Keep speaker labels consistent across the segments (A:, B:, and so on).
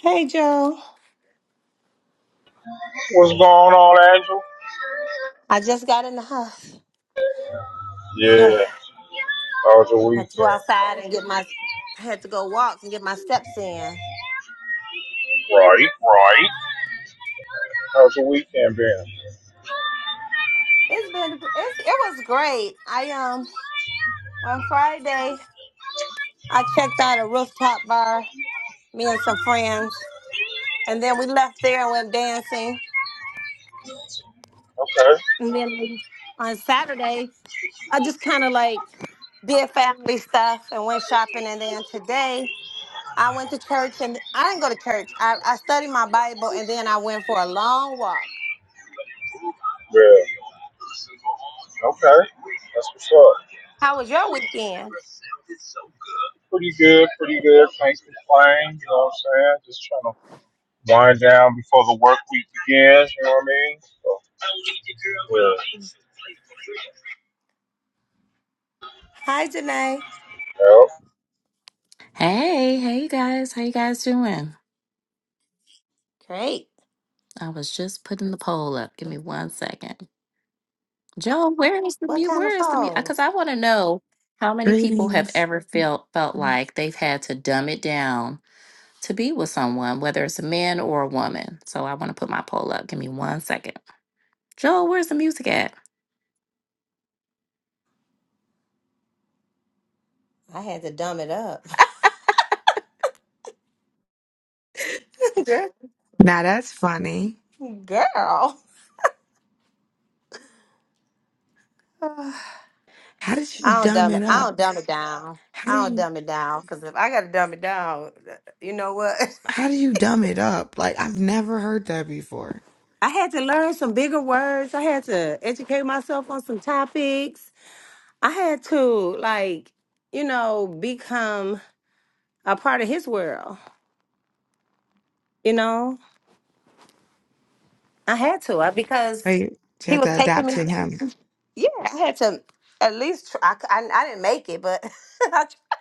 A: Hey, Joe.
B: What's going on, Angel?
A: I just got in the house. had
B: Yeah, how was your
A: to go
B: weekend?
A: outside and get my. I had to go walk and get my steps in.
B: Right, right. How's your weekend been?
A: It's been. It's, it was great. I um on Friday I checked out a rooftop bar. Me and some friends, and then we left there and went dancing.
B: Okay,
A: And then on Saturday I just kind of like did family stuff and went shopping. And then today I went to church and I didn't go to church. I, I studied my Bible and then I went for a long walk.
B: yeah, okay. That's what's up.
A: How was your weekend?
B: Pretty good, pretty good. Can't complain, you know what I'm saying? Just trying to wind down before the work week begins, you know what I mean? So, yeah.
A: Hi, Janae.
B: yeah.
C: Hey, hey you guys, how you guys doing?
A: Great.
C: I was just putting the poll up. Give me one second. Joe, where is the
A: What
C: mute?
A: kind of
C: Where is the mute?
A: phone?
C: Because I want to know how many people have
D: Greetings.
C: ever felt felt
D: Now
C: like they've had to dumb it down to be with someone, whether it's a man or a woman. So I want to put my poll up. Give me one second. Joe, where's the music at?
A: I had to dumb it up. Girl,
D: that's funny.
A: girl.
D: How did you
A: I don't
D: dumb
A: dumb
D: it
A: it. I
D: up?
A: don't dumb it down.
D: How do
A: I don't
D: you
A: dumb it down because if I gotta dumb it down, you know what?
D: how do you dumb it up? Like I've never heard that before.
A: I had to learn some bigger words. I had to educate myself on some topics. I had to like, you know, become a part of his world. You know, I had to I,
D: So
A: because
D: you, you
A: he
D: have
A: was
D: to
A: taking
D: adapt
A: me.
D: to him.
A: Yeah, I had to at least try. I, c- I- I didn't make it, but I, tr-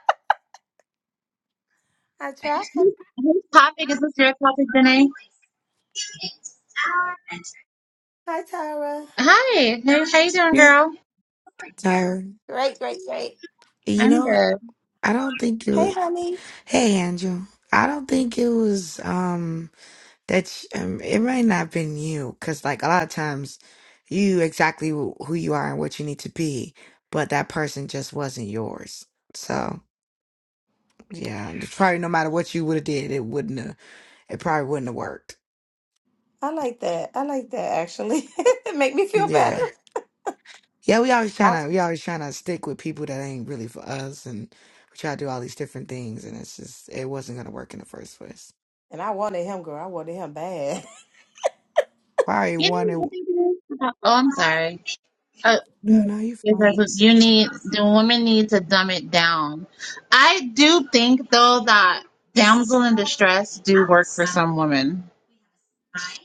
A: I tried.
E: Whose whose topic is this your topic, Danae?
A: Hi, Tyra.
E: Hi, how, how you doing,
D: You
E: girl?
D: Tyra.
A: Great, great, great.
D: You
E: I'm
D: know
E: good.
D: I don't think it
A: Hey,
D: was
A: honey.
D: Hey Andrew. I don't think it was um that you, um, it might not have been you cuz like a lot of times you exactly who you are and what you need to be, but that person just wasn't yours. So. Yeah, it's probably no matter what you would have did, it wouldn't have. It probably wouldn't have worked.
A: I like that. I like that actually. it make me feel
D: Yeah,
A: better.
D: yeah. We always
A: I,
D: trying to we always trying to stick with people that ain't really for us, and we try to do all these different things, and it's just it wasn't gonna work in the first place.
A: and I wanted him, girl. I wanted him bad.
D: Why
E: You
D: one
E: know
D: and
E: what I think it is? About, oh, I'm sorry. Uh,
D: oh,
E: mm,
D: no, you
E: it
D: fine.
E: says you need the women need to dumb it down. I do think though that damsel in distress do work for some women.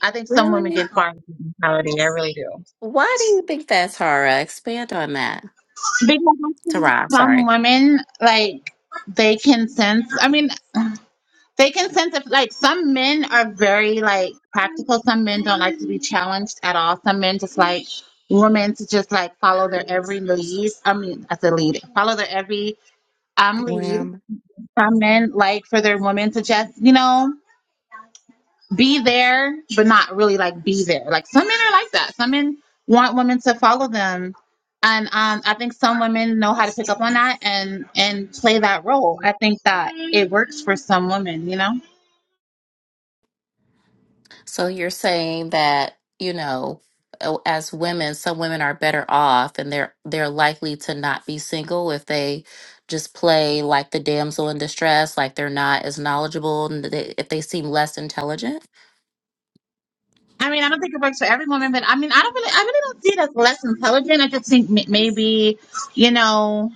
E: I think some women
C: Really?
E: get far with the mentality. I really do.
C: Why do you think that's Tara? Expand on that.
E: Because I feel like
C: Tara,
E: some
C: sorry.
E: women like they can sense. I mean. They can sense if like some men are very like practical. Some men don't like to be challenged at all. Some men just like women to just like follow their every lead. I mean, as a lead, follow their every um lead.
D: Wham.
E: Some men like for their women to just you know be there, but not really like be there. Like some men are like that. Some men want women to follow them. And um, I think some women know how to pick up on that and and play that role. I think that it works for some women, you know.
C: So you're saying that, you know, uh, as women, some women are better off and they're they're likely to not be single if they just play like the damsel in distress, like they're not as knowledgeable and they, if they seem less intelligent.
E: I mean, I don't think it works for every woman, but I mean, I don't really, I really don't see it as less intelligent. I just think m- maybe, you know,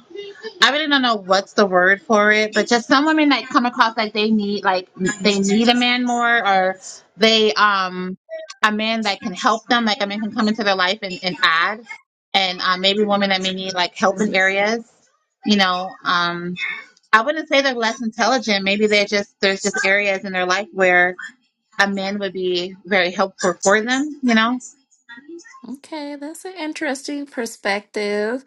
E: I really don't know what's the word for it, but just some women that come across like they need, like they need a man more, or they, um, a man that can help them, like a man can come into their life and, and add, and uh, maybe women that may need like help in areas, you know, um, I wouldn't say they're less intelligent. Maybe they're just there's just areas in their life where a man would be very helpful for them. You know,
C: Okay, that's an interesting perspective.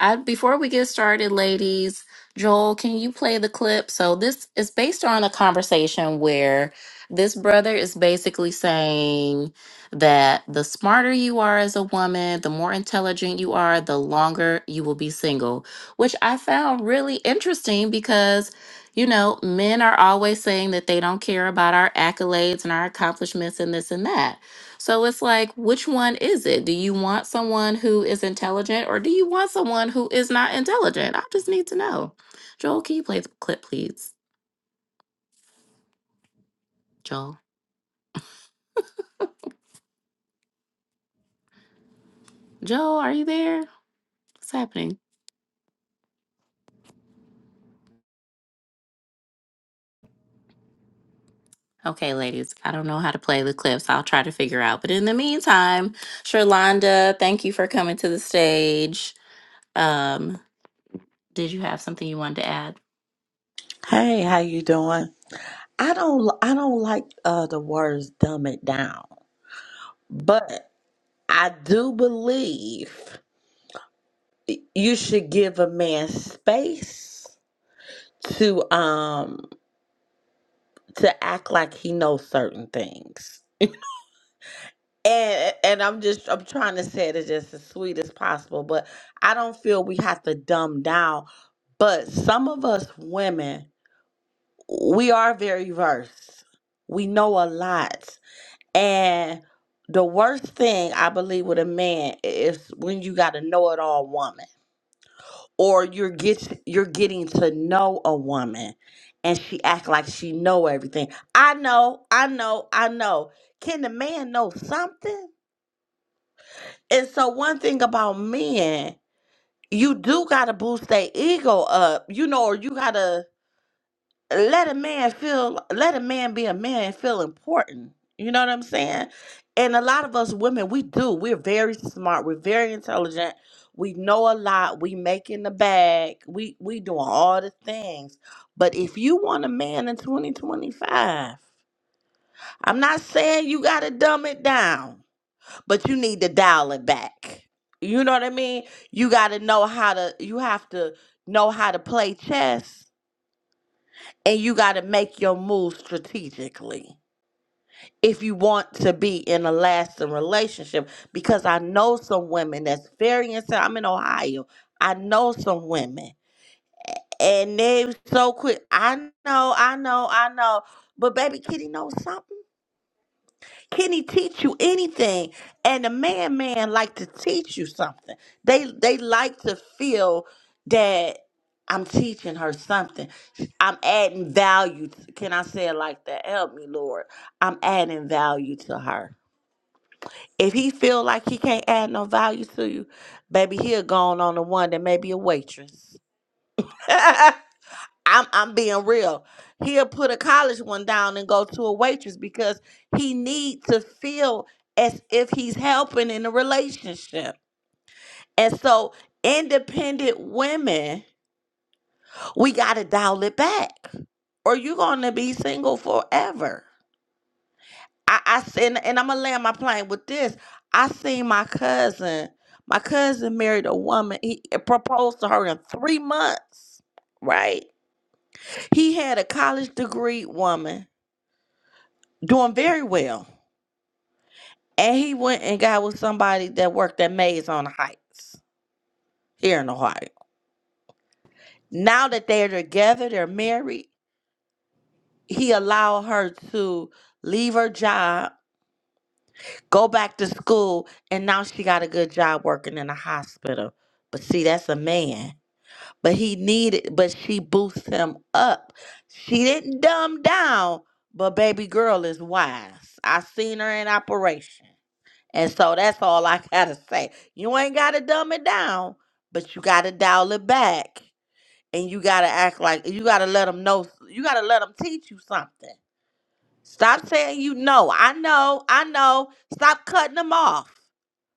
C: I, before we get started, ladies, Joel, can you play the clip? So this is based on a conversation where this brother is basically saying that the smarter you are as a woman, the more intelligent you are, the longer you will be single, which I found really interesting because you know, men are always saying that they don't care about our accolades and our accomplishments and this and that. So it's like, which one is it? Do you want someone who is intelligent or do you want someone who is not intelligent? I just need to know. Joel, can you play the clip, please? Joel. Joel, are you there? What's happening? Okay, ladies, I don't know how to play the clips. I'll try to figure out. But in the meantime, Sherlonda, thank you for coming to the stage. Um, did you have something you wanted to add?
F: Hey, how you doing? I don't I don't like uh the words dumb it down, but I do believe you should give a man space to um to act like he knows certain things. And and I'm just I'm trying to say it just as sweet as possible, but I don't feel we have to dumb down. But some of us women, we are very versed. We know a lot. And the worst thing I believe with a man is when you got a know-it-all woman, or you're get you're getting to know a woman, and she act like she know everything. I know, I know, I know. Can the man know something? And so one thing about men, you do gotta boost their ego up, you know, or you gotta let a man feel let a man be a man and feel important you know what i'm saying and a lot of us women we do we're very smart we're very intelligent we know a lot we make in the bag we we doing all the things but if you want a man in 2025 i'm not saying you gotta dumb it down but you need to dial it back you know what i mean you gotta know how to you have to know how to play chess and you got to make your move strategically if you want to be in a lasting relationship because i know some women that's very inside i'm in ohio i know some women and they so quick i know i know i know but baby kitty knows something can he teach you anything? And the man man like to teach you something. They they like to feel that I'm teaching her something. I'm adding value. to- can I say it like that? Help me, Lord. I'm adding value to her. If he feel like he can't add no value to you, baby, he'll go on, on the one that may be a waitress. I'm I'm being real. He'll put a college one down and go to a waitress because he needs to feel as if he's helping in a relationship. And so independent women, we gotta dial it back. Or you're gonna be single forever. I, I s- and, and I'm gonna land my plane with this. I seen my cousin. My cousin married a woman. He eh, proposed to her in three months, right? He had a college degree woman doing very well. And he went and got with somebody that worked at Maze on the Heights here in Ohio. Now that they're together, they're married, he allowed her to leave her job, go back to school, and now she got a good job working in a hospital. But see, that's a man. But he needed, but she boosts him up. She didn't dumb down, but baby girl is wise. I seen her in operation. And so that's all I gotta say. You ain't gotta dumb it down, but you gotta dial it back. And you gotta act like you gotta let them know. You gotta let them teach you something. Stop saying you know. I know. I know. Stop cutting them off.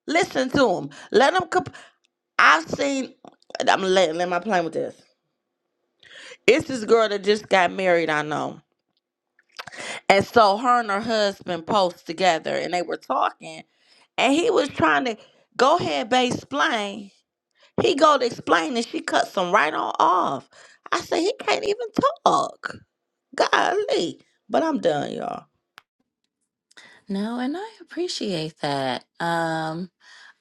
F: Listen to them. Let them. Comp- I've seen. I'm letting. Am I playing with this? It's this girl that just got married. I know. And so her and her husband post together, and they were talking, and he was trying to go ahead, babe, explain. He go to explain and she cuts him right on off. I say he can't even talk. Golly. But I'm done, y'all.
C: No, and I appreciate that. Um,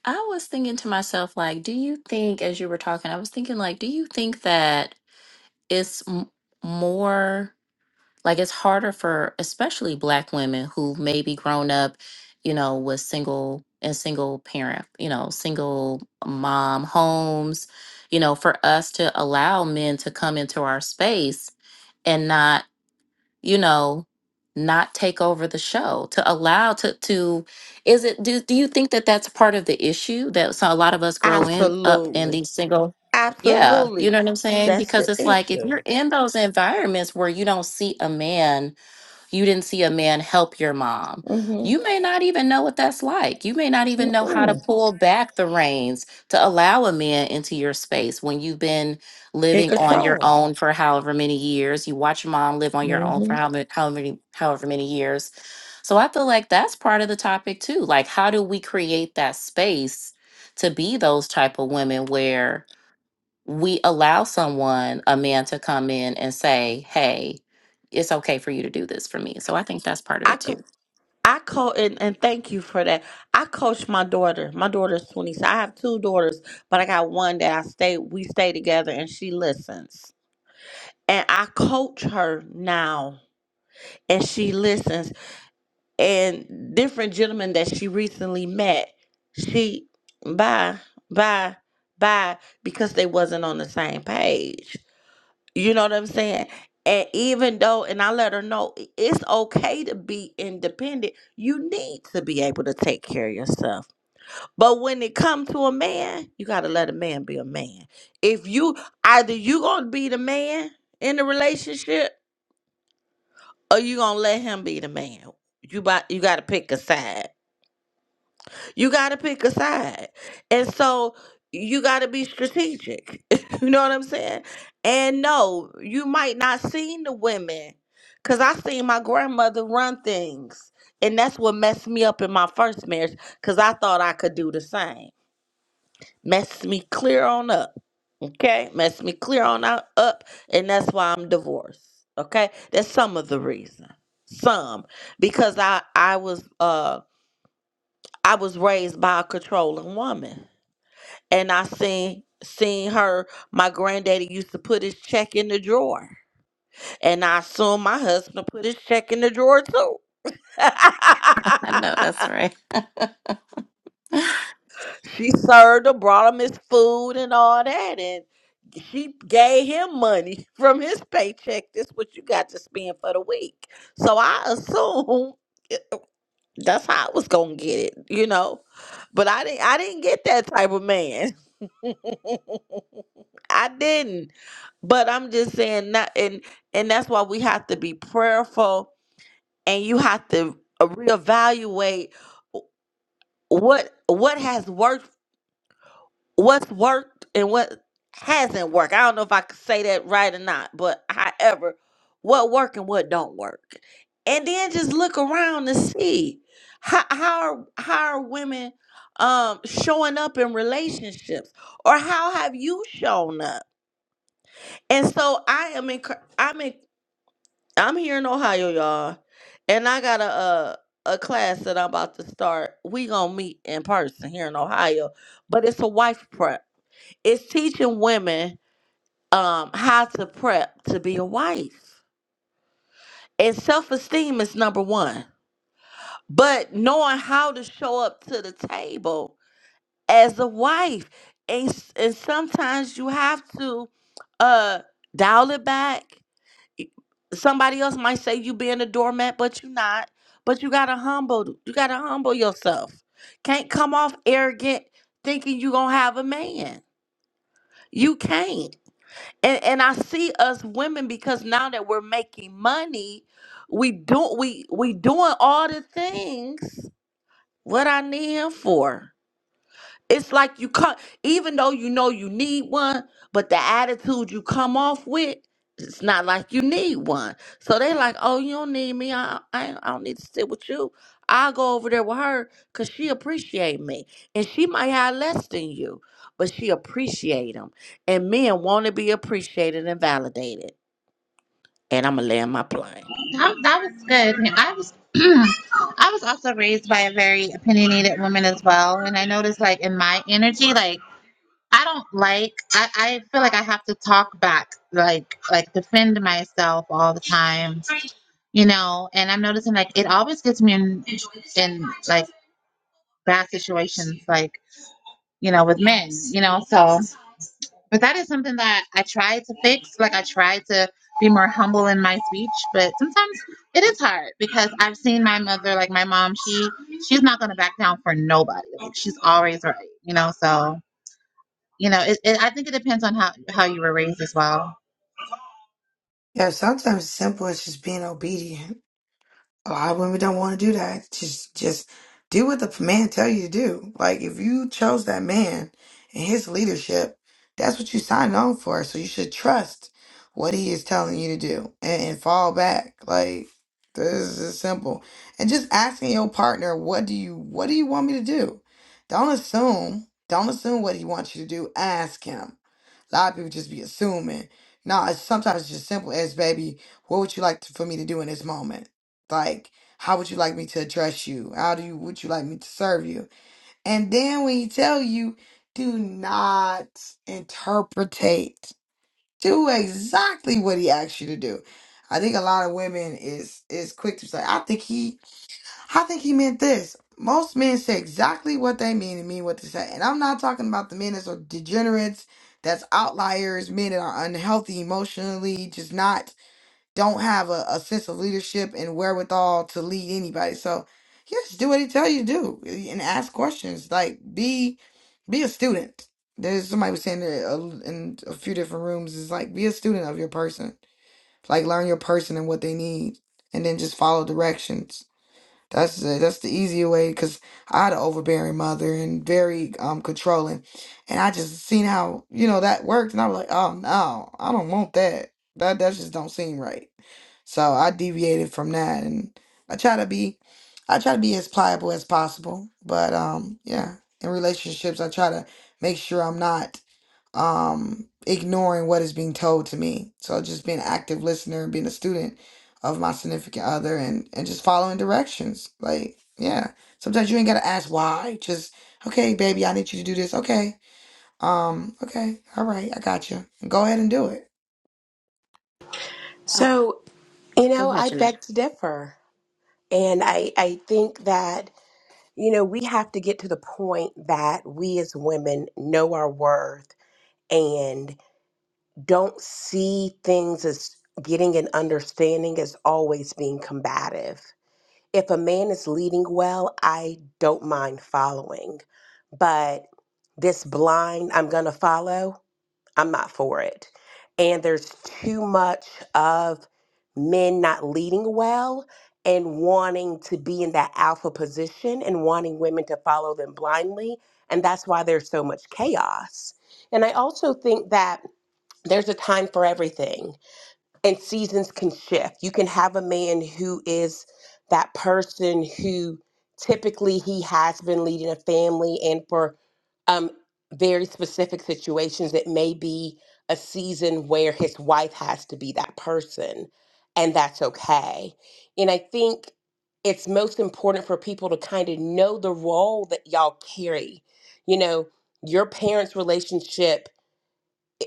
C: I was thinking to myself, like, do you think, as you were talking, I was thinking, like, do you think that it's m- more like it's harder for especially black women who maybe grown up, you know, with single and single parent, you know, single mom homes, you know, for us to allow men to come into our space and not you know not take over the show to allow to to is it do, do you think that that's part of the issue that so a lot of us grow in up in
F: Absolutely.
C: these single yeah
F: Absolutely.
C: you know what i'm saying
F: That's the
C: because it's like if
F: issue.
C: you're in those environments where you don't see a man you didn't see a man help your mom. You
F: Mm-hmm.
C: may not even know what that's like. You may not even know how to
F: Mm-mm.
C: pull back the reins to allow a man into your space when you've been
F: In
C: living on your
F: control.
C: own for however many years. You watch your mom live on your own for
F: hmm
C: how many, how many, however many years. So I feel like that's part of the topic too. Like, how do we create that space to be those type of women where? we allow someone, a man, to come in and say, hey, it's okay for you to do this for me. So I think that's part of
F: I
C: it
F: co-
C: too.
F: I co and, and thank you for that. I coach my daughter. My daughter's 20. So I have two daughters, but I got one that I stay we stay together and she listens. And I coach her now and she listens and different gentlemen that she recently met, she bye, bye, bye, because they wasn't on the same page. You know what I'm saying? And even though, and I let her know i- it's okay to be independent, you need to be able to take care of yourself. But when it comes to a man, you gotta let a man be a man. If you either you gonna be the man in the relationship, or you gonna let him be the man. You buy, you gotta pick a side You got to pick a side. And so you got to be strategic. you know what I'm saying? And no, you might not seen the women cuz I seen my grandmother run things. And that's what messed me up in my first marriage cuz I thought I could do the same. Messed me clear on up. Okay? Messed me clear on out- up and that's why I'm divorced. Okay? That's some of the reason. Some because I I was uh I was raised by a controlling woman and I seen seen her. My granddaddy used to put his check in the drawer, and I assume my husband put his check in the drawer too.
C: I know that's right.
F: she served him, brought him his food and all that, and she gave him money from his paycheck. This what you got to spend for the week. So I assume That's how I was gonna get it, you know. But I didn't I didn't get that type of man. I didn't. But I'm just saying that and and that's why we have to be prayerful and you have to uh, reevaluate wh- what what has worked what's worked and what hasn't worked. I don't know if I could say that right or not, but however, what work and what don't work. And then just look around and see how how are, how are women um showing up in relationships or how have you shown up? And so I am in I'm in I'm here in Ohio, y'all. And I got a uh a class that I'm about to start. We gonna meet in person here in Ohio, but it's a wife prep it's teaching women um, how to prep to be a wife. And self esteem is number one. But knowing how to show up to the table as a wife. And, s- and sometimes you have to uh, dial it back. Y- Somebody else might say you being a doormat, but you're not. But you gotta humble, you gotta humble yourself. Can't come off arrogant thinking you gonna have a man. You can't. and and I see us women because now that we're making money, we do we we doing all the things what I need him for. It's like you come, even though you know you need one, but the attitude you come off with, it's not like you need one. So they like, oh, you don't need me. I, I, ain't- I don't need to sit with you. I'll go over there with her because she appreciate me. And she might have less than you, but she appreciate them. And men want to be appreciated and validated. And I'm going to land my plane.
E: that, that was good. I was I was also raised by a very opinionated woman as well, and I noticed like in my energy, like I don't like I, I feel like I have to talk back, like like defend myself all the time. You know, and I'm noticing like it always gets me in in like bad situations, like you know with men. You know, so. But that is something that I try to fix. Like I try to be more humble in my speech, but sometimes it is hard because I've seen my mother, like my mom, she she's not gonna back down for nobody. Like she's always right, you know. So you know, it, it, I think it depends on how how you were raised as well.
D: Yeah, sometimes it's simple as just being obedient. A lot of women don't want to do that. Just just do what the man tell you to do. Like if you chose that man and his leadership, that's what you signed on for. So you should trust what he is telling you to do and, and fall back. Like this is simple. And just asking your partner, what do you what do you want me to do? Don't assume. Don't assume what he wants you to do. Ask him. A lot of people just be assuming. No, it's sometimes just simple as baby, what would you like to, for me to do in this moment? Like, how would you like me to address you? How do you would you like me to serve you? And then when he tell you, do not interpretate. Do exactly what he asks you to do. I think a lot of women is is quick to say, I think he I think he meant this. Most men say exactly what they mean and mean what they say. And I'm not talking about the men that are degenerates, that's outliers, men that are unhealthy emotionally, just not don't have a, a sense of leadership and wherewithal to lead anybody. So yes, do what he tell you to do eh, and ask questions. Like be be a student. There's somebody was saying that uh, in a few different rooms is like be a student of your person. Like learn your person and what they need, and then just follow directions. That's the, that's the easier way because I had an overbearing mother and very um controlling, and I just seen how you know that worked, and I was like, oh no, I don't want that. That that just don't seem right. So I deviated from that, and I try to be, I try to be as pliable as possible. But um, yeah, in relationships, I try to make sure I'm not um, ignoring what is being told to me. So just being an active listener, being a student of my significant other, and and just following directions. Like yeah, sometimes you ain't gotta ask why. Just okay, baby, I need you to do this. Okay, um, okay, all right, I got you. Go ahead and do it.
C: Oh,
G: So, you
C: go
G: know,
C: ahead,
G: I
C: Janelle.
G: beg to differ. And I, I think that, you know, we have to get to the point that we as women know our worth and don't see things as getting an understanding as always being combative. If a man is leading well, I don't mind following. But this blind, I'm going to follow. I'm not for it. And there's too much of men not leading well and wanting to be in that alpha position and wanting women to follow them blindly. And that's why there's so much chaos. And I also think that there's a time for everything and seasons can shift. You can have a man who is that person who typically he has been leading a family, and for um, very specific situations, it may be a season where his wife has to be that person, and that's okay. And I think it's most important for people to kind of know the role that y'all carry. You know, your parents' relationship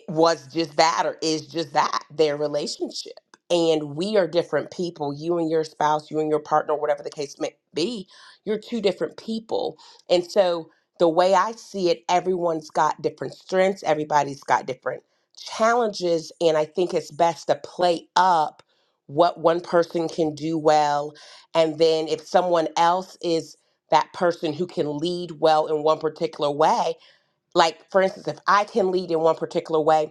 G: was just that or is just that their relationship and we are different people you and your spouse you and your partner whatever the case may be you're two different people and so the way i see it everyone's got different strengths everybody's got different challenges and i think it's best to play up what one person can do well and then if someone else is that person who can lead well in one particular way like for instance if i can lead in one particular way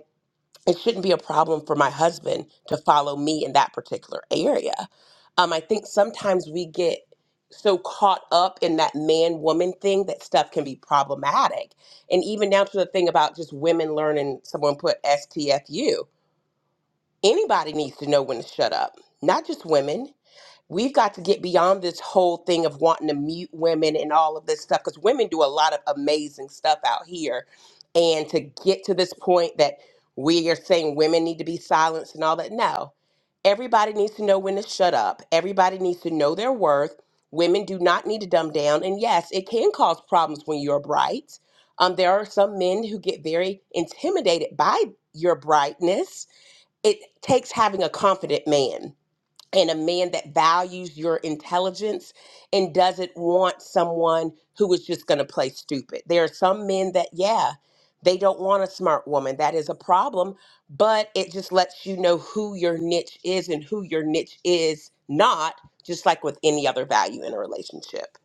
G: it shouldn't be a problem for my husband to follow me in that particular area. Um, I think sometimes we get so caught up in that man woman thing that stuff can be problematic. And even down to the thing about just women learning, someone put STFU. Anybody needs to know when to shut up, not just women we've got to get beyond this whole thing of wanting to mute women and all of this stuff because women do a lot of amazing stuff out here. And to get to this point that we are saying women need to be silenced and all that, no. Everybody needs to know when to shut up, everybody needs to know their worth. Women do not need to dumb down. And yes, it can cause problems when you're bright. Um, there are some men who get very intimidated by your brightness. It takes having a confident man and a man that values your intelligence and doesn't want someone who is just going to play stupid. There are some men that, yeah, they don't want a smart woman. That is a problem, but it just lets you know who your niche is and who your niche is not, just like with any other value in a relationship.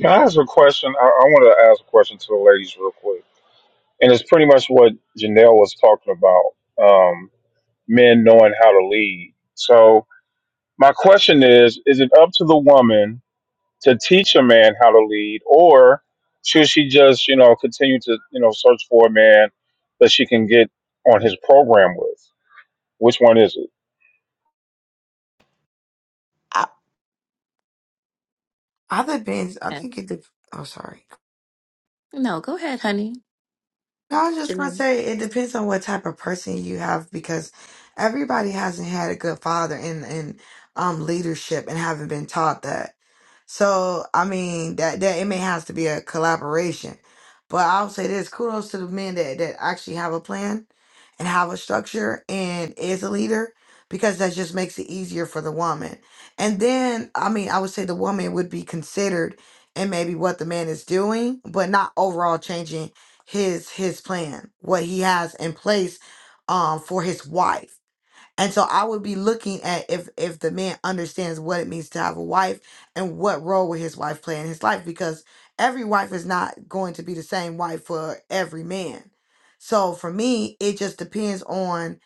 B: Can I ask a question? I, I want to ask a question to the ladies real quick. And it's pretty much what Janelle was talking about um, men knowing how to lead. So, my question is is it up to the woman to teach a man how to lead, or should she just, you know, continue to, you know, search for a man that she can get on his program with? Which one is it?
G: I,
D: I depends. I
C: Yeah.
D: think it. Dep- oh, sorry.
C: No, go ahead, honey.
D: No, I was just gonna
C: Janelle.
D: say it depends on what type of person you have because everybody hasn't had a good father in in um leadership and haven't been taught that. So I mean that that it may has to be a collaboration. But I'll say this, kudos to the men that, that actually have a plan and have a structure and is a leader because that just makes it easier for the woman. And then I mean I would say the woman would be considered in maybe what the man is doing, but not overall changing his his plan, what he has in place um for his wife. And so I would be looking at if if the man understands what it means to have a wife and what role will his wife play in his life because every wife is not going to be the same wife for every man. So for me, it just depends on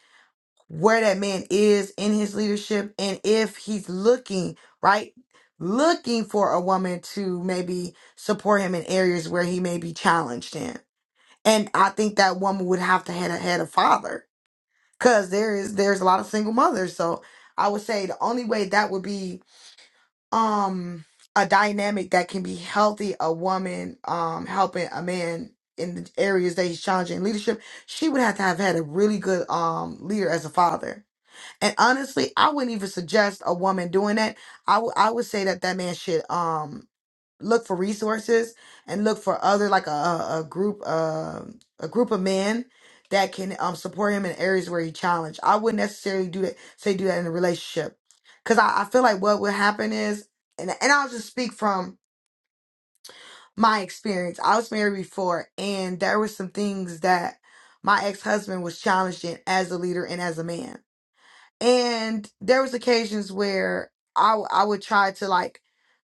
D: where that man is in his leadership and if he's looking, right? Looking for a woman to maybe support him in areas where he may be challenged in and I think that woman would have to had a had a father because there is there's a lot of single mothers. So I would say the only way that would be um a dynamic that can be healthy, a woman um helping a man in the areas that he's challenging in leadership, she would have to have had a really good um leader as a father. And honestly, I wouldn't even suggest a woman doing that. I would I would say that that man should um look for resources and look for other like a a, a group um a group of men that can um support him in areas where he challenged. I wouldn't necessarily do that say do that in a relationship because I, I feel like what would happen is and and I'll just speak from my experience. I was married before and there were some things that my ex husband was challenged in as a leader and as a man and there was occasions where I w- I would try to like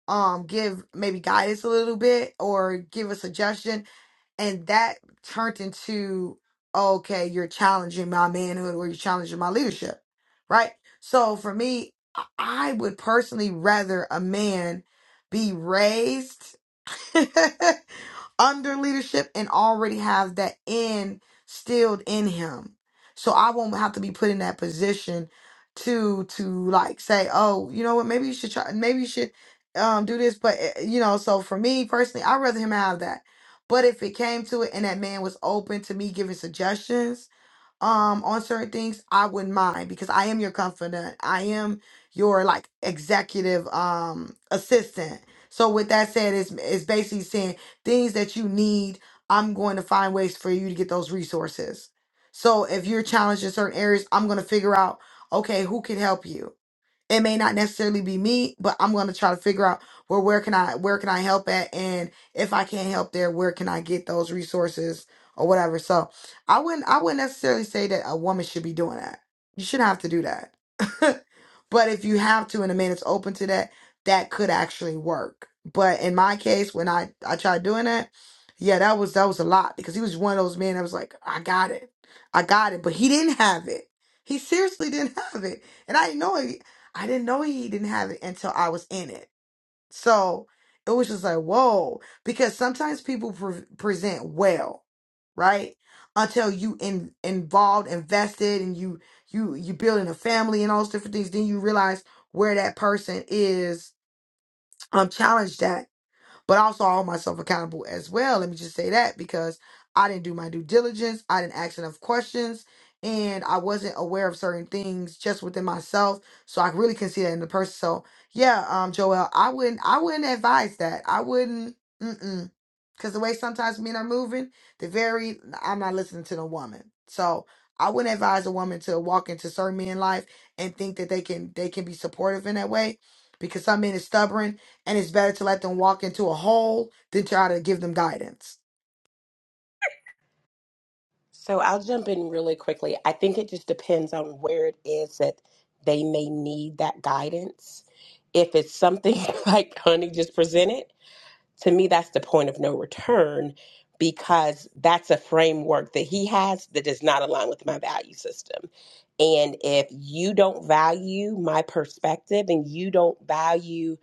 D: um give maybe guidance a little bit or give a suggestion and that turned into okay you're challenging my manhood or you're challenging my leadership right so for me I I would personally rather a man be raised under leadership and already has that in stilled in him. So I won't have to be put in that position to to like say, oh, you know what, maybe you should try maybe you should um do this. But eh, you know, so for me personally, I'd rather him have that. But if it came to it and that man was open to me giving suggestions, um on certain things i wouldn't mind because i am your confidant i am your like executive um assistant so with that said it's, it's basically saying things that you need i'm going to find ways for you to get those resources so if you're challenged in certain areas i'm going to figure out okay who can help you it may not necessarily be me but i'm going to try to figure out where where can i where can i help at and if i can't help there where can i get those resources or whatever so i wouldn't i wouldn't necessarily say that a woman should be doing that you shouldn't have to do that but if you have to and a man is open to that that could actually work but in my case when i i tried doing that yeah that was that was a lot because he was one of those men that was like i got it i got it but he didn't have it he seriously didn't have it and I didn't know it. I didn't know he didn't have it until I was in it. So it was just like, whoa, because sometimes people pre- present well, right? Until you in involved, invested, and you you you building a family and all those different things, then you realize where that person is um challenged at but I also hold myself accountable as well. Let me just say that because I didn't do my due diligence, I didn't ask enough questions, and I wasn't aware of certain things just within myself. So I really can see that in the person. So yeah, um, Joel, I wouldn't, I wouldn't advise that. I wouldn't, mm-mm, because the way sometimes men are moving, the very, I'm not listening to the woman. So I wouldn't advise a woman to walk into certain men life and think that they can, they can be supportive in that way, because some men is stubborn and it's better to let them walk into a hole than try to give them guidance.
G: so I'll jump in really quickly. I think it just depends on where it is that they may need that guidance. If it's something like Honey just presented, to me that's the point of no return because that's a framework that he has that does not align with my value system and if you don't value my perspective and you don't value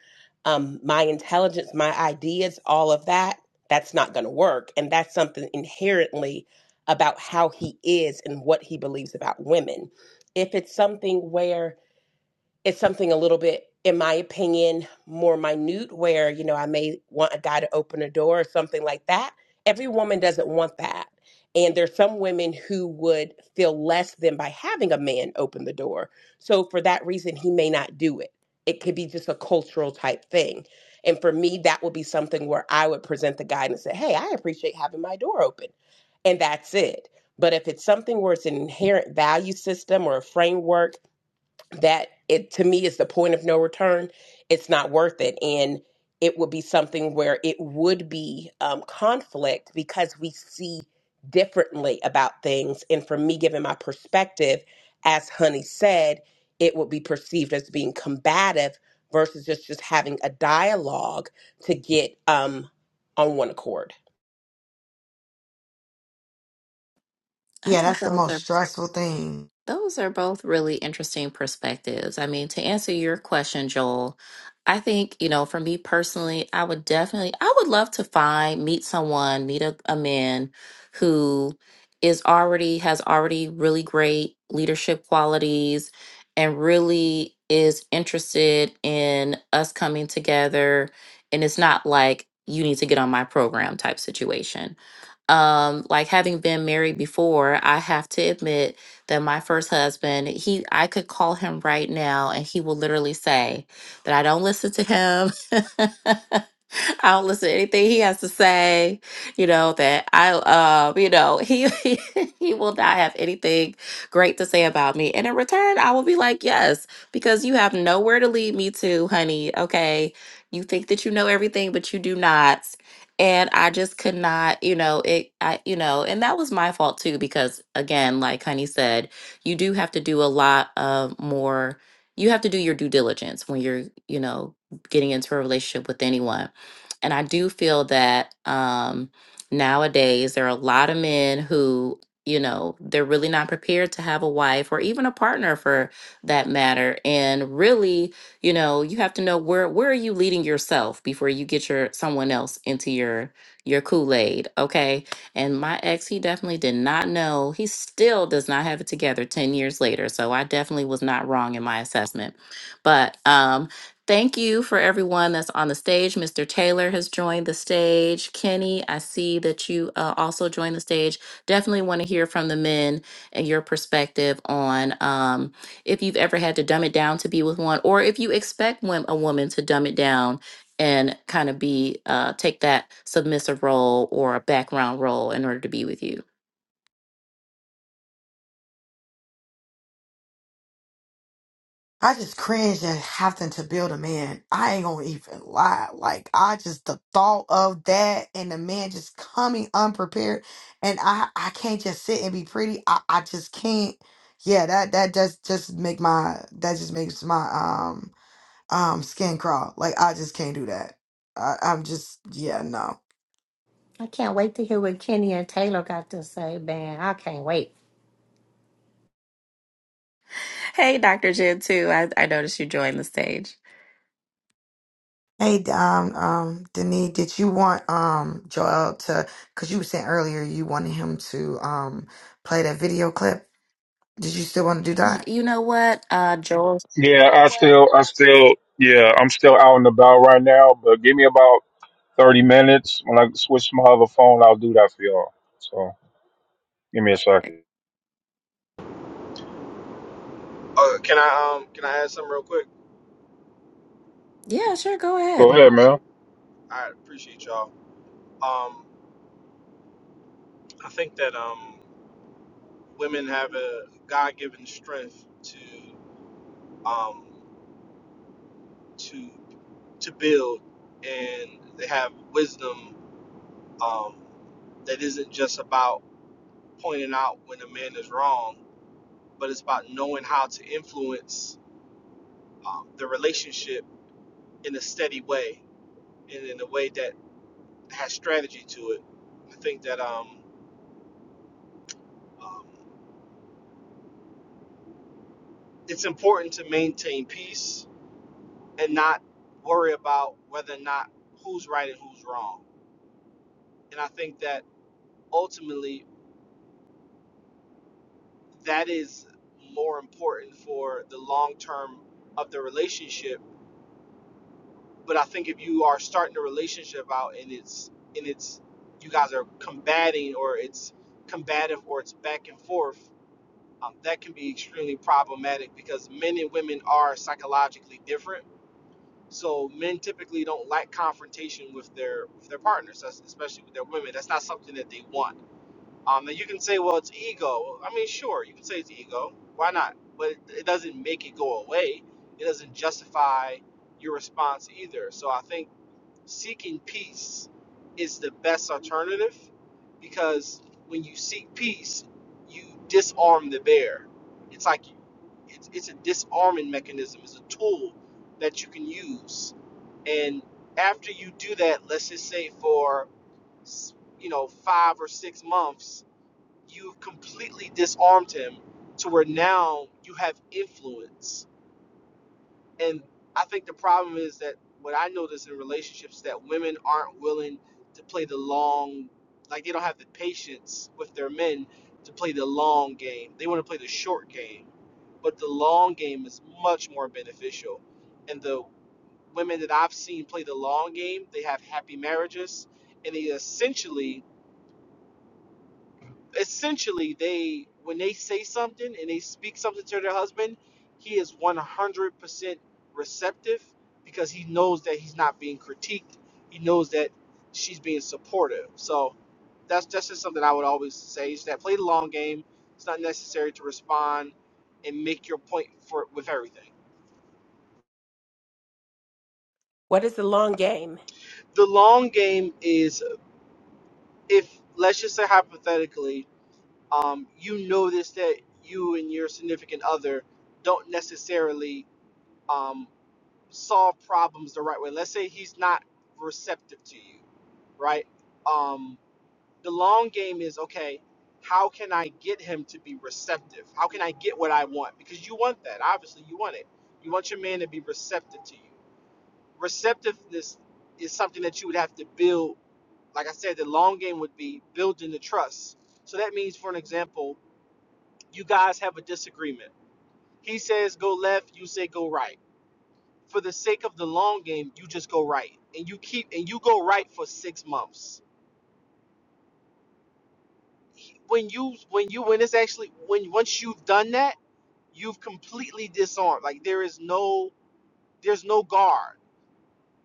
G: um, my intelligence my ideas all of that that's not going to work and that's something inherently about how he is and what he believes about women if it's something where it's something a little bit, in my opinion, more minute where, you know, I may want a guy to open a door or something like that. Every woman doesn't want that. And there's some women who would feel less than by having a man open the door. So for that reason, he may not do it. It could be just a cultural type thing. And for me, that would be something where I would present the guy and say, hey, I appreciate having my door open. And that's it. But if it's something where it's an inherent value system or a framework, that it to me is the point of no return. It's not worth it, and it would be something where it would be um, conflict because we see differently about things. And for me, given my perspective, as Honey said, it would be perceived as being combative versus just just having a dialogue to get um, on one accord.
C: I
D: Yeah,
C: think
D: that's the
C: those
D: most
C: are
D: stressful thing.
C: Those are both really interesting perspectives. I mean, to answer your question, Joel, I think, you know, for me personally, I would definitely, I would love to find, meet someone, meet a, a man who is already, has already really great leadership qualities and really is interested in us coming together. And it's not like you need to get on my program type situation um like having been married before i have to admit that my first husband he i could call him right now and he will literally say that i don't listen to him i don't listen to anything he has to say. You know that I, uh, you know he he will not have anything great to say about me. And in return, I will be like, yes, because you have nowhere to lead me to, honey. Okay, you think that you know everything, but you do not. And I just could not, you know, it, I, you know, and that was my fault too, because again, like Honey said, you do have to do a lot of more. You have to do your due diligence when you're, you know, getting into a relationship with anyone. And I do feel that um, nowadays there are a lot of men who, you know, they're really not prepared to have a wife or even a partner for that matter. And really, you know, you have to know where where are you leading yourself before you get your someone else into your your Kool-Aid, okay? And my ex, he definitely did not know. He still does not have it together 10 years later. So I definitely was not wrong in my assessment. But um Thank you for everyone that's on the stage. Mr. Taylor has joined the stage. Kenny, I see that you uh, also joined the stage. Definitely want to hear from the men and your perspective on um, if you've ever had to dumb it down to be with one, or if you expect wom- a woman to dumb it down and kind of be uh, take that submissive role or a background role in order to be with you.
D: I just cringe at having to build a man. I ain't gonna even lie. Like I just the thought of that and the man just coming unprepared and I I can't just sit and be pretty. I, I just can't yeah, that that does just make my that just makes my um um skin crawl. Like I just can't do that. I, I'm just yeah, no.
A: I can't wait to hear what Kenny and Taylor got to say, man. I can't wait.
C: Hey, Dr. Jib, too. I, I noticed you joined the stage.
D: Hey, um, um, Denise, did you want um Joel to? Because you were saying earlier you wanted him to um play that video clip. Did you still want to do
C: Y-
D: that?
C: you know what, uh, Joel?
B: Yeah, I still, I still, yeah, I'm still out and about right now, but give me about 30 minutes. When I switch to my other phone, I'll do that for y'all. So, give me a second.
H: Uh, can I um can I add something real quick?
C: Yeah, sure, go
B: Go
C: ahead.
B: ahead, man.
H: I appreciate y'all. Um, I think that um women have a God given strength to um to to build, and they have wisdom um that isn't just about pointing out when a man is wrong, but it's about knowing how to influence um, the relationship in a steady way and in a way that has strategy to it. I think that um. um, it's important to maintain peace and not worry about whether or not who's right and who's wrong. And I think that ultimately that is more important for the long term of the relationship. But I think if you are starting a relationship out and it's and it's you guys are combating or it's combative or it's back and forth, um, that can be extremely problematic because men and women are psychologically different So men typically don't like confrontation with their with their partners, that's- especially with their women. That's not something that they want. Um, and you can say, well, it's ego. I mean, sure, you can say it's ego. Why not? But it it doesn't make it go away. It doesn't justify your response either. So I think seeking peace is the best alternative because when you seek peace, you disarm the bear. It's like you, it's, it's a disarming mechanism, it's a tool that you can use. And after you do that, let's just say for you know five or six months, you've completely disarmed him to where now you have influence and I think the problem is that what I notice in relationships that women aren't willing to play the long, like they don't have the patience with their men to play the long game. They want to play the short game, but the long game is much more beneficial. And the women that I've seen play the long game, they have happy marriages, and they essentially essentially they when they say something and they speak something to their husband, he is 100% receptive because he knows that he's not being critiqued. He knows that she's being supportive. So that's that's just something I would always say is that play the long game. It's not necessary to respond and make your point for with everything.
G: What is the long game?
H: The long game is if let's just say hypothetically, um, you notice that you and your significant other don't necessarily um, solve problems the right way. Let's say he's not receptive to you, right? Um, the long game is okay. How can I get him to be receptive? How can I get what I want? Because you want that. Obviously, you want it. You want your man to be receptive to you. Receptiveness is something that you would have to build. Like I said, the long game would be building the trust. So that means, for an example, you guys have a disagreement. He says go left, you say go right for the sake of the long game, you just go right and you keep and you go right for six months. When you when you when it's actually when once you've done that, you've completely disarmed. Like there is no there's no guard.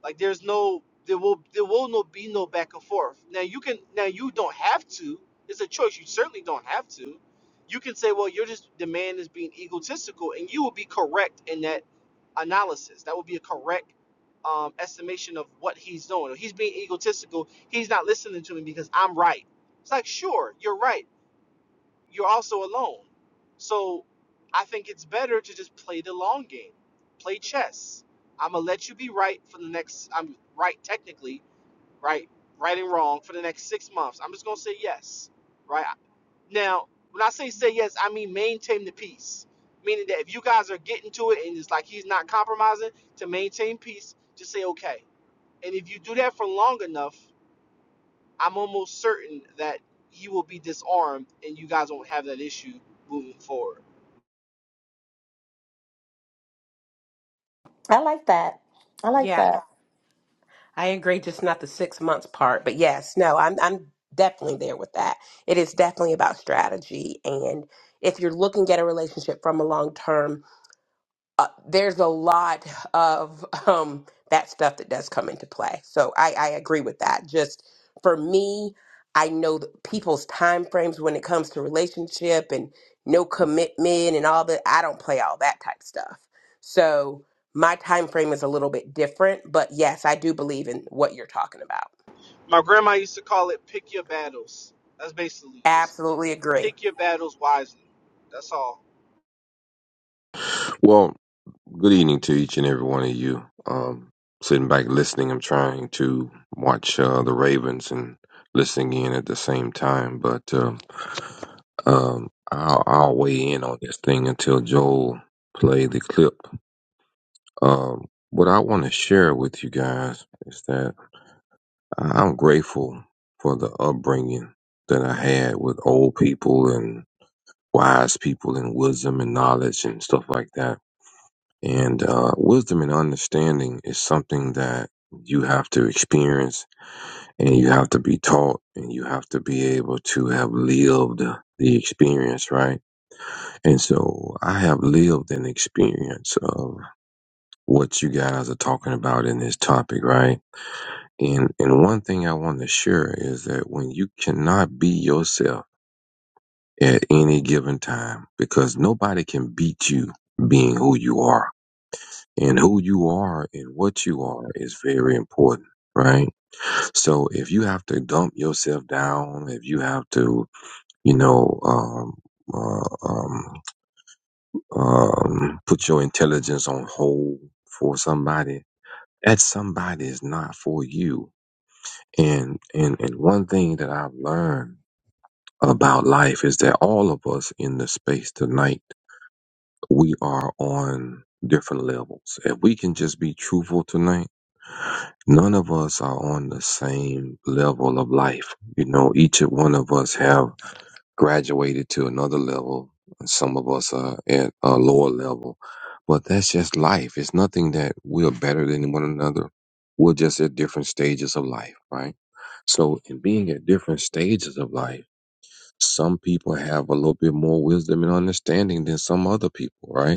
H: Like there's no there will there will no be no back and forth. Now you can now you don't have to. It's a choice. You certainly don't have to. You can say, well, you're just the man is being egotistical, and you will be correct in that analysis. That would be a correct um, estimation of what he's doing. He's being egotistical. He's not listening to me because I'm right. It's like, sure, you're right you're also alone. So I think it's better to just play the long game, play chess. I'm gonna let you be right for the next. I'm right technically, right, right and wrong for the next six months. I'm just gonna say yes, right. Now, when I say say yes, I mean maintain the peace, meaning that if you guys are getting to it and it's like he's not compromising to maintain peace, just say okay. And if you do that for long enough, I'm almost certain that he will be disarmed and you guys won't have that issue moving forward.
A: I like that. I like
G: Yeah.
A: that.
G: I agree, just not the six months part. But yes, no, I'm I'm definitely there with that. It is definitely about strategy, and if you're looking at a relationship from a long term uh, there's a lot of um, that stuff that does come into play. So I, I agree with that. Just for me, I know that people's time frames when it comes to relationship and no commitment and all that. I don't play all that type stuff. So my time frame is a little bit different, but yes, I do believe in what you're talking about.
H: My grandma used to call it pick your battles. That's basically just
G: Absolutely agree.
H: pick your battles wisely. That's all.
I: Well, good evening to each and every one of you. Um, sitting back listening, I'm trying to watch uh, the Ravens and listening in at the same time, but um, um, I'll, I'll weigh in on this thing until Joel play the clip. Um, what I want to share with you guys is that I- I'm grateful for the upbringing that I had with old people and wise people and wisdom and knowledge and stuff like that and uh, wisdom and understanding is something that you have to experience and you have to be taught and you have to be able to have lived the experience, right? And so I have lived an experience of what you guys are talking about in this topic, right? And, and one thing I want to share is that when you cannot be yourself at any given time, because nobody can beat you being who you are and who you are and what you are is very important right so if you have to dump yourself down if you have to you know um, uh, um, um, put your intelligence on hold for somebody that somebody is not for you and and and one thing that i've learned about life is that all of us in the space tonight we are on different levels. If we can just be truthful tonight, none of us are on the same level of life. You know, each one of us have graduated to another level. and Some of us are at a lower level, but that's just life. It's nothing that we're better than one another. We're just at different stages of life, right? So, in being at different stages of life, some people have a little bit more wisdom and understanding than some other people, right?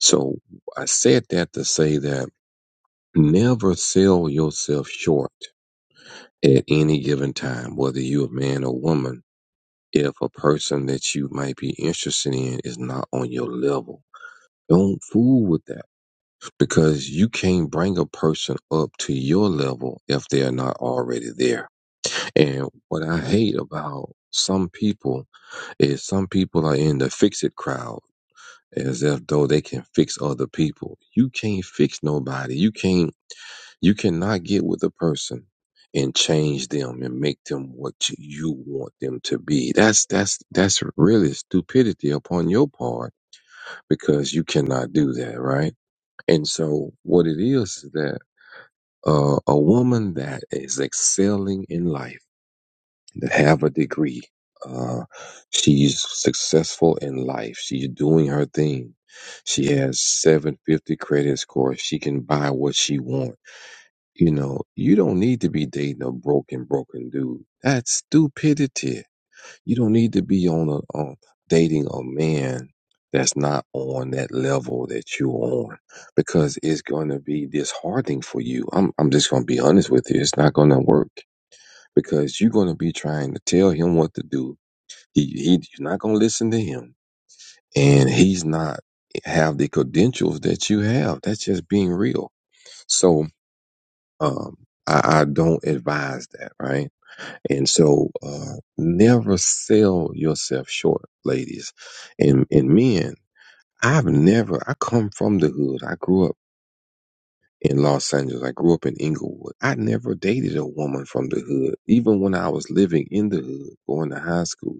I: So I said that to say that never sell yourself short at any given time, whether you're a man or woman. If a person that you might be interested in is not on your level, don't fool with that because you can't bring a person up to your level if they're not already there. And what I hate about some people is some people are in the fix it crowd as if though they can fix other people. You can't fix nobody. You can't You cannot get with a person and change them and make them what you you want them to be. That's that's that's really stupidity upon your part because you cannot do that, right? And so what it is is that uh, a woman that is excelling in life, that have a degree, uh, she's successful in life. She's doing her thing. She has 750 credit score. She can buy what she wants you know, you don't need to be dating a broken, broken dude. That's stupidity. You don't need to be on a um, dating a man that's not on that level that you're on because it's going to be disheartening for you. I'm, I'm just going to be honest with you. It's not going to work because you're going to be trying to tell him what to do. He, he, you're not going to listen to him and he's not have the credentials that you have. That's just being real. So, um, I, I don't advise that, right? And so, uh, never sell yourself short, ladies and, and men. I've never, I come from the hood. I grew up in Los Angeles. I grew up in Inglewood. I never dated a woman from the hood, even when I was living in the hood, going to high school.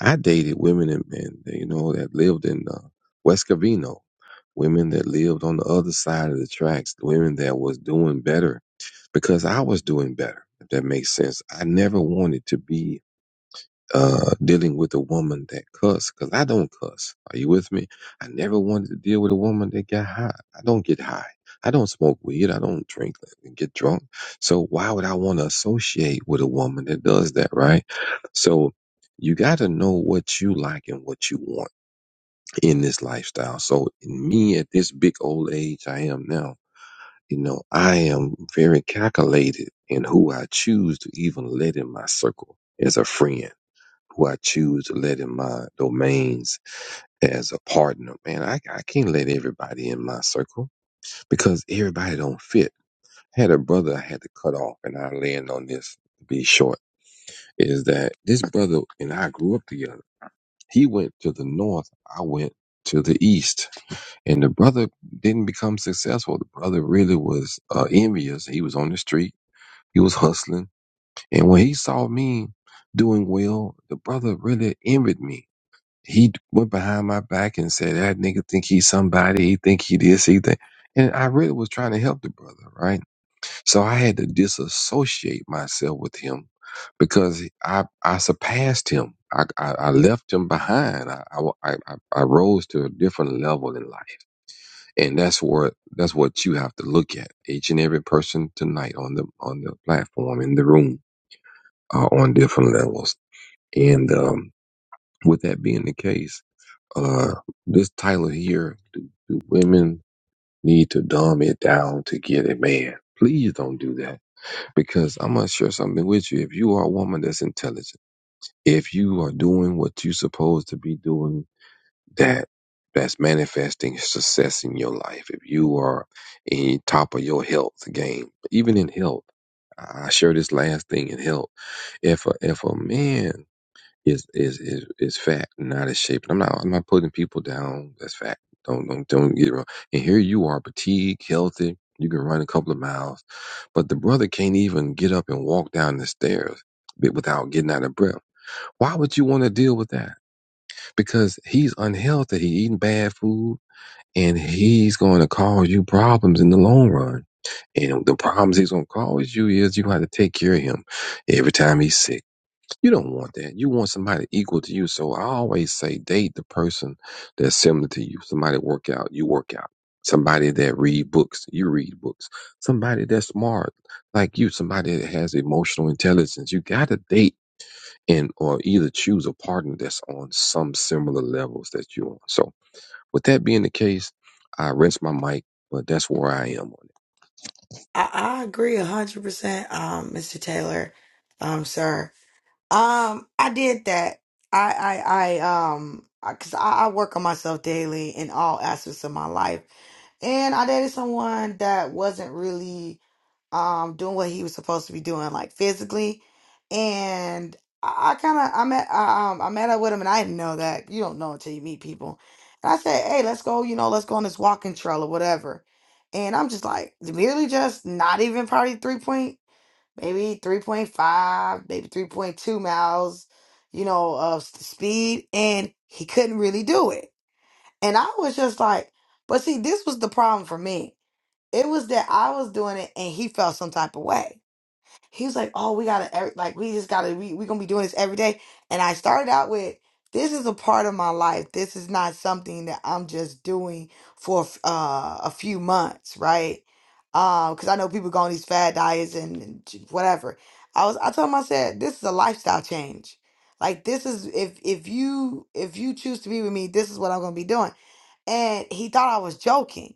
I: I dated women and men, you know, that lived in uh, West Covina, women that lived on the other side of the tracks, women that was doing better because I was doing better. If that makes sense, I never wanted to be uh dealing with a woman that cuss because I don't cuss. Are you with me? I never wanted to deal with a woman that got high. I don't get high. I don't smoke weed. I don't drink and get drunk. So why would I want to associate with a woman that does that, right? So you got to know what you like and what you want in this lifestyle. So in me at this big old age I am now, you know, I am very calculated in who I choose to even let in my circle as a friend who I choose to let in my domains as a partner. Man, I, I can't let everybody in my circle because everybody don't fit. I had a brother I had to cut off, and I land on this to be short, is that this brother and I grew up together. He went to the north, I went to the east, and the brother didn't become successful. The brother really was uh, envious. He was on the street. He was hustling. And when he saw me doing well, the brother really envied me He went behind my back and said that nigga think he's somebody. He think he this. He think. And I really was trying to help the brother, right? So I had to disassociate myself with him because I I surpassed him. I, I, I left him behind. I, I, I, I I rose to a different level in life, and that's what that's what you have to look at. Each and every person tonight on the on the platform in the room are on different levels, and um, with that being the case uh, this title here, do, do women need to dumb it down to get a man? Please don't do that because I'm going to share something with you. If you are a woman that's intelligent, if you are doing what you're supposed to be doing, that that's manifesting success in your life. If you are in top of your health game, even in health, I share this last thing in health. If a, if a man is is is is fat, not as shape. And I'm not I'm not putting people down. That's fat. Don't don't don't get it wrong. And here you are, fatigued, healthy. You can run a couple of miles, but the brother can't even get up and walk down the stairs bi- without getting out of breath. Why would you want to deal with that? Because he's unhealthy. He eating bad food, and he's going to cause you problems in the long run. And the problems he's going to cause you is you got to take care of him every time he's sick you don't want that. You want somebody equal to you. So I always say date the person that's similar to you. Somebody work out, you work out. Somebody that read books, you read books. Somebody that's smart like you. Somebody that has emotional intelligence. You got to date and or either choose a partner that's on some similar levels that you're on. So with that being the case, I rest my mic, but that's where I am. on.
D: I, I agree a hundred percent, um, Mr. Taylor, um, sir. Um, I did that. I, I, I, um, I- cause I, I work on myself daily in all aspects of my life, and I dated someone that wasn't really. um doing what he was supposed to be doing like physically and i, I kind of i met I, um i met up with him and i didn't know that you don't know until you meet people and i said hey let's go you know let's go on this walking trail or whatever and i'm just like merely just not even probably three point maybe 3.5 maybe 3.2 miles you know of s- speed and he couldn't really do it and i was just like but see this was the problem for me it was that i was doing it and he felt some type of way he was like, "Oh, we gotta every- like we just gotta we we gonna be doing this every day." And I started out with, "This is a part of my life. This is not something that I'm just doing for uh, a few months, right?" Because I know people go on these fad diets and and whatever. I was I told him I said, "This is a lifestyle change. Like this is if if you if you choose to be with me, this is what I'm gonna be doing." And he thought I was joking.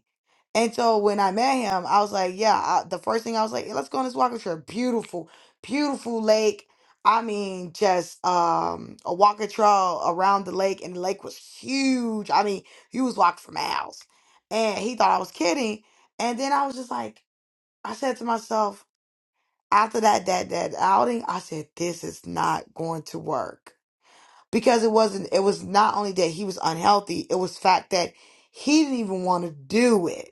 D: And so when I met him, I was like, yeah, I, the first thing I was like, "Yeah, let's go on this walking trip. Beautiful, beautiful lake. I mean, just um a walking trail around the lake, and the lake was huge. I mean, you was walking for miles. And he thought I was kidding. And then I was just like, I said to myself, after that that that outing, I said, this is not going to work. Because it wasn't, it was not only that he was unhealthy, it was fact that he didn't even want to do it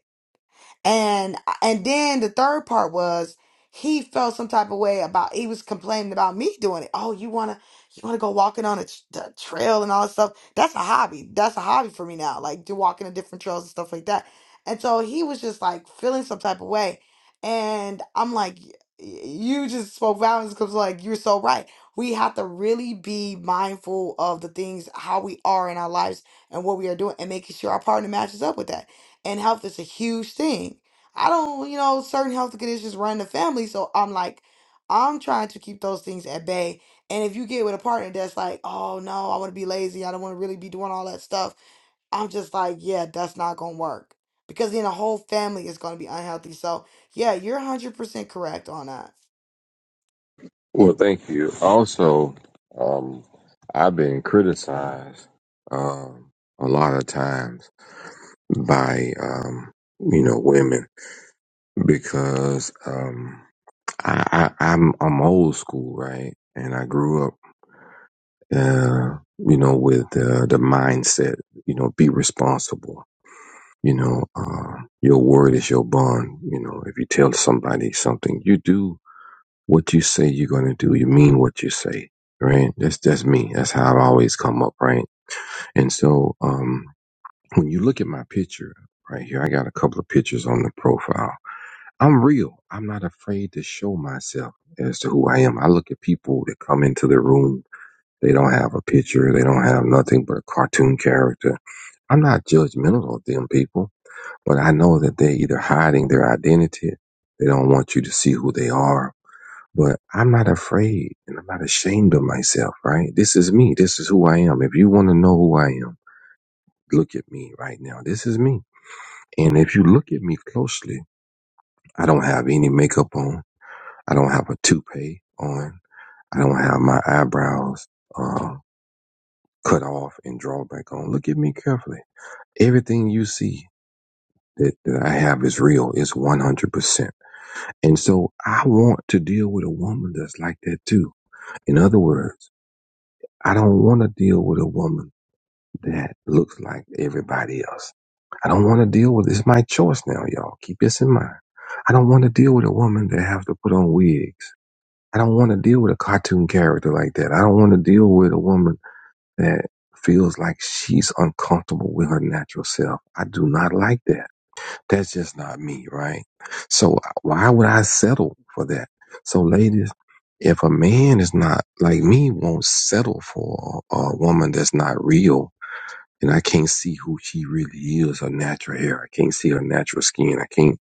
D: and and then the third part was he felt some type of way about he was complaining about me doing it. Oh, you wanna you wanna go walking on a tr- the trail and all that stuff. That's a hobby. That's a hobby for me now. Like to walking in different trails and stuff like that. And so he was just like feeling some type of way, and I'm like, "Y- you just spoke violence because like you're so right. We have to really be mindful of the things how we are in our lives and what we are doing, and making sure our partner matches up with that and health is a huge thing. I don't, you know, certain health conditions run the family, so I'm like, I'm trying to keep those things at bay. And if you get with a partner that's like, oh no, I want to be lazy, I don't want to really be doing all that stuff, I'm just like, yeah, that's not gonna work because then the whole family is gonna be unhealthy. So yeah, you're 100% correct on that.
I: Well, thank you. Also, um, I've been criticized um, a lot of times by um, you know women because um, I, I, I'm I'm old school, right? And I grew up, uh, you know, with uh, the mindset, you know, be responsible. You know, uh, your word is your bond. You know, if you tell somebody something, you do what you say you're going to do. You mean what you say, right? That's that's me. That's how I've always come up, right? And so, um, when you look at my picture right here, I got a couple of pictures on the profile. I'm real. I'm not afraid to show myself as to who I am. I look at people that come into the room. They don't have a picture. They don't have nothing but a cartoon character. I'm not judgmental of them people but I know that they're either hiding their identity, they don't want you to see who they are. But I'm not afraid and I'm not ashamed of myself, right? This is me. This is who I am. If you want to know who I am, look at me right now. This is me. And if you look at me closely, I don't have any makeup on. I don't have a toupee on. I don't have my eyebrows uh, cut off and drawn back on. Look at me carefully. Everything you see that, that I have is real. It's 100%. And so I want to deal with a woman that's like that too. In other words, I don't want to deal with a woman that looks like everybody else. I don't want to deal with it's my choice now, y'all. Keep this in mind. I don't want to deal with a woman that have to put on wigs. I don't want to deal with a cartoon character like that. I don't want to deal with a woman that feels like she's uncomfortable with her natural self. I do not like that. That's just not me, right? So uh, why would I settle for that? So ladies, if a man is not like me, won't settle for a, a woman that's not real, and I can't see who she really is, her natural hair, I can't see her natural skin, I can't,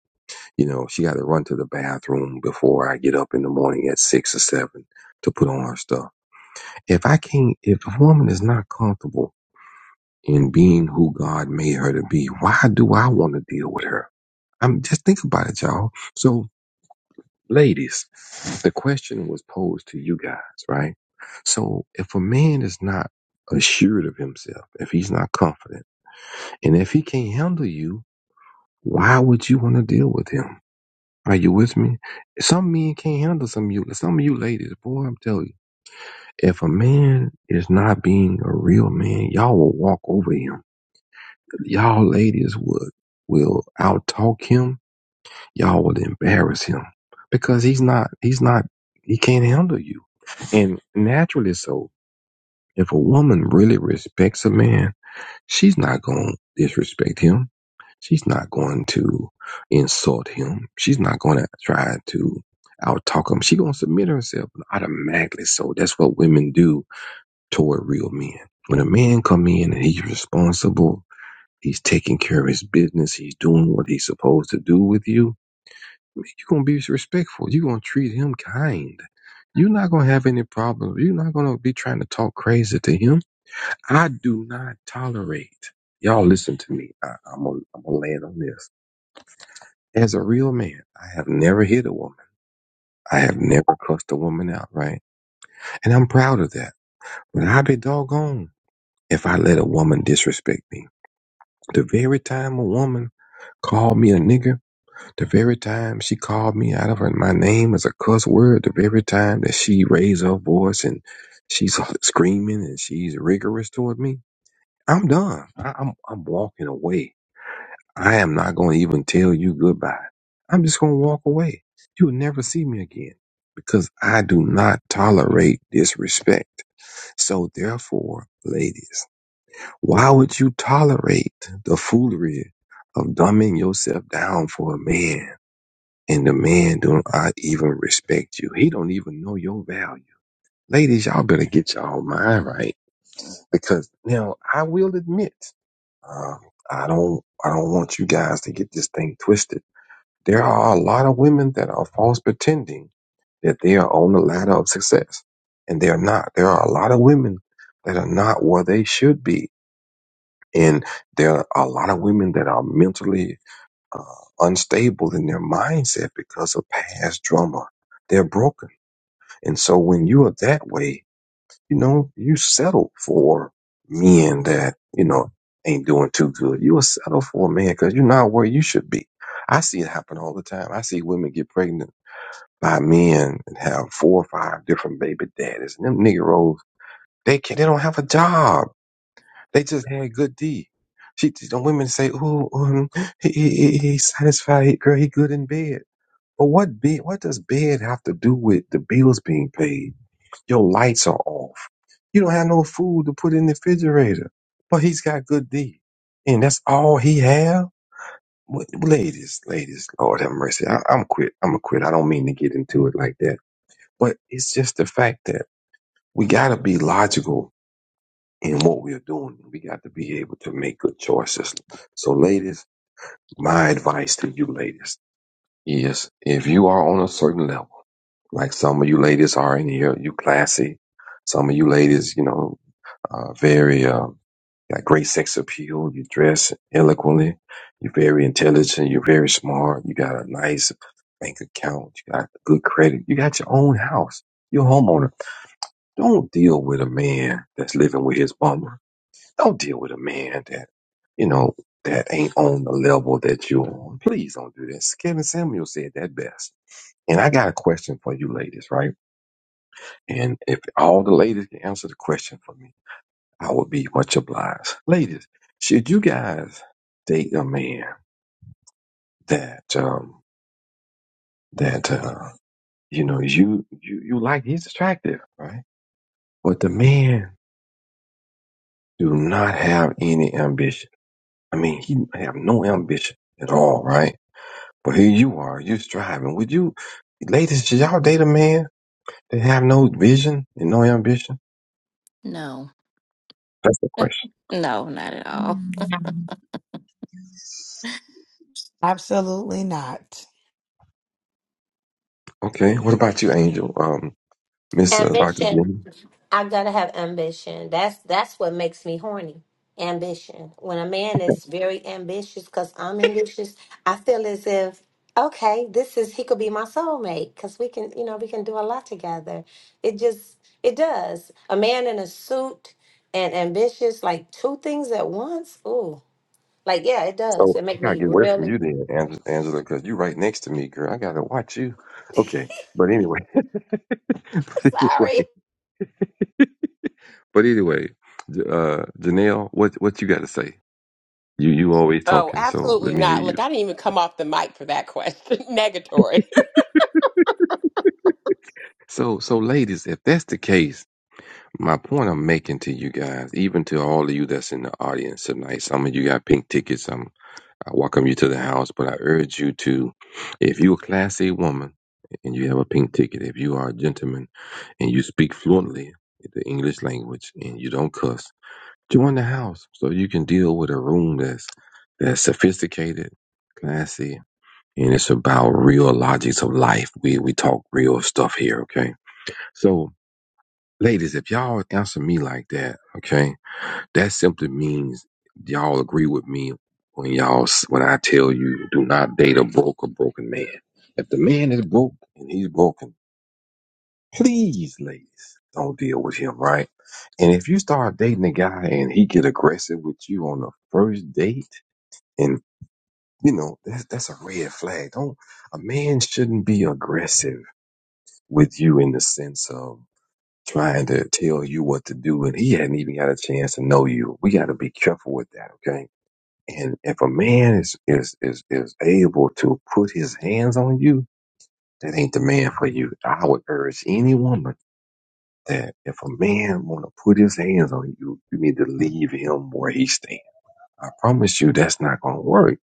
I: you know, she got to run to the bathroom before I get up in the morning at six or seven to put on her stuff. If I can't, if a woman is not comfortable in being who God made her to be, why do I want to deal with her? I'm just think about it, y'all. So, ladies, the question was posed to you guys, right? So, if a man is not assured of himself, if he's not confident, and if he can't handle you, why would you want to deal with him? Are you with me? Some men can't handle some of you. Some of you ladies, boy, I'm telling you, if a man is not being a real man, y'all will walk over him. Y'all ladies would will outtalk him y'all would embarrass him because he's not he's not he can't handle you and naturally so if a woman really respects a man she's not going to disrespect him she's not going to insult him she's not going to try to outtalk him she's going to submit herself automatically so that's what women do toward real men when a man come in and he's responsible he's taking care of his business he's doing what he's supposed to do with you you're gonna be respectful. You're gonna treat him kind. You're not gonna have any problems. You're not gonna be trying to talk crazy to him. I do not tolerate. Y'all listen to me. I, I'm gonna land on this. As a real man, I have never hit a woman. I have never cussed a woman out, right? And I'm proud of that. But I'd be doggone if I let a woman disrespect me. The very time a woman called me a nigger, The very time she called me out of her, my name as a cuss word, the very time that she raised her voice and she's screaming and she's rigorous toward me, I'm done. I, I'm I'm walking away. I am not going to even tell you goodbye. I'm just going to walk away. You'll never see me again because I do not tolerate disrespect. So therefore, ladies, why would you tolerate the foolery of dumbing yourself down for a man? and the man don't I even respect you. He don't even know your value. Ladies, y'all better get y'all mind right because now I will admit, um, I don't, I don't want you guys to get this thing twisted. There are a lot of women that are false pretending that they are on the ladder of success and they are not. There are a lot of women that are not where they should be. And there are a lot of women that are mentally uh, unstable in their mindset because of past trauma. They're broken And so when you are that way, you know, you settle for men that, you know, ain't doing too good. You will settle for a man because you're not where you should be. I see it happen all the time. I see women get pregnant by men and have four or five different baby daddies. And them niggeros, they can they don't have a job. They just had good D. She, the women say, oh, um, he, he, he, he satisfied. He, girl, he good in bed." But what bed? What does bed have to do with the bills being paid? Your lights are off. You don't have no food to put in the refrigerator, but he's got good deed, and that's all he have. What, ladies, ladies, Lord have mercy. I, I'm quit. I'm a quit. I don't mean to get into it like that, but it's just the fact that we gotta be logical in what we're doing. We got to be able to make good choices. So, ladies, my advice to you, ladies, is if you are on a certain level, like some of you ladies are in here, you classy, some of you ladies, you know, uh, very um, got great sex appeal. You dress eloquently. You're very intelligent. You're very smart. You got a nice bank account. You got good credit. You got your own house. You're a homeowner. Don't deal with a man that's living with his bummer. Don't deal with a man that you know that ain't on the level that you're on. Please don't do that. Kevin Samuel said that best. And I got a question for you ladies, right? And if all the ladies can answer the question for me I would be much obliged. Ladies, should you guys date a man that um that uh you know you you, you like he's attractive, right? But the man do not have any ambition. I mean he have no ambition at all, right? But here you are, you're striving. Would you ladies, should y'all date a man that have no vision and no ambition?
C: No.
I: That's the question.
C: No, not at
E: Yeah.
C: all.
D: Absolutely not.
I: Okay. What about you, Angel? Um Miss uh, Dr.
A: Ambition.
I: Jenny?
A: I gotta have ambition. That's that's what makes me horny. Ambition. When a man is very ambitious, because I'm ambitious, I feel as if okay, this is he could be my soulmate because we can, you know, we can do a lot together. It just it does. A man in a suit and ambitious, like two things at once. Ooh, like yeah, it does.
I: So
A: It
I: I
A: make
I: gotta
A: me
I: get away from
A: really
I: you then, Ang- Angela, because you right next to me, girl. I gotta watch you. Okay, but anyway, but anyway,
A: sorry.
I: but anyway, J- uh, Janelle, what what you got to say? You you always
G: Oh,
I: talking, so let
G: absolutely
I: me hear
G: not. Look,
I: you.
G: I didn't even come off the mic for that question. Negatory.
I: So so, ladies, if that's the case, my point I'm making to you guys, even to all of you that's in the audience tonight, some of you got pink tickets, I welcome you to the house, but I urge you to, if you're a Class A woman and you have a pink ticket, if you are a gentleman and you speak fluently the English language and you don't cuss, join the house so you can deal with a room that's that's sophisticated, classy, and it's about real logics of life. We we talk real stuff here, okay? So, ladies, if y'all answer me like that, okay? That simply means y'all agree with me when y'all s- when I tell you do not date a broke or broken man. If the man is broke and he's broken, please, ladies, don't deal with him, right? And if you start dating a guy and he get aggressive with you on the first date, and you know that's that's a red flag. Don't a man shouldn't be aggressive with you in the sense of trying to tell you what to do, and he hadn't even got a chance to know you. We got to be careful with that, okay? And if a man is is is is able to put his hands on you, that ain't the man for you. I would urge any woman that if a man want to put his hands on you, you need to leave him where he stand. I promise you, that's not gonna work.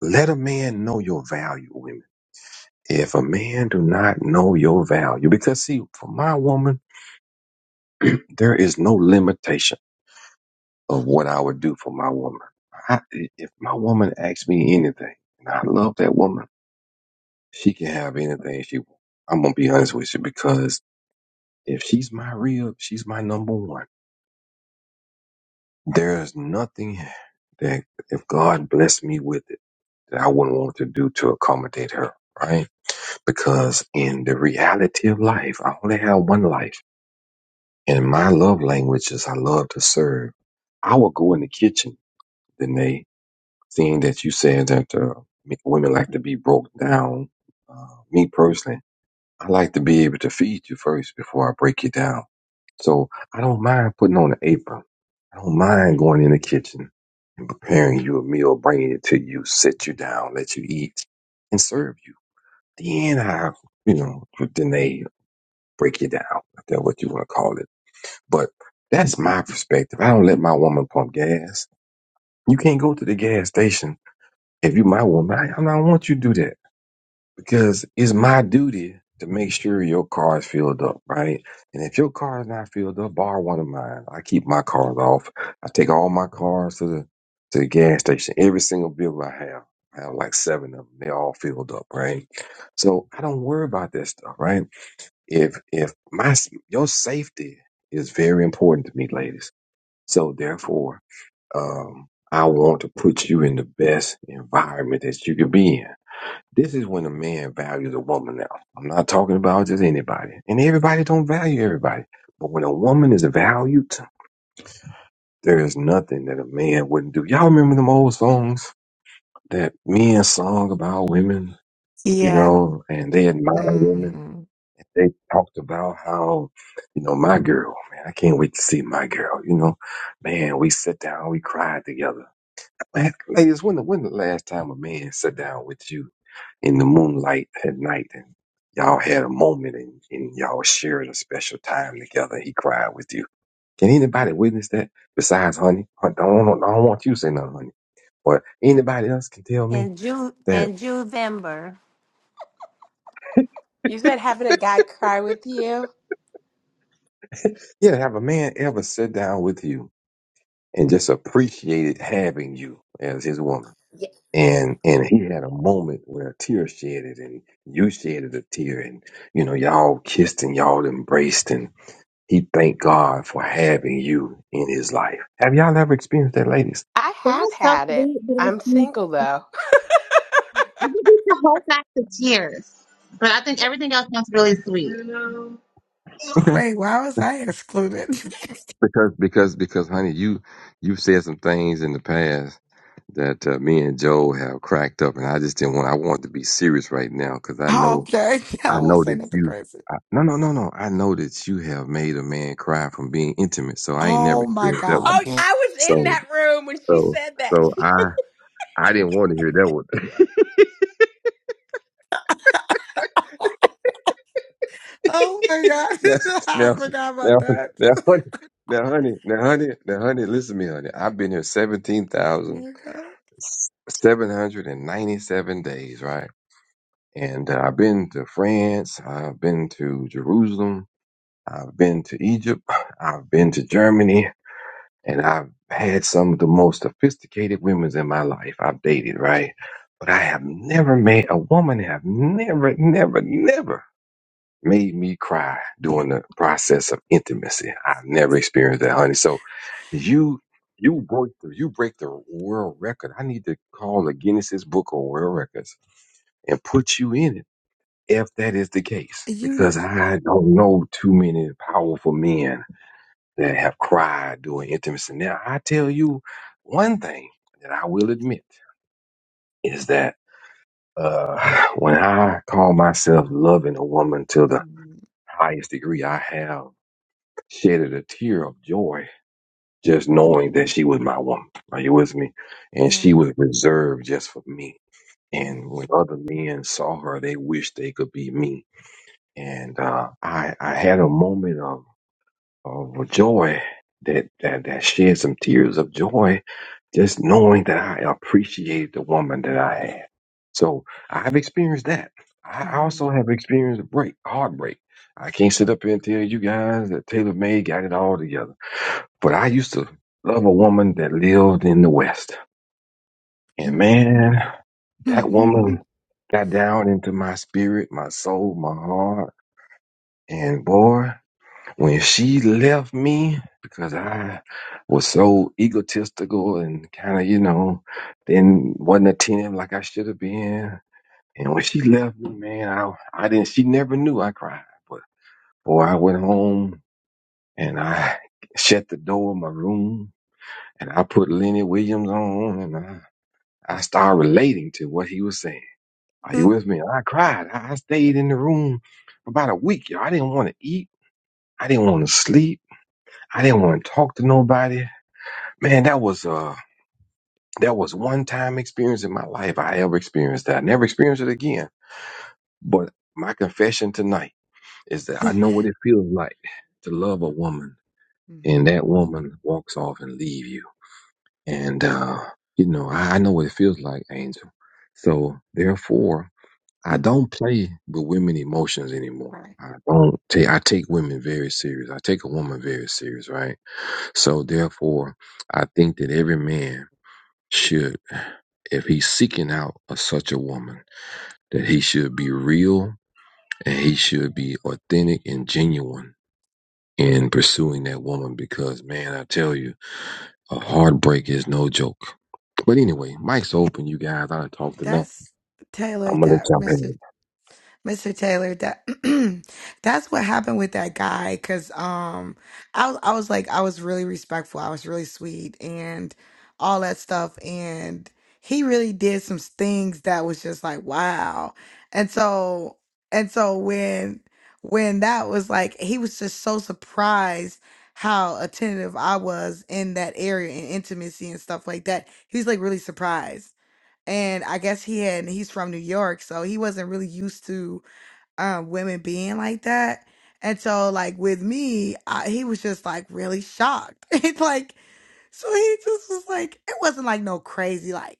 I: Let a man know your value, women. If a man do not know your value, because see, for my woman, there is no limitation of what I would do for my woman. I, if my woman asks me anything, and I love that woman. She can have anything she wants. I'm gonna be honest with you because if she's my real, she's my number one. There's nothing that if God blessed me with it that I wouldn't want to do to accommodate her, right? Because in the reality of life, I only have one life. And my love language is I love to serve. I will go in the kitchen, Danae, seeing that you said that uh, women like to be broke down. Uh, me personally. I like to be able to feed you first before I break you down. So I don't mind putting on an apron. I don't mind going in the kitchen and preparing you a meal, bringing it to you, sit you down, let you eat, and serve you. Then I, you know, then they break you down. If that's what you want to call it. But that's my perspective. I don't let my woman pump gas. You can't go to the gas station if you my woman. I, I don't want you to do that because it's my duty to make sure your car is filled up, right? And if your car is not filled up, borrow one of mine. I keep my cars off. I take all my cars to the to the gas station. Every single bill I have, I have like seven of them. They're all filled up, right? So I don't worry about that stuff, right? If if my s- your safety is very important to me, ladies. So therefore, um, I want to put you in the best environment that you could be in this is when a man values a woman now. I'm not talking about just anybody. And everybody don't value everybody. But when a woman is valued, there is nothing that a man wouldn't do. Y'all remember them old songs that men sung about women, you
D: Yeah.
I: know, and they admired women.
D: Mhm.
I: They talked about how, you know, my girl, man, I can't wait to see my girl, you know. Man, we sat down, we cried together. Man, ladies, when the when the last time a man sat down with you in the moonlight at night and y'all had a moment and, and y'all shared a special time together. He cried with you. Can anybody witness that besides honey? I don't, want- I don't want you to say nothing, honey. But anybody else can tell me
A: And June
I: that,
A: and Juvember.
G: You said having a guy cry with you?
I: yeah, have a man ever sit down with you and just appreciated having you as his woman?
G: Yeah,
I: And and he had a moment where a tear shed it and you shed a tear and you know, y'all kissed and y'all embraced and. He thanked God for having you in his life. Have y'all ever experienced that, ladies?
G: I
E: That
G: have
E: is so
G: had it.
E: sweet, but I
G: I'm
E: think
G: single though.
E: I think you should hold back the tears. But I think everything else sounds really sweet.
I: Okay.
D: Wait, why was I excluded?
I: Because, because, because, honey, you you said some things in the past that uh, me and Joe have cracked up, and I just didn't want. I want to be serious right now because I know,
D: okay,
I: I
D: I won't
I: know
D: say
I: that
D: nothing
I: you.
D: crazy.
I: I, no, no, no, no. I know that you have made a man cry from being intimate, so I ain't
D: Oh
I: never
D: my
I: heard that one.
G: Oh,
D: God.
G: I was in
I: So,
G: that room when she
I: so,
G: said that.
I: so I, I didn't want to hear that one.
D: Oh my
I: Now,
D: god, I
I: now,
D: forgot about
I: now,
D: that.
I: now, honey, now, honey, now, honey, now, honey, listen to me, honey. I've been here
D: Oh my god,
I: 17,797 days, right? And uh, I've been to France, I've been to Jerusalem, I've been to Egypt, I've been to Germany, and I've had some of the most sophisticated women in my life I've dated, right? But I have never met a woman, i have never, never, never made me cry during the process of intimacy. I've never experienced that, honey. So you you break the you break the world record. I need to call the Guinness's Book of World Records and put you in it if that is the case.
D: you,
I: Because I don't know too many powerful men that have cried during intimacy. Now I tell you one thing that I will admit is that uh, when I call myself loving a woman to the
D: mhm,
I: highest degree I have shedded a tear of joy just knowing that she was my woman. Are you with me? And
D: yeah.
I: she was reserved just for me. And when
D: mhm,
I: other men saw her, they wished they could be me. And uh, I, I had a moment of, of joy that, that, that shed some tears of joy just knowing that I appreciated the woman that I had. So I've experienced that. I
D: mhm,
I: also have experienced a break, heartbreak. I can't sit up here and tell you guys that Taylor May got it all together. But I used to love a woman that lived in the West. And
D: mhm,
I: man, that
D: mhm,
I: woman got down into my spirit, my soul, my heart. And boy, when she left me because I was so egotistical and kind of, you know, then wasn't attentive like I should have been. And when she left me, man, I, I didn't, she never knew I cried. But boy, I went home and I shut the door of my room And I put Lenny Williams on and I, I started relating to what he was saying. Are you with me? And I cried. I I stayed in the room for about a week. Y'all. I didn't want to eat. I didn't want to sleep. I didn't want to talk to nobody. Man, that was uh that was one time experience in my life I ever experienced that. I never experienced it again. But my confession tonight is that I know what it feels like to love a woman
D: mhm,
I: and that
D: mhm.
I: woman walks off and leave you. And, uh, you know, I, I know what it feels like, Angel. So therefore, I don't play with women emotions anymore.
D: Right.
I: I don't take, I take women very serious. I take a woman very serious, right? So therefore, I think that every man should, if he's seeking out a, such a woman, that he should be real and he should be authentic and genuine in pursuing that woman because man, I tell you, A heartbreak is no joke. But anyway, mic's open, you guys. I done talked enough.
D: That's Taylor.
I: I'm gonna let
D: That
I: y'all have
D: Mr.
I: it.
D: Mr. Taylor, that that's what happened with that guy. Cause um, I was I was like I was really respectful. I was really sweet and all that stuff. And he really did some things that was just like wow. And so and so when when that was like he was just so surprised how attentive I was in that area and intimacy and stuff like that. He was like really surprised. And I guess he had he's from New York, so he wasn't really used to um women being like that. And so like with me, I, he was just like really shocked. It's like so he just was like it wasn't like no crazy like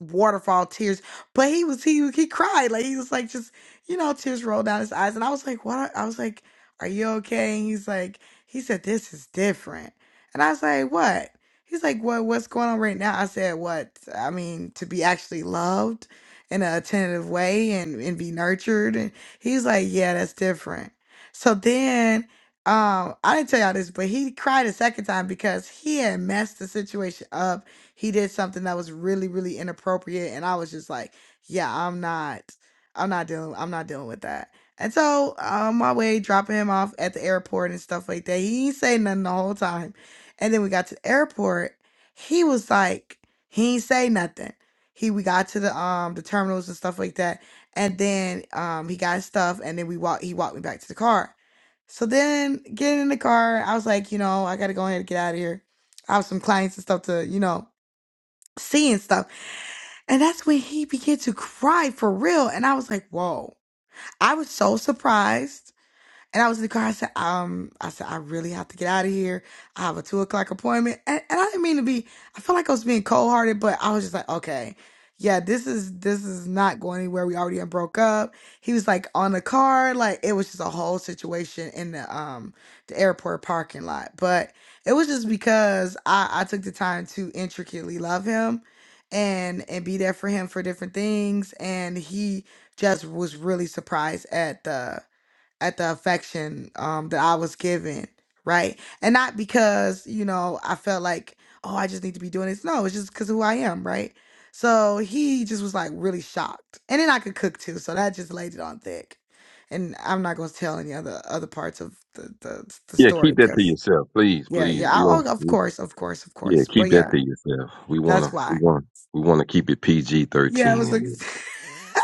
D: waterfall tears. But he was he he cried like he was like just you know tears rolled down his eyes, and I was like, what? are-" I was like, are you okay? And he's like, he said this is different, and I was like, what? He's like, what? What's going on right now? I said, what? I mean, to be actually loved in a attentive way and and be nurtured, and he's like, yeah, that's different. So then. Um, I didn't tell y'all this, but he cried a second time because he had messed the situation up he did something that was really really inappropriate and i was just like yeah i'm not i'm not dealing i'm not dealing with that and so on my way dropping him off at the airport and stuff like that he ain't say nothing the whole time and then we got to the airport he was like he ain't say nothing he we got to the um the terminals and stuff like that and then um he got his stuff and then we walked he walked me back to the car so then getting in the car i was like you know i gotta go ahead and get out of here i have some clients and stuff to you know seeing stuff. And that's when he began to cry for real. And I was like, whoa. I was so surprised. And I was in the car. I said, um, I said, I really have to get out of here. I have a two o'clock appointment. And, and I didn't mean to be, I feel like I was being cold hearted, but I was just like, okay, yeah, this is, this is not going anywhere. We already done broke up. He was like on the car. Like it was just a whole situation in the, um, the airport parking lot. But it was just because I, I took the time to intricately love him and, and be there for him for different things. And he just was really surprised at the, at the affection um that I was given, right? And not because, you know, I felt like, oh, I just need to be doing this. No, it's just because who I am, right? So he just was like really shocked. And then I could cook too, so that just laid it on thick. And I'm not gonna tell any other other parts of the the, the
I: Yeah,
D: story
I: keep that to
D: because
I: yourself, please,
D: yeah,
I: please.
D: yeah. I,
I: We
D: oh,
I: don't.
D: of
I: we-
D: course, of course, of
I: Yeah,
D: course. But
I: keep that
D: yeah,
I: to yourself. We
D: that's
I: wanna, we
D: why.
I: want, we wanna keep it PG
D: Yeah, it
I: thirteen
D: was
I: in
D: like
I: here.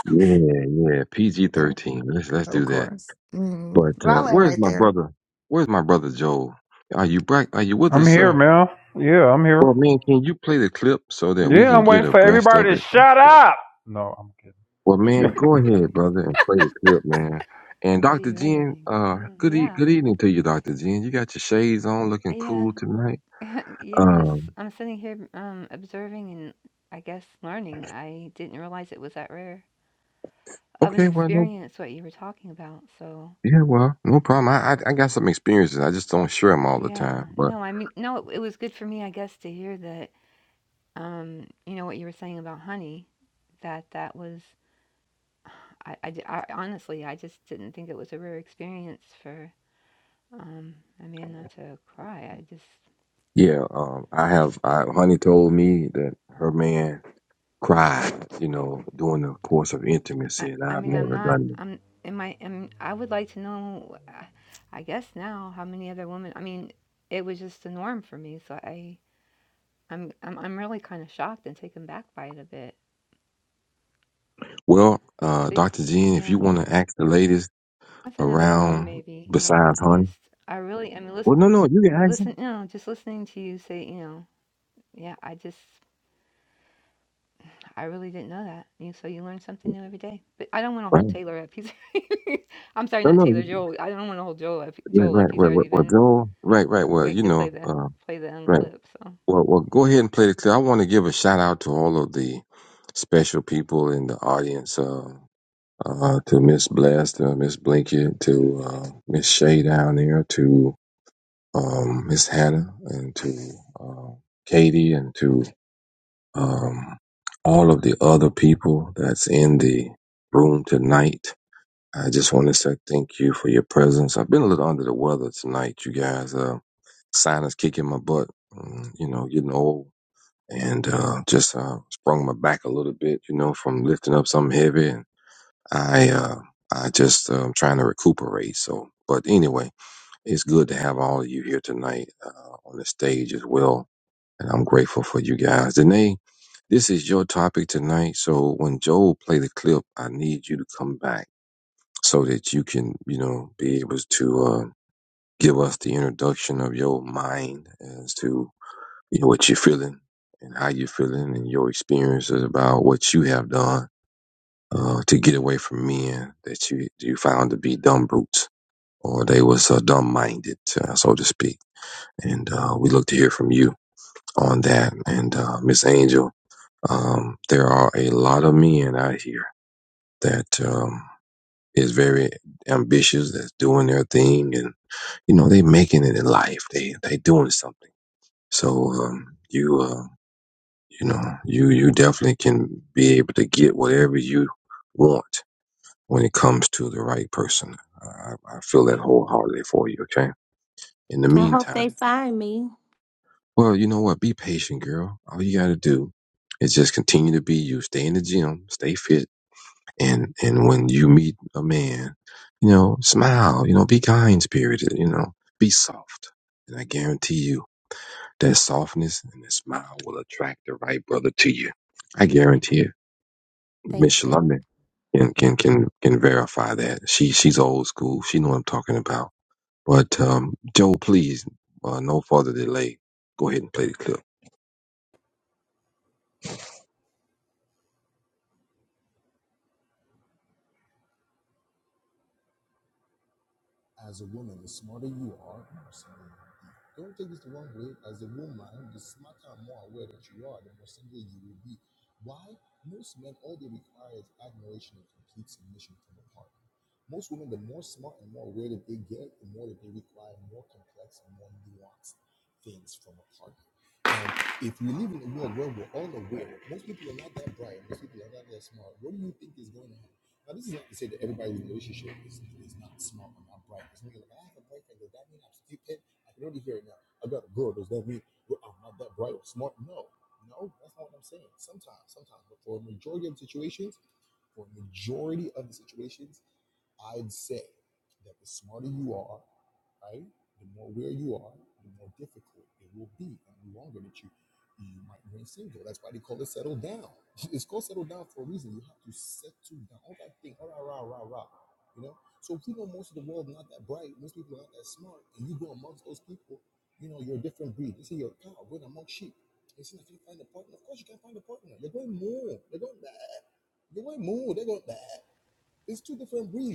I: Yeah, yeah, PG
D: Yeah,
I: thirteen. Let's let's
D: of
I: do that.
D: course. Mm-hmm.
I: But
D: But I
I: uh,
D: land
I: where's
D: right
I: my
D: there.
I: brother? Where's my brother Joel? Are you back? Are you with
B: I'm
I: us,
B: here,
I: sir?
B: man. Yeah, I'm
I: Well,
B: here.
I: man, can you play the clip so that we
B: Yeah,
I: can
B: I'm
I: get
B: waiting for
I: abreast
B: everybody
I: of
B: to
I: it?
B: shut up. No, I'm
I: Well, man,
B: kidding.
I: go ahead, brother, and play the clip, man. And
J: What do
I: Dr.
J: you really
I: Jen,
J: think?
I: uh,
J: Mm,
I: good e-
J: yeah,
I: good evening to you, Dr. Jen. You got your shades on, looking
J: yeah,
I: cool tonight.
J: yeah. Just
I: Um,
J: I'm sitting here um, observing and I guess learning. I didn't realize it was that rare of an
I: okay, well, no,
J: experience what you were talking about. So
I: yeah, well, no problem. I I, I got some experiences. I just don't share them all the
J: yeah,
I: time, but
J: no, I mean, no, it, it was good for me, I guess, to hear that. Um, you know what you were saying about honey, that that was. I, I, di- I- honestly, I just didn't think it was a rare experience for um, a man not to cry. I just
I: yeah, um, I have. I, Honey told me that her man cried, you know, during the course of
J: I,
I: intimacy, and
J: I
I: I've
J: mean, I'm
I: never
J: not.
I: done it.
J: I'm. Am I? Am I would like to know. uh, I guess now how many other women. I mean, it was just the norm for me. So I, I'm, I'm, I'm really kind of shocked and taken back by it a bit.
I: Well, uh,
J: So,
I: Dr. Jen, if you
J: yeah,
I: want to ask the ladies
J: that's another room
I: around
J: maybe. Yeah,
I: besides
J: I
I: honey,
J: just, I really. I mean, listen,
I: well, no, no, you can ask
J: listen.
I: them.
J: You know, just listening to you say, you know, yeah, I just, I really didn't know that. You so you learn something new every day. But I don't want to hold
I: Right.
J: Taylor up. He's. I'm sorry,
I: No,
J: not
I: no,
J: Taylor.
I: you-
J: Joel. I don't want to hold Joel up.
I: right,
J: Joel up.
I: right,
J: He's
I: right, right,
J: already
I: well,
J: been.
I: Joel, right, right, well,
J: waiting
I: you
J: to play
I: know,
J: the
I: uh,
J: play the
I: right.
J: unclip. So
I: Well, well, go ahead and play the clip. I want to give a shout out to all of the special people in the audience, uh, uh, to Miss Blessed, uh, Miss Blinket, to uh, Miss Shay down there, to um, Miss Hannah and to uh, Katie and to um, all of the other people that's in the room tonight. I just want to say thank you for your presence. I've been a little under the weather tonight, you guys. Uh, sinus kicking my butt, mm, you know, getting old and uh, just uh, sprung my back a little bit, you know, from lifting up something heavy. And I, uh, I just um, trying to recuperate. So, but anyway. It's good to have all of you here tonight uh, on the stage as well. And I'm grateful for you guys. Danae, this is your topic tonight. So when Joel play the clip, I need you to come back so that you can, you know, be able to uh, give us the introduction of your mind as to you know, what you're feeling and how you're feeling and your experiences about what you have done uh, to get away from men that you you found to be dumb brutes or they was uh, dumb minded, uh, so to speak and uh, we look to hear from you on that. And uh, Miss Angel, um, there are a lot of men out here that um, is very ambitious, that's doing their thing, and you know they making it in life. They they doing something. So um, you uh, you know you you definitely can be able to get whatever you want when it comes to the right person. I, I I feel that wholeheartedly for you. Okay. In the
A: I hope
I: meantime.
A: they find me.
I: Well, you know what? Be patient, girl. All you got to do is just continue to be you. Stay in the gym, stay fit, and and when you meet a man, you know, smile. You know, be kind spirited. You know, be soft. And I guarantee you that softness and that smile will attract the right brother to you. I guarantee it.
A: Thank
I: Miss
A: you.
I: Shalonda can can can can verify that. She she's old school. She know what I'm talking about. But um, Joe, please, uh, no further delay. Go ahead and play the clip.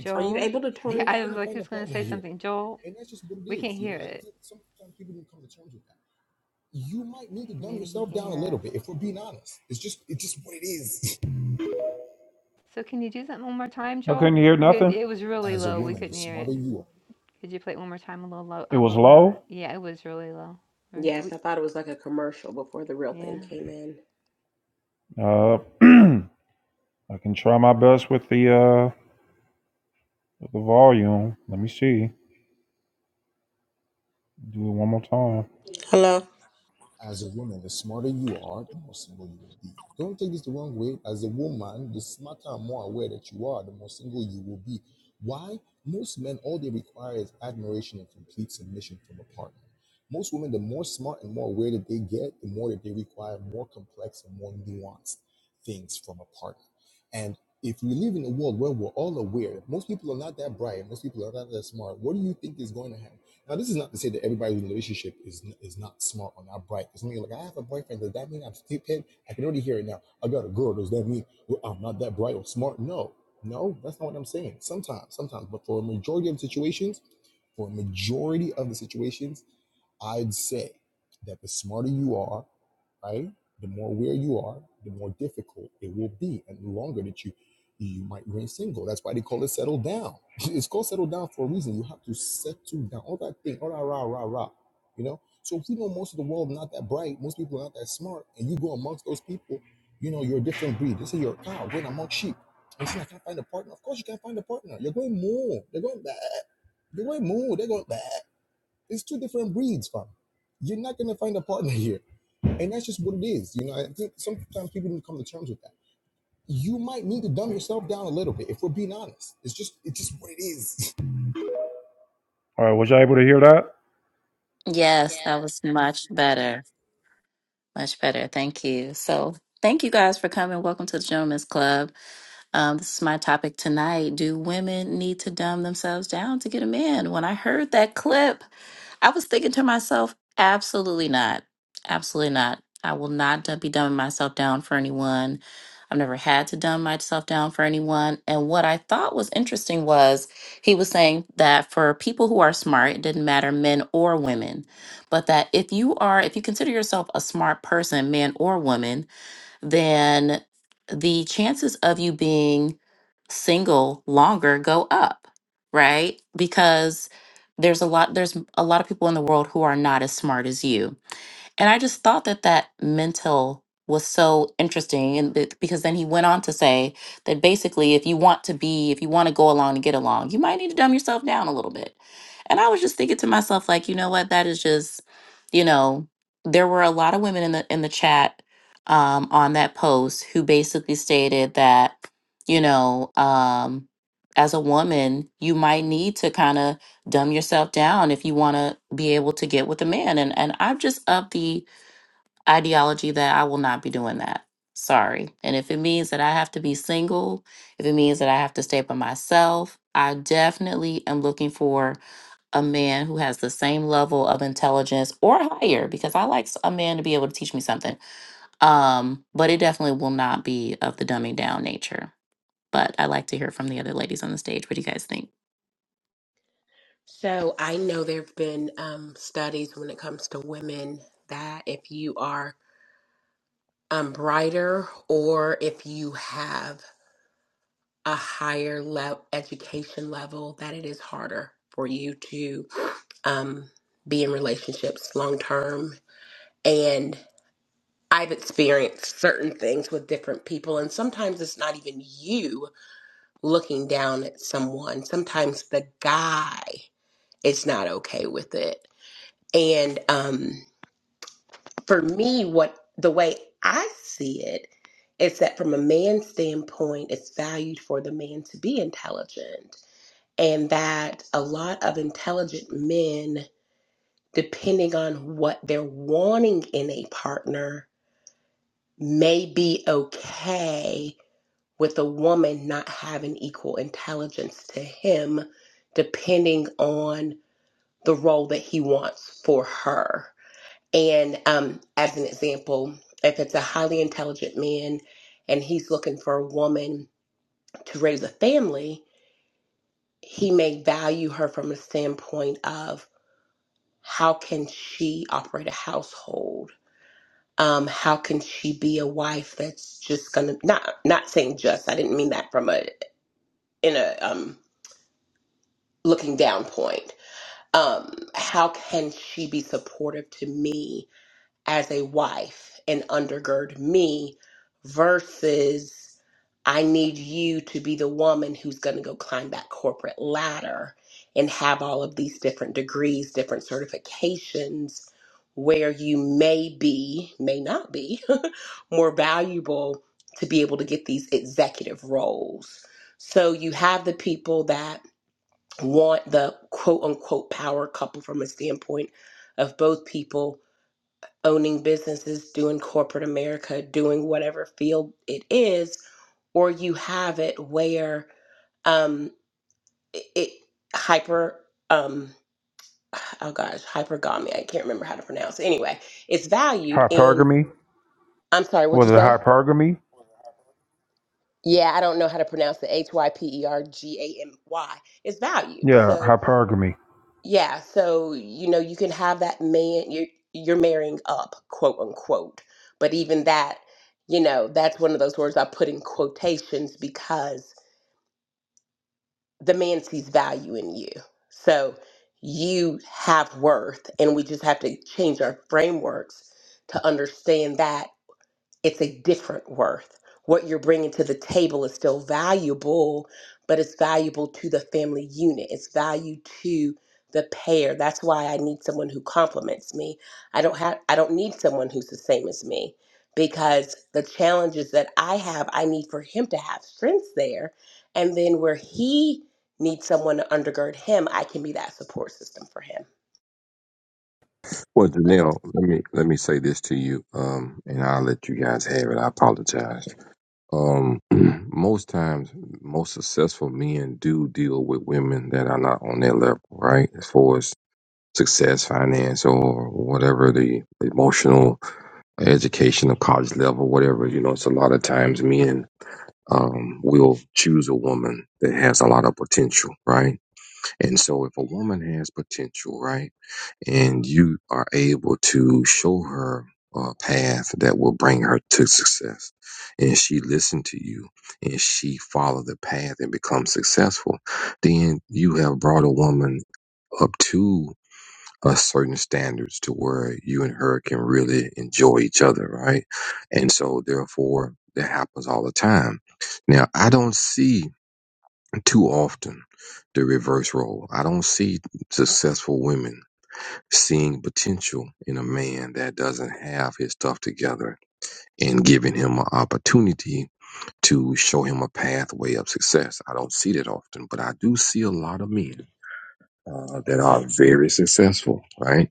G: Are you able to turn
J: yeah,
G: it
J: I was
G: up?
J: like, who's gonna say something? Joel, we can't hear it. Maybe he can hear us. So can you do that one more time,
B: I
J: Joel?
B: couldn't hear nothing.
J: It was really low. We couldn't hear it. Could you play it one more time, a little low,
B: It
J: a
B: was
J: little louder?
B: low.
J: Yeah, it was really low.
G: Yes,
J: We,
G: I thought it was like a commercial before the real thing
J: yeah.
G: came in.
B: Uh, I can try my best with the uh with the volume. Let me see. Do it one more time.
F: Hello.
B: All right, was you able to hear that?
C: Yes, that was much better. Much better. Thank you. So, thank you guys for coming. Welcome to the Gentlemen's Club. Um, this is my topic tonight. Do women need to dumb themselves down to get a man? When I heard that clip, I was thinking to myself, absolutely not. Absolutely not. I will not dumb- be dumbing myself down for anyone. I've never had to dumb myself down for anyone. And what I thought was interesting was he was saying that for people who are smart, it didn't matter men or women, but that if you are, if you consider yourself a smart person, man or woman, then the chances of you being single longer go up, right? Because there's a lot there's a lot of people in the world who are not as smart as you and I just thought that that mental was so interesting. And that- because then he went on to say that basically, if you want to be, if you want to go along and get along, you might need to dumb yourself down a little bit. And I was just thinking to myself, like, you know what? That is just, you know, there were a lot of women in the in the chat um, on that post who basically stated that, you know, um, as a woman, you might need to kind of dumb yourself down if you want to be able to get with a man and and I'm just of the ideology that I will not be doing that. Sorry. And if it means that I have to be single, if it means that I have to stay by myself, I definitely am looking for a man who has the same level of intelligence or higher because I like s- a man to be able to teach me something. Um, but it definitely will not be of the dumbing down nature. But I like to hear from the other ladies on the stage. What do you guys think?
G: So I know there have been um, studies when it comes to women that if you are um, brighter or if you have a higher level education level that it is harder for you to um, be in relationships long term and i've experienced certain things with different people and sometimes it's not even you looking down at someone sometimes the guy is not okay with it and um, for me what the way i see it is that from a man's standpoint it's valued for the man to be intelligent and that a lot of intelligent men, depending on what they're wanting in a partner, may be okay with a woman not having equal intelligence to him, depending on the role that he wants for her. And um, as an example, if it's a highly intelligent man and he's looking for a woman to raise a family, he may value her from a standpoint of how can she operate a household? Um, how can she be a wife that's just gonna not not saying just? I didn't mean that from a in a um, looking down point. Um, how can she be supportive to me as a wife and undergird me versus I need you to be the woman who's going to go climb that corporate ladder and have all of these different degrees, different certifications where you may be, may not be more valuable to be able to get these executive roles. So you have the people that want the quote unquote power couple from a standpoint of both people owning businesses, doing corporate America, doing whatever field it is, or you have it where um, it, it hyper, um, oh gosh, hypergamy. I can't remember how to pronounce it. Anyway, it's valued in,
B: Hypergamy.
G: I'm sorry, what'd
B: Was
G: you
B: it
G: say?
B: hypergamy?
G: Yeah, I don't know how to pronounce it. H Y P E R G A M Y. It's valued.
B: Yeah,
G: so.
B: hypergamy.
G: Yeah, so you know, you can have that man you're you're marrying up, quote unquote. But even that, you know, that's one of those words I put in quotations because the man sees value in you. So you have worth, and we just have to change our frameworks to understand that it's a different worth. What you're bringing to the table is still valuable, but it's valuable to the family unit. It's value to the pair. That's why I need someone who complements me. I don't have I don't need someone who's the same as me because the challenges that I have, I need for him to have strengths there. And then where he needs someone to undergird him, I can be that support system for him.
I: Well, Janelle, let me let me say this to you, um, and I'll let you guys have it. I apologize. Um, most times, most successful men do deal with women that are not on their level, right? As far as success, finance, or whatever the emotional, educational, college level, whatever. You know, it's a lot of times men um, will choose a woman that has a lot of potential, right? And so, if a woman has potential, right? and you are able to show her a path that will bring her to success. And she listened to you and she followed the path and become successful. Then you have brought a woman up to a certain standards to where you and her can really enjoy each other, right? And so therefore that happens all the time. Now I don't see too often the reverse role. I don't see successful women seeing potential in a man that doesn't have his stuff together and giving him an opportunity to show him a pathway of success. I don't see that often, but I do see a lot of men uh, that are very successful, right?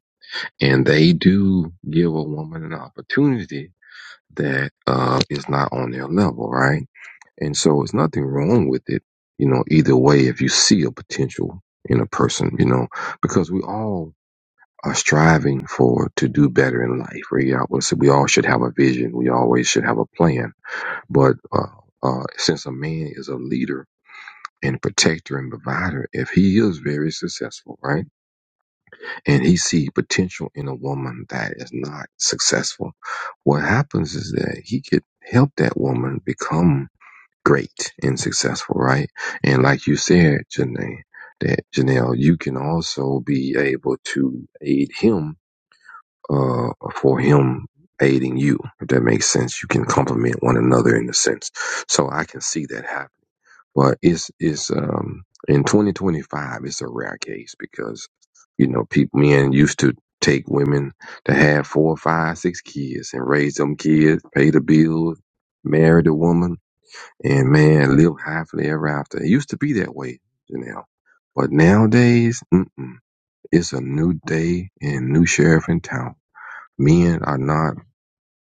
I: And they do give a woman an opportunity that uh, is not on their level, right? And so it's nothing wrong with it, you know, either way, if you see a potential in a person, you know, because we all are striving for to do better in life. We all, we all should have a vision. We always should have a plan. But uh, uh, since a man is a leader and protector and provider, if he is very successful, right, and he see potential in a woman that is not successful, what happens is that he could help that woman become great and successful, right? And like you said, Janae, that Janelle, you can also be able to aid him uh, for him aiding you. If that makes sense, you can complement one another in a sense. So I can see that happen. But it's it's um, in 2025, it's a rare case because you know people men used to take women to have four, five, six kids and raise them kids, pay the bills, marry the woman, and man live happily ever after. It used to be that way, you know. But nowadays, mm-mm, it's a new day and new sheriff in town Men are not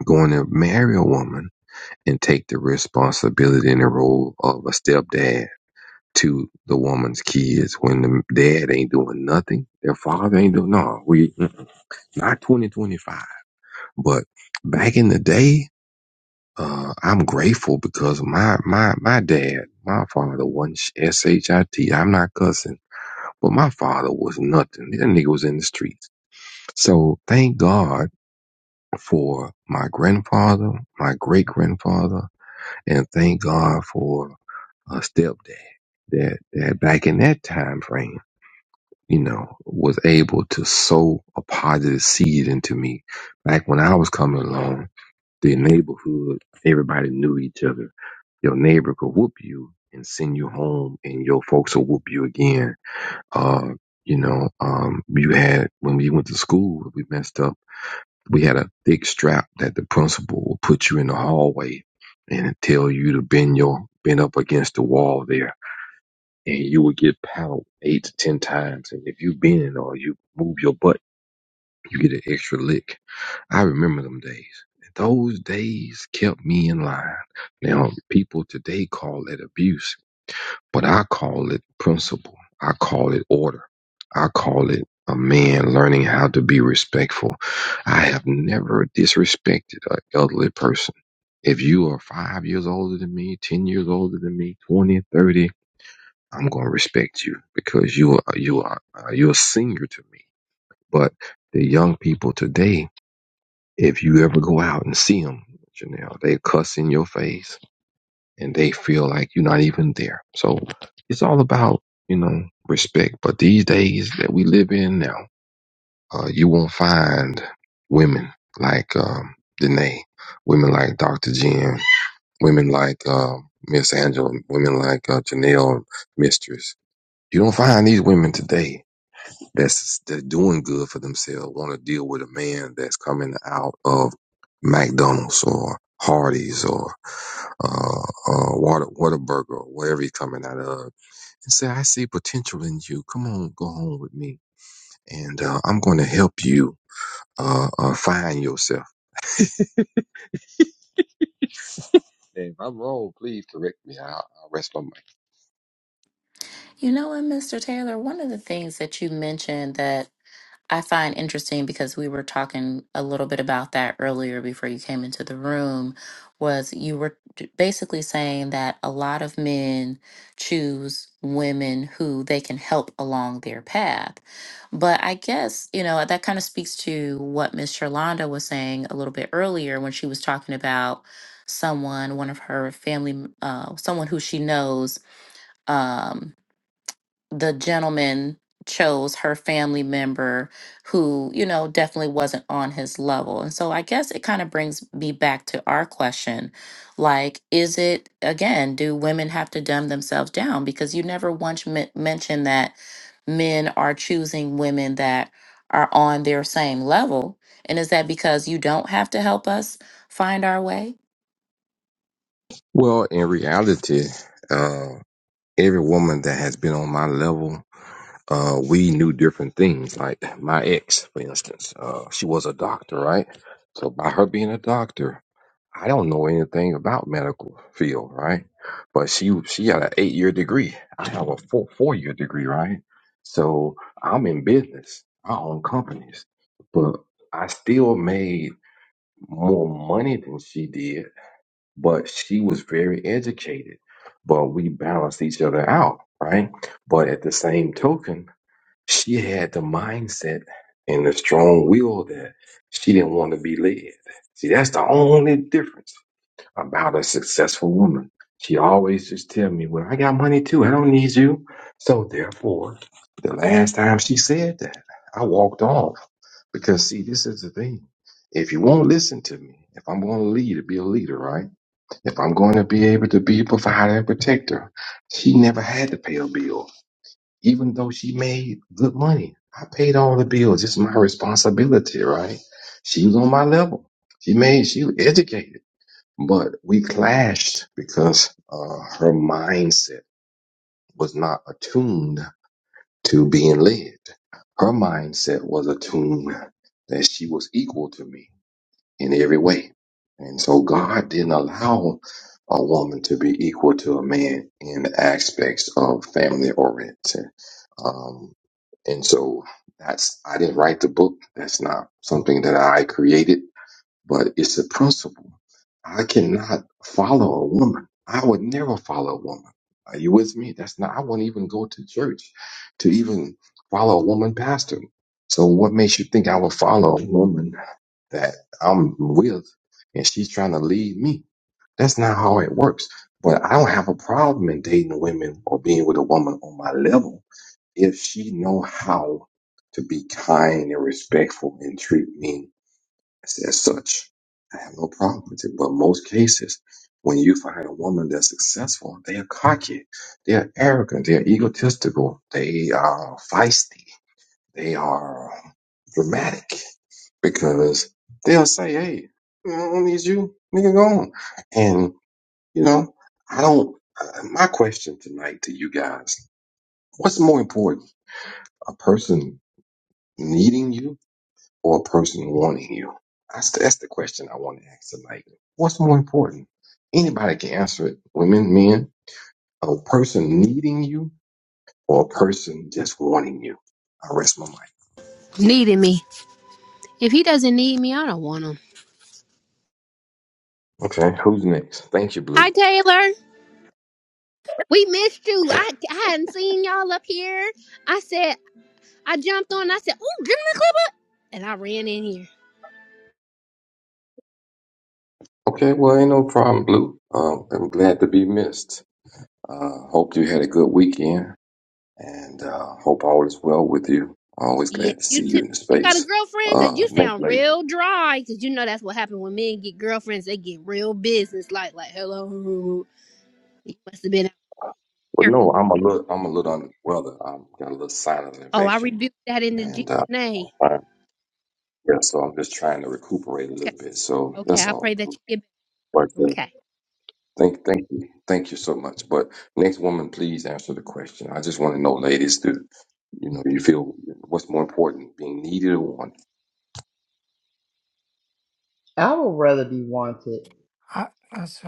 I: going to marry a woman and take the responsibility and the role of a stepdad to the woman's kids when the dad ain't doing nothing. Their father ain't doing no. We not twenty twenty five, but back in the day, uh, I'm grateful because my my my dad, my father wasn't sh- shit. am not cussing, but my father was nothing. That nigga was in the streets. So thank God for my grandfather, my great grandfather, and thank God for a stepdad that that back in that time frame, you know, was able to sow a positive seed into me. Back when I was coming along, the neighborhood, everybody knew each other. Your neighbor could whoop you and send you home, and your folks will whoop you again. Uh, you know, um, you had when we went to school, we messed up we had a thick strap that the principal will put you in the hallway and tell you to bend your bend up against the wall there and you will get paddled eight to ten times and if you bend or you move your butt you get an extra lick i remember them days those days kept me in line now people today call that abuse but I call it principle. I call it order. I call it a man learning how to be respectful. I have never disrespected an elderly person. If you are five years older than me, 10 years older than me, twenty, thirty, I'm going to respect you because you are, you are, uh, you're a senior to me. But the young people today, if you ever go out and see them, Janelle, they cuss in your face and they feel like you're not even there. So it's all about, you know, respect. But these days that we live in now, uh, you won't find women like um, Danae, women like Dr. Jen, women like uh, Miss Angela, women like uh, Janelle Mistress. You don't find these women today that's that's doing good for themselves want to deal with a man that's coming out of McDonald's or Hardee's or uh, uh, Water Whataburger or wherever he's coming out of, and say, "I see potential in you. Come on, go home with me, and uh, I'm going to help you uh, uh, find yourself." And if I'm wrong, please correct me. I, I'll rest my mind.
C: You know what, Mr. Taylor, one of the things that you mentioned that I find interesting because we were talking a little bit about that earlier before you came into the room was you were d- basically saying that a lot of men choose women who they can help along their path. But I guess, you know, that kind of speaks to what Miss Sherlonda was saying a little bit earlier when she was talking about someone, one of her family, m- uh, someone who she knows. Um, the gentleman chose her family member who, you know, definitely wasn't on his level. And so I guess it kind of brings me back to our question. Like, is it, again, do women have to dumb themselves down? Because you never once men- mentioned that men are choosing women that are on their same level. And is that because you don't have to help us find our way?
I: Well, in reality, uh, every woman that has been on my level, uh, we knew different things. Like my ex, for instance, uh, she was a doctor, right? So by her being a doctor, I don't know anything about medical field, right? But she she had an eight year degree. I have a four four year degree, right? So I'm in business. I own companies, but I still made more money than she did but she was very educated. But we balanced each other out, right? But at the same token, she had the mindset and the strong will that she didn't want to be led. See, that's the only difference about a successful woman. She always just tell me, "Well, I got money too. I don't need you." So therefore, the last time she said that, I walked off because see, this is the thing. If you won't listen to me, if I'm going to lead, be a leader, right? If I'm going to be able to be a provider and protector, she never had to pay a bill, even though she made good money. I paid all the bills. It's my responsibility, right? She was on my level. She made, she was educated, but we clashed because uh, her mindset was not attuned to being led. Her mindset was attuned that she was equal to me in every way. And so God didn't allow a woman to be equal to a man in the aspects of family oriented. Um, and so that's, I didn't write the book. That's not something that I created, but it's a principle. I cannot follow a woman. I would never follow a woman. Are you with me? That's not, I wouldn't even go to church to even follow a woman pastor. So what makes you think I would follow a woman that I'm with and she's trying to lead me. That's not how it works. But I don't have a problem in dating women or being with a woman on my level if she know how to be kind and respectful and treat me as, as such. I have no problem with it. But most cases, when you find a woman that's successful, they are cocky, they are arrogant, they are egotistical, they are feisty, they are dramatic because they'll say, "Hey, I don't need you, nigga, go on." And you know, I don't. uh, My question tonight to you guys: What's more important, a person needing you or a person wanting you? That's the, that's the question I want to ask tonight. What's more important? Anybody can answer it. Women, men, a person needing you or a person just wanting you. I rest my mic.
K: needing me. If he doesn't need me, I don't want him.
I: Okay, who's next? Thank you,
K: Hi,
I: Blue.
K: Taylor. We missed you. I, I hadn't seen y'all up here. I said, I jumped on. I said, oh, and I ran in here.
I: Okay, well, ain't no problem, Blue. Um, I'm glad to be missed. Uh, hope you had a good weekend and uh, hope all is well with you. Always
K: Yeah,
I: glad to
K: you
I: see you
K: too.
I: in the
K: You got a
I: space.
K: girlfriend?
I: Uh,
K: Because you
I: Nate
K: sound
I: Lady.
K: real dry. Because you know that's what happened when men get girlfriends. They get real business like, like, hello. You must have been out
I: Well,
K: there.
I: no, I'm a little, I'm a little under the weather. I've got a little sign of an
K: Oh, I
I: infection
K: rebuke that in the Jesus
I: and uh,
K: name.
I: I'm fine. Yeah, so I'm just trying to recuperate a
K: Okay.
I: little bit. So
K: Okay.
I: that's
K: I pray
I: all.
K: that
I: bro.
K: you get
I: But
K: back.
I: uh,
K: Okay.
I: thank, thank you, thank you so much. But next woman, please answer the question. I just want to know, ladies, do you know you feel what's more important, being needed or wanted?
L: I would rather be wanted.
D: I, that's us.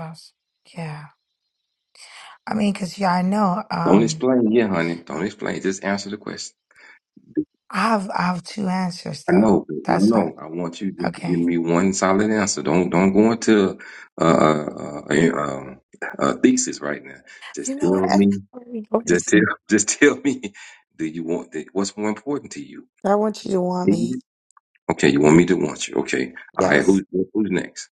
D: yeah. I mean, because yeah, I know.
I: Don't
D: Um,
I: explain, yeah, honey. Don't explain. Just answer the question.
D: I have I have two answers
I: I
D: though.
I: know, but no,
D: That's what.
I: no. I want you to give
D: Okay.
I: me one solid answer. Don't don't go into uh, uh, a, um, a thesis right now. Just
D: You know what?
I: tell me.
D: Everybody go
I: Just tell. Just tell me. Do you want the, what's more important to you?
D: I want you to want me.
I: Mhm. Okay, you want me to want you. Okay. All right.
D: Yes.
I: Who's who's next?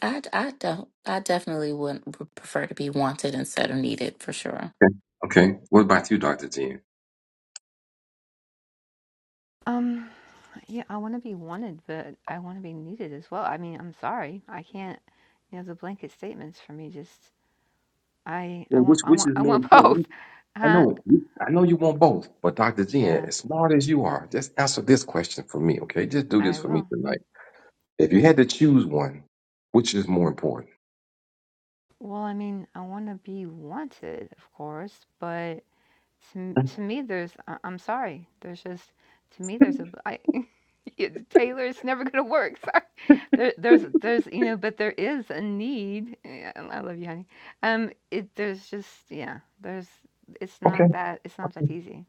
C: I, I don't. I definitely would would prefer to be wanted instead of needed for sure.
I: Okay. Okay. What about you, Doctor Jen?
J: Um. Yeah, I want to be wanted, but I want to be needed as well. I mean, I'm sorry, I can't. You know, the blanket statements for me just. I I
I: Well,
J: want
I: which
J: I
I: which
J: want
I: is
J: I
I: more
J: want
I: important?
J: both.
I: I
J: Huh?
I: know. you- I know you want both, but Doctor Jen,
J: Yeah,
I: as smart as you are, just answer this question for me. Okay. Just do this
J: I
I: for me
J: will.
I: tonight. If you had to choose one, which is more important?
J: Well, I mean, I want to be wanted, of course, but to, m-
I: Mm,
J: to me, there's, I- I'm sorry, there's just, to me, there's a, I, it- Taylor, it's never going to work. Sorry. There, there's, there's, you know, but there is a need. yeah, I love you, honey. Um, it, there's just, yeah, there's, it's
I: Okay,
J: not that, it's not that easy.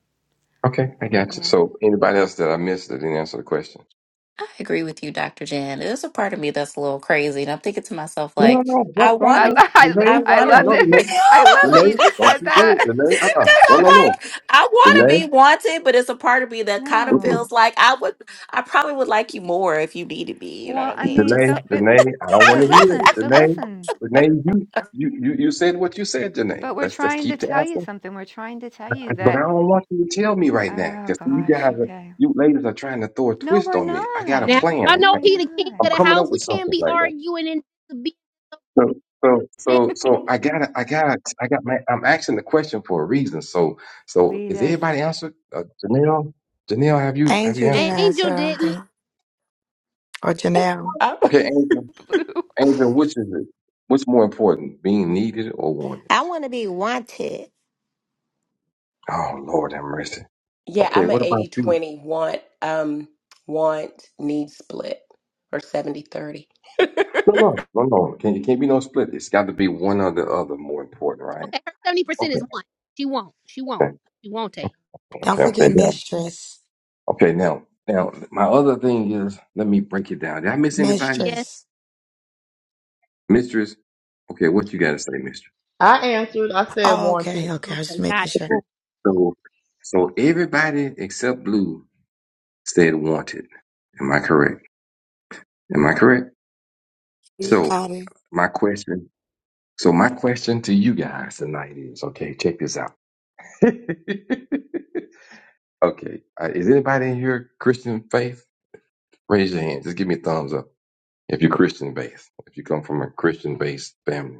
I: okay, I
J: When,
I: got you.
J: yeah.
I: So, anybody else that I missed that didn't answer the question?
C: I agree with you, Dr. Jan. There's a part of me that's a little crazy, and I'm thinking to myself,
I: No,
C: like,
I: no,
C: I
I: don't, don't,
C: want
J: I,
C: to,
I: don't. delay.
C: I
J: I, I
C: want to
I: Uh,
J: love
C: be,
I: no, delay,
J: it.
C: because
J: I love that
I: delay.
J: you just
I: Don't
J: said
I: you do
J: that.
C: I'm
I: it, delay. Uh, uh no, no, no,
C: like, I want to
I: delay,
C: be wanted, but it's a part of me that kind of
I: Mm-mm.
J: No.
C: feels like I would, I probably would like you more if you needed me. You know what
J: Well,
C: I
J: I
C: mean?
J: mean,
I: delay,
C: Just like,
J: don't, but,
I: delay. I don't want
J: but
I: to hear it,
J: listen, but
I: delay,
J: listen.
I: delay. You, You you you said what you said, Janae.
J: But we're
I: Let's let's
J: trying
I: keep
J: to
I: the
J: tell you
I: answer.
J: something. We're trying to tell you
I: But I
J: that
I: don't want you to tell me right now
J: oh
I: because you
J: gosh,
I: guys, are,
J: okay.
I: you ladies, are trying to throw a
J: No,
I: twist
J: we're
I: on me. I got a
K: Now,
J: not.
I: plan.
K: I
J: No,
K: know
J: we're
I: I-
K: he the king
I: I'm
K: of the
J: not.
I: coming
K: house.
I: up
K: We
I: with
K: can't
I: something
K: be
I: right now.
K: arguing and being
I: So, so, so, so I gotta, I gotta, I got my, I'm asking the question for a reason. So, so
J: Lead
I: is
J: us.
I: everybody answered? Uh, Janelle, Janelle, have you, have you
D: Angel didn't
I: answered?
D: answer.
K: Angel
D: I don't
K: didn't.
D: think. Or Janelle.
I: Okay, Angel, Angel, which is it? What's more important, being needed or wanted?
A: I want to be wanted.
I: Oh, Lord have mercy.
G: Yeah,
I: Okay,
G: I'm an
I: what
G: 80
I: about you?
G: 20 want, um, want, need split or 70 30.
I: No, no, no, no. Can, it can't be no split. It's got to be one or the other more important, right?
K: Okay, her seventy percent is
I: Okay,
K: one. She won't. She won't.
I: okay,
K: She won't take.
D: Don't
I: okay, okay.
D: forget
I: Now,
D: mistress.
I: okay, now, now, my other thing is, let me break it down. Did I miss anybody?
K: Yes.
D: Mistress.
I: mistress. Okay, what you gotta say, mistress?
L: I answered. I said
D: Oh,
L: wanted.
D: okay. Okay. I was just
K: Okay. Got
D: making
K: it.
D: sure.
I: Okay.
K: Cool.
I: So, so everybody except Blue said wanted. Am I correct? Am I correct?
D: You
I: So,
D: got it.
I: my question. So, my question to you guys tonight is: Okay, check this out. okay, uh, is anybody in here Christian faith? Raise your hand. Just give me a thumbs up if you're Christian faith. If you come from a Christian based family.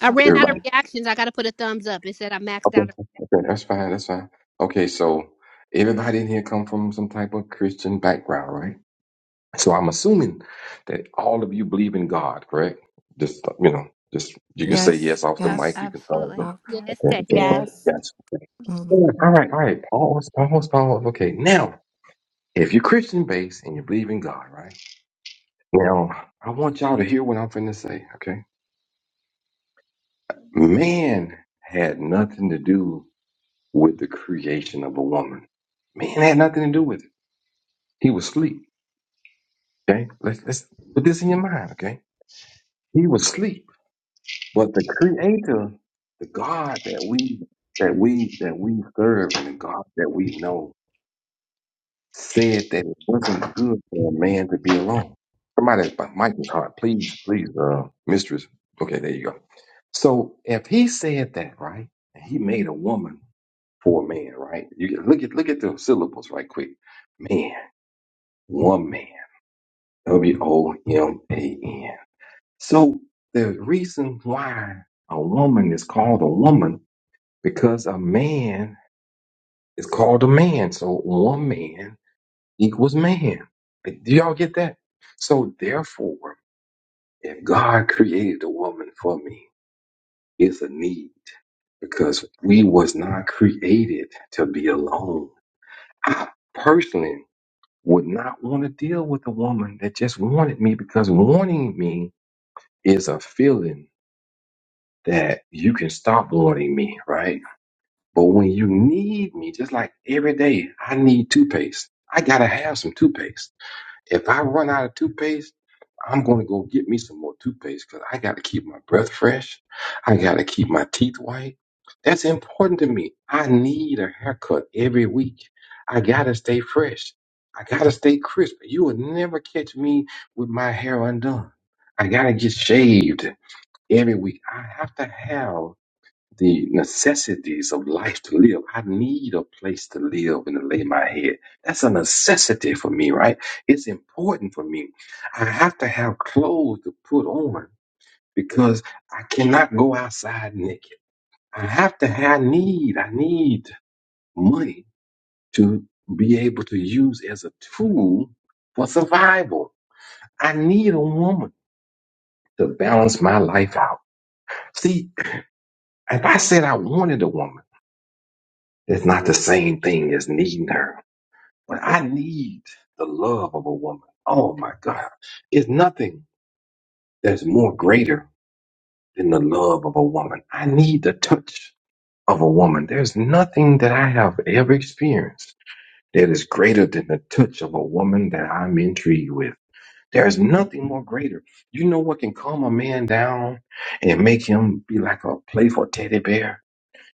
K: I
J: Don't
K: ran
J: come
K: out
I: Everybody.
J: from
K: of
J: a
K: reactions. I got to put a thumbs up. It said I maxed
I: Okay,
K: out.
I: okay, that's fine, that's fine. Okay, so everybody in here come from some type of Christian background, right? So I'm assuming that all of you believe in God, correct? Just you know, just you can say
D: Yes.
I: yes off the
J: ab-
I: mic,
D: Yes.
I: you can thumbs up.
J: absolutely,
D: Yep.
J: yes.
K: Yes,
I: Okay,
K: take.
I: okay,
L: Yes.
I: okay,
A: Yes.
I: yes. Okay. All right, all right, all right. Pause, pause, pause. Okay, now if you're Christian based and you believe in God, right? Now I want y'all to hear what I'm finna say, okay? Man had nothing to do with the creation of a woman. Man had nothing to do with it. He was asleep. Okay, let's let's put this in your mind. Okay, he was asleep. But the Creator, the God that we that we that we serve, and the God that we know, said that it wasn't good for a man to be alone. Somebody, Mike is hard. Please, please, uh, mistress. Okay, there you go. So if he said that, right, and he made a woman for a man, right? You can look at look at the syllables right quick. Man. One Man, W O M A N. So the reason why a woman is called a woman because a man is called a man. So one man equals man. Do y'all get that? So therefore, if God created a woman for me, it's a need because we was not created to be alone. I personally would not want to deal with a woman that just wanted me because wanting me is a feeling that you can stop wanting me, right? But when you need me, just like every day, I need toothpaste. I gotta have some toothpaste. If I run out of toothpaste, I'm gonna go get me some more toothpaste because I gotta keep my breath fresh. I gotta keep my teeth white. That's important to me. I need a haircut every week. I gotta stay fresh. I gotta stay crisp. You will never catch me with my hair undone. I gotta get shaved every week. I have to have the necessities of life to live. I need a place to live and to lay my head. That's a necessity for me, right? It's important for me. I have to have clothes to put on because I cannot go outside naked. I have to have need. I need money to be able to use as a tool for survival. I need a woman to balance my life out. See, if I said I wanted a woman. It's not the same thing as needing her, but I need the love of a woman. Oh my God. It's nothing that's more greater than the love of a woman. I need the touch of a woman. There's nothing that I have ever experienced that is greater than the touch of a woman that I'm intrigued with. There's nothing more greater. You know what can calm a man down and make him be like a playful teddy bear?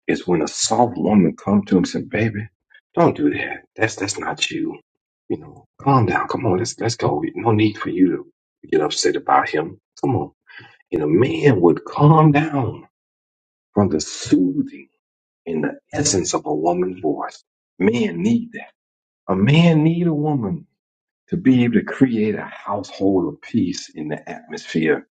I: is when a soft woman come to him and say, "Baby, don't do that. That's that's not you. You know, calm down. Come on, let's let's go. No need for you to get upset about him. Come on." And a man would calm down from the soothing and the essence of a woman's voice. Men need that. A man need a woman to be able to create a household of peace in the atmosphere.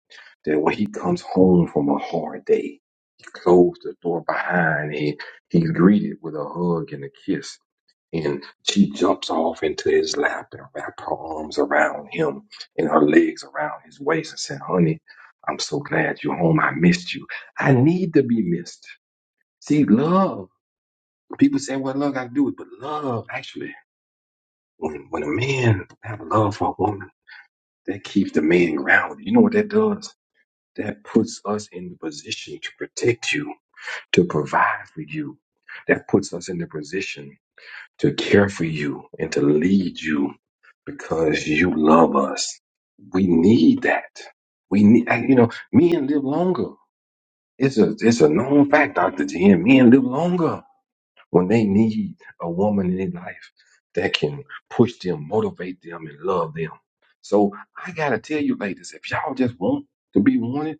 I: That when he comes home from a hard day, he closed the door behind him. He's greeted with a hug and a kiss. And she jumps off into his lap and wraps her arms around him and her legs around his waist and said, Honey, I'm so glad you're home. I missed you. I need to be missed. See, love. People say, Well, love got to do it, but love actually when when a man have love for a woman that keeps the man grounded. You know what that does? That puts us in the position to protect you, to provide for you. That puts us in the position to care for you and to lead you because you love us. We need that. We need, and, you know, men live longer. It's a, it's a known fact, Dr. G. M. Men live longer when they need a woman in their life that can push them, motivate them, and love them. So I gotta tell you, ladies, if y'all just want to be wanted,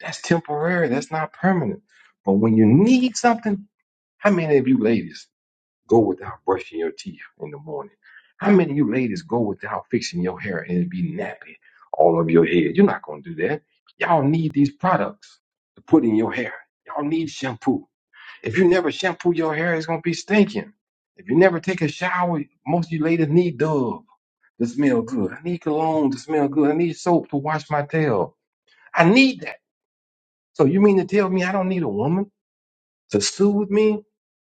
I: that's temporary. That's not permanent. But when you need something, how many of you ladies go without brushing your teeth in the morning? How many of you ladies go without fixing your hair and it be nappy all over your head? You're not gonna do that. Y'all need these products to put in your hair. Y'all need shampoo. If you never shampoo your hair, it's gonna be stinking. If you never take a shower, most of you ladies need Dove to smell good. I need cologne to smell good. I need soap to wash my tail. I need that. So you mean to tell me I don't need a woman to soothe me?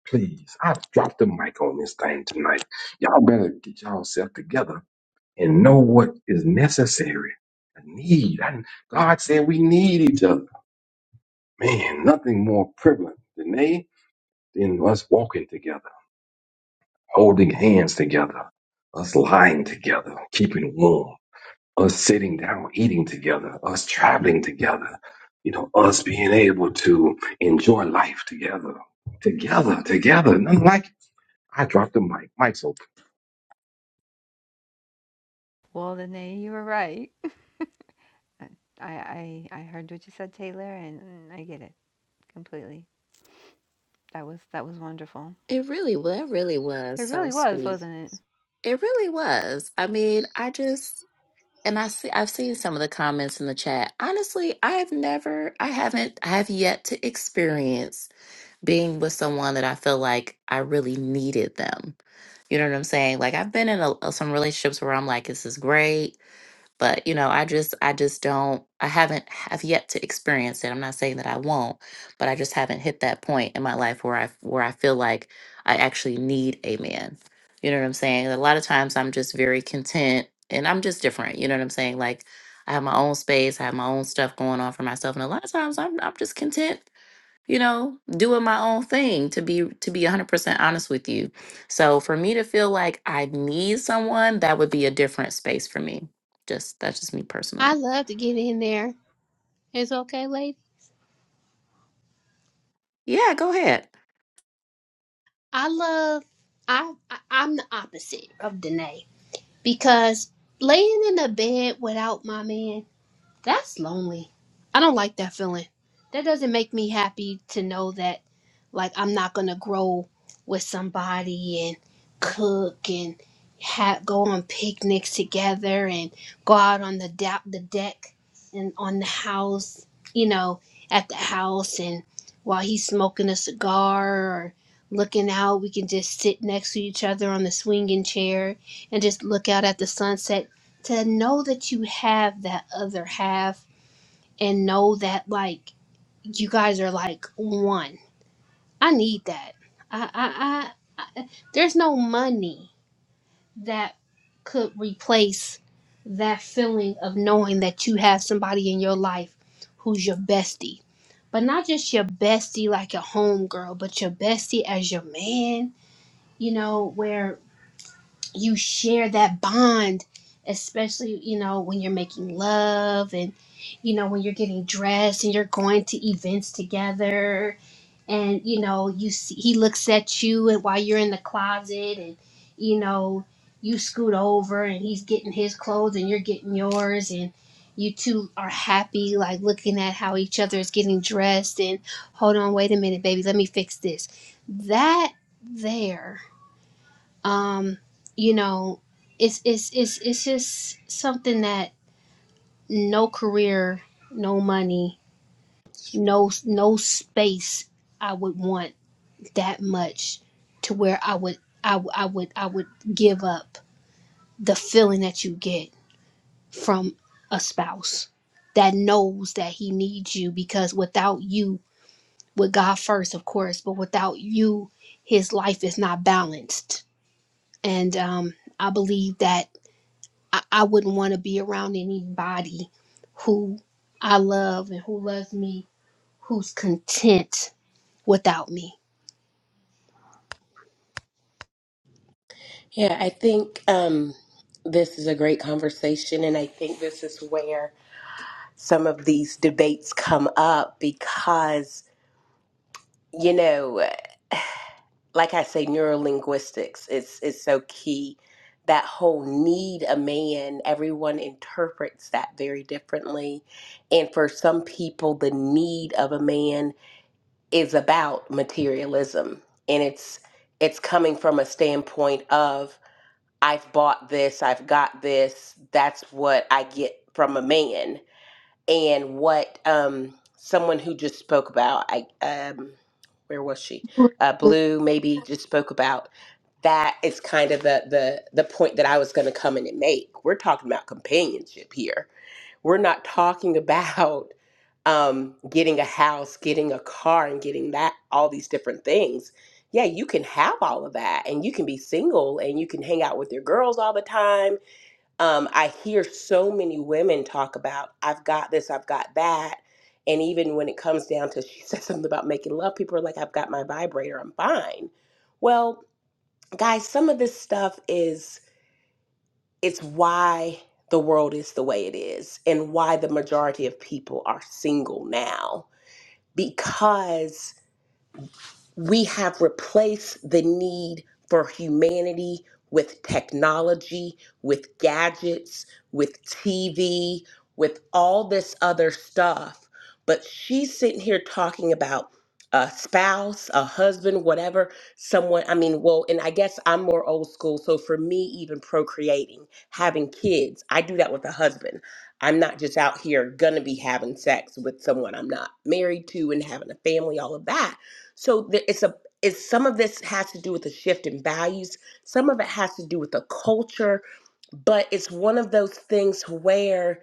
I: Please, I've dropped the mic on this thing tonight. Y'all better get yourself together and know what is necessary. I need. I, God said we need each other. Man, nothing more prevalent than they than us walking together. holding hands together, us lying together, keeping warm, us sitting down, eating together, us traveling together, you know, us being able to enjoy life together, together, together. Nothing like it. I dropped the mic. Mic's open.
J: Well then eh, you were right. I, I I heard what you said, Taylor, and I get it completely. That was that was wonderful.
C: it really, well, it really was
J: It
C: so
J: really was,
C: sweet.
J: wasn't
C: It really was. I mean, I just. And I see I've seen some of the comments in the chat. Honestly, I've never I haven't I have yet to experience being with someone that I feel like I really needed them. You know what I'm saying? Like I've been in a, some relationships where I'm like this is great but you know i just i just don't i haven't have yet to experience it i'm not saying that i won't but i just haven't hit that point in my life where i where i feel like i actually need a man you know what i'm saying a lot of times i'm just very content and i'm just different you know what i'm saying like i have my own space i have my own stuff going on for myself and a lot of times i'm, I'm just content you know, doing my own thing to be to be 100% honest with you. So for me to feel like I need someone, that would be a different space for me. Just that's just me
K: I
C: personally.
K: love to get in there. It's okay, lady.
C: Yeah, go ahead.
K: I love. I, I I'm the opposite of Danae because laying in the bed without my man. That's lonely. I don't like that feeling. That doesn't make me happy to know that, like, I'm not gonna grow with somebody and cook and have go on picnics together and go out on the da- the deck and on the house, you know, at the house and while he's smoking a cigar or looking out, we can just sit next to each other on the swinging chair and just look out at the sunset to know that you have that other half and know that like you guys are like one. I need that. I I, I, I there's no money that could replace that feeling of knowing that you have somebody in your life who's your bestie. But not just your bestie like a homegirl, but your bestie as your man, you know, where you share that bond especially you know when you're making love and you know when you're getting dressed and you're going to events together and you know you see he looks at you and while you're in the closet and you know you scoot over and he's getting his clothes and you're getting yours and you two are happy like looking at how each other is getting dressed and hold on wait a minute baby let me fix this that there um you know it's it's it's it's just something that no career no money no no space i would want that much to where i would i, w- I would i would give up the feeling that you get from a spouse that knows that he needs you because without you with god first of course but without you his life is not balanced and um i believe that I, I wouldn't want to be around anybody who I love and who loves me, who's content without me.
G: Yeah, I think um, this is a great conversation. And I think this is where some of these debates come up because, you know, like I say, neurolinguistics is, is so key. That whole need a man, everyone interprets that very differently. And for some people, the need of a man is about materialism and it's it's coming from a standpoint of I've bought this, I've got this, that's what I get from a man and what um someone who just spoke about I um where was she? Uh Blue maybe just spoke about that is kind of the the the point that I was going to come in and make. We're talking about companionship here we're not talking about um, getting a house, getting a car, and getting that, all these different things. Yeah, you can have all of that and you can be single and you can hang out with your girls all the time. Um, I hear so many women talk about, I've got this, I've got that. And even when it comes down to, she said something about making love, people are like, I've got my vibrator, I'm fine. Well, guys, some of this stuff is it's why the world is the way it is and why the majority of people are single now because we have replaced the need for humanity with technology, with gadgets, with TV, with all this other stuff. But she's sitting here talking about a spouse, a husband, whatever, someone. I mean, well, and I guess I'm more old school. So for me, even procreating, having kids, I do that with a husband. I'm not just out here gonna be having sex with someone I'm not married to and having a family, all of that so there, it's a it's some of this has to do with the shift in values. Some of it has to do with the culture, but it's one of those things where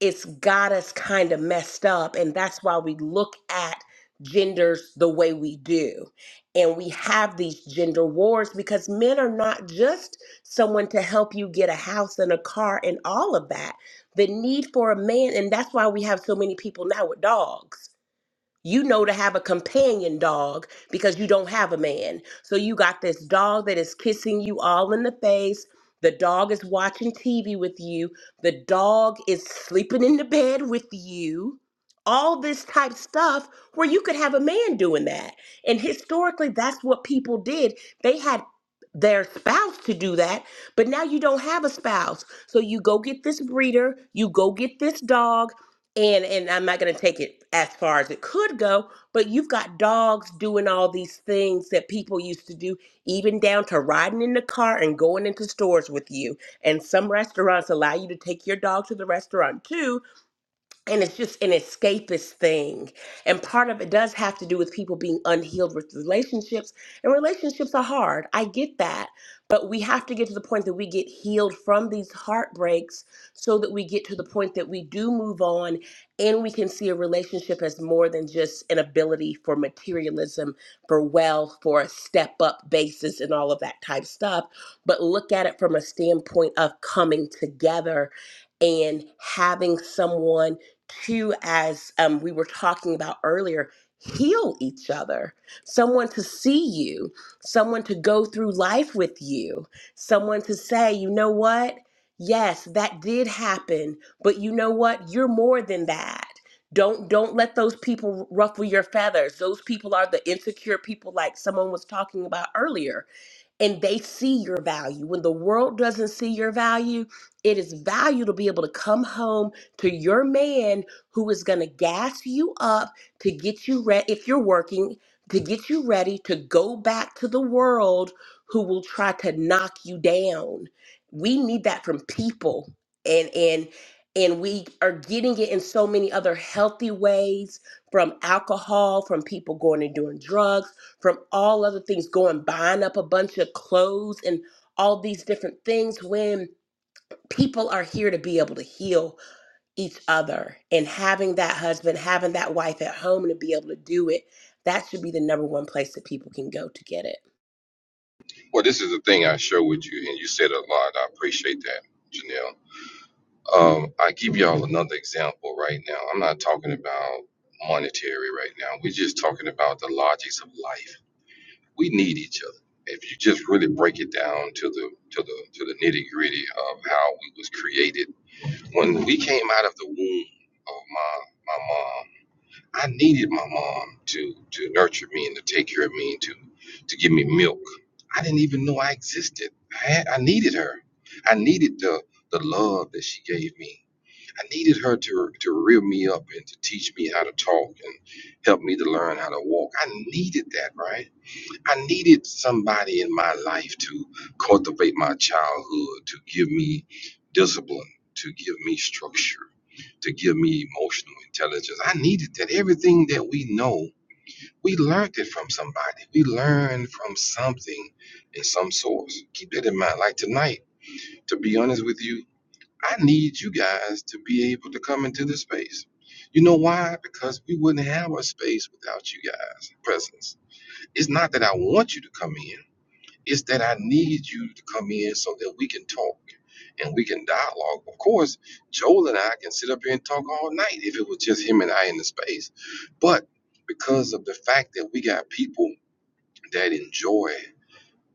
G: it's got us kind of messed up, and that's why we look at genders the way we do. And we have these gender wars because men are not just someone to help you get a house and a car and all of that. The need for a man, and that's why we have so many people now with dogs you know to have a companion dog because you don't have a man. So you got this dog that is kissing you all in the face. The dog is watching TV with you. The dog is sleeping in the bed with you. All this type stuff where you could have a man doing that. And historically, that's what people did. They had their spouse to do that, but now you don't have a spouse. So you go get this breeder, you go get this dog, and and I'm not going to take it as far as it could go, but you've got dogs doing all these things that people used to do, even down to riding in the car and going into stores with you. And some restaurants allow you to take your dog to the restaurant too, and it's just an escapist thing and part of it does have to do with people being unhealed with relationships and relationships are hard i get that but we have to get to the point that we get healed from these heartbreaks so that we get to the point that we do move on and we can see a relationship as more than just an ability for materialism for wealth for a step up basis and all of that type stuff but look at it from a standpoint of coming together and having someone to, as um, we were talking about earlier, heal each other. Someone to see you, someone to go through life with you, someone to say, you know what? Yes, that did happen, but you know what? You're more than that. Don't don't let those people ruffle your feathers. Those people are the insecure people like someone was talking about earlier and they see your value. When the world doesn't see your value, it is value to be able to come home to your man who is going to gas you up to get you ready if you're working, to get you ready to go back to the world who will try to knock you down. We need that from people. And and and we are getting it in so many other healthy ways from alcohol, from people going and doing drugs from all other things going buying up a bunch of clothes and all these different things when people are here to be able to heal each other and having that husband having that wife at home and to be able to do it that should be the number one place that people can go to get it
I: Well, this is the thing I share with you, and you said a lot. I appreciate that, Janelle. Um, I give y'all another example right now. I'm not talking about monetary right now. We're just talking about the logics of life. we need each other. If you just really break it down to the to the to the nitty gritty of how we was created, when we came out of the womb of my my mom, I needed my mom to to nurture me and to take care of me and to to give me milk. I didn't even know I existed. I had, I needed her. I needed the the love that she gave me. I needed her to to rear me up and to teach me how to talk and help me to learn how to walk. I needed that, right? I needed somebody in my life to cultivate my childhood, to give me discipline, to give me structure, to give me emotional intelligence. I needed that. Everything that we know, we learned it from somebody. We learned from something in some source. Keep that in mind. Like tonight, to be honest with you, I need you guys to be able to come into this space. You know why? Because we wouldn't have a space without you guys' presence. It's not that I want you to come in. It's that I need you to come in so that we can talk and we can dialogue. Of course, Joel and I can sit up here and talk all night if it was just him and I in the space. But because of the fact that we got people that enjoy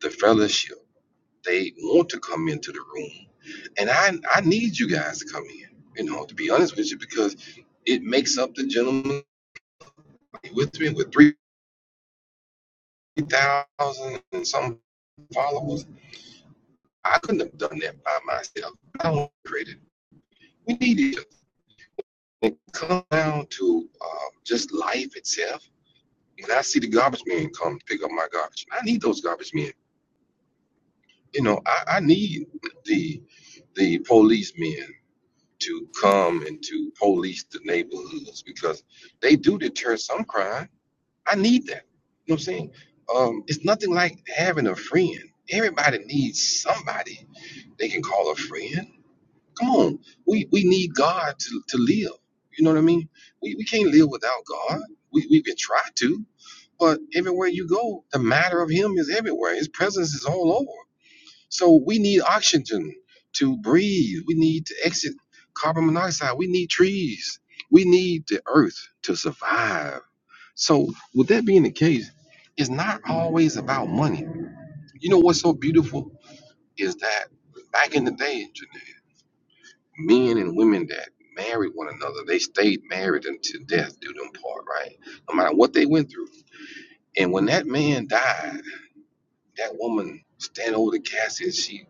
I: the fellowship, they want to come into the room. And I, I need you guys to come in, you know, to be honest with you, because it makes up the gentleman with me with 3,000 and some followers I couldn't have done that by myself. I was created. We need each other. When It comes down to um, just life itself. When I see the garbage men come pick up my garbage, I need those garbage men. You know, I, I need the the policemen to come and to police the neighborhoods because they do deter some crime. I need that. You know what I'm saying? Um, it's nothing like having a friend. Everybody needs somebody they can call a friend Come on. We we need God to, to live. You know what I mean? We, we can't live without God. We we can try to, but everywhere you go, the matter of him is everywhere. His presence is all over. So we need oxygen to breathe. We need to exit carbon monoxide. We need trees. We need the earth to survive. So with that being the case, it's not always about money. You know what's so beautiful is that back in the day, Janae, men and women that married one another, they stayed married until death do them part, right? No matter what they went through. And when that man died, that woman stand over the casket and she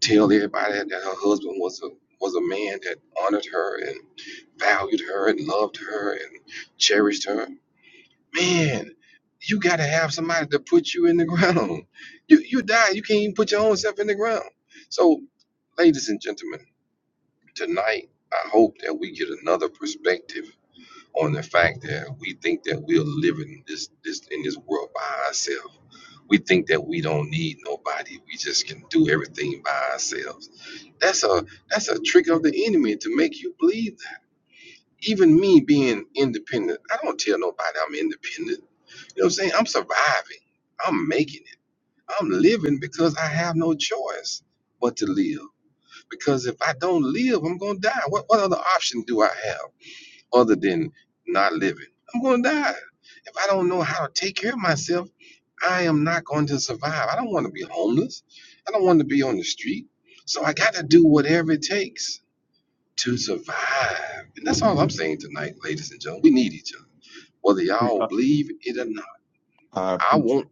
I: tell everybody that, her husband was a was a man that honored her and valued her and loved her and cherished her. Man, you gotta have somebody to put you in the ground. You you die, you can't even put your own self in the ground. So, ladies and gentlemen Tonight, I hope that we get another perspective on the fact that we think that we're living this this in this world by ourselves. We think that we don't need nobody. We just can do everything by ourselves. That's a that's a trick of the enemy to make you believe that. Even me being independent, I don't tell nobody I'm independent. You know what I'm saying? I'm surviving. I'm making it. I'm living because I have no choice but to live. Because if I don't live, I'm gonna die. What what other option do I have? other than not living. I'm going to die. If I don't know how to take care of myself, I am not going to survive. I don't want to be homeless. I don't want to be on the street. So I got to do whatever it takes to survive. And that's all I'm saying tonight, ladies and gentlemen. We need each other. Whether
M: Pre-
I: y'all
M: I
I: believe it or not,
M: I
I: I
M: appreciate.
I: want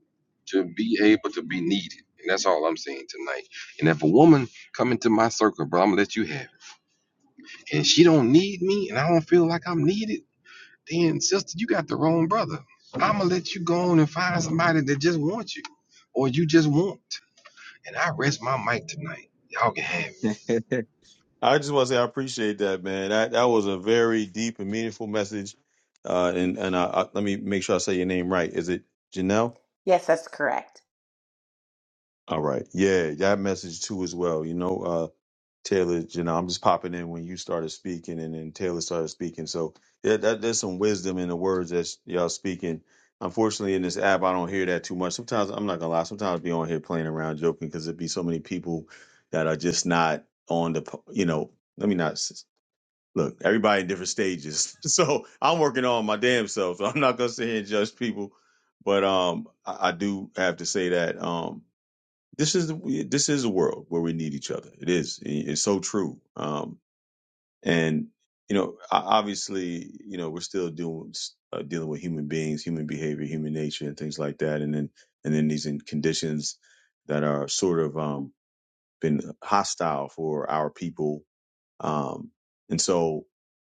I: to be able to be needed. And that's all I'm saying tonight. And if a woman come into my circle, bro, I'm going to let you have it. And she don't need me and I don't feel like I'm needed then sister, you got the wrong brother. I'ma let you go on and find somebody that just wants you, or you just want. And I rest my mic tonight. Y'all can have
M: I just want to say I appreciate that, man. That that was a very deep and meaningful message. Uh, and and I, I, let me make sure I say your name right. Is it Janelle?
G: yes that's correct
M: All right. Yeah, that message too as well. You know, uh, Taylor, you know, I'm just popping in when you started speaking, and then Taylor started speaking. So yeah, that, there's some wisdom in the words that y'all speaking. Unfortunately, in this app, I don't hear that too much. Sometimes I'm not gonna lie. Sometimes I be on here playing around, joking, because it'd be so many people that are just not on the. po- You know, let me not s- look. Everybody in different stages, so I'm working on my damn self. So I'm not gonna sit here and judge people, but um, I, I do have to say that um, this is the this is a world where we need each other. It is. It's so true. Um, and you know, o- obviously, you know, we're still doing uh, dealing with human beings, human behavior, human nature, and things like that. And then and then these in conditions that are sort of um, been hostile for our people. Um, and so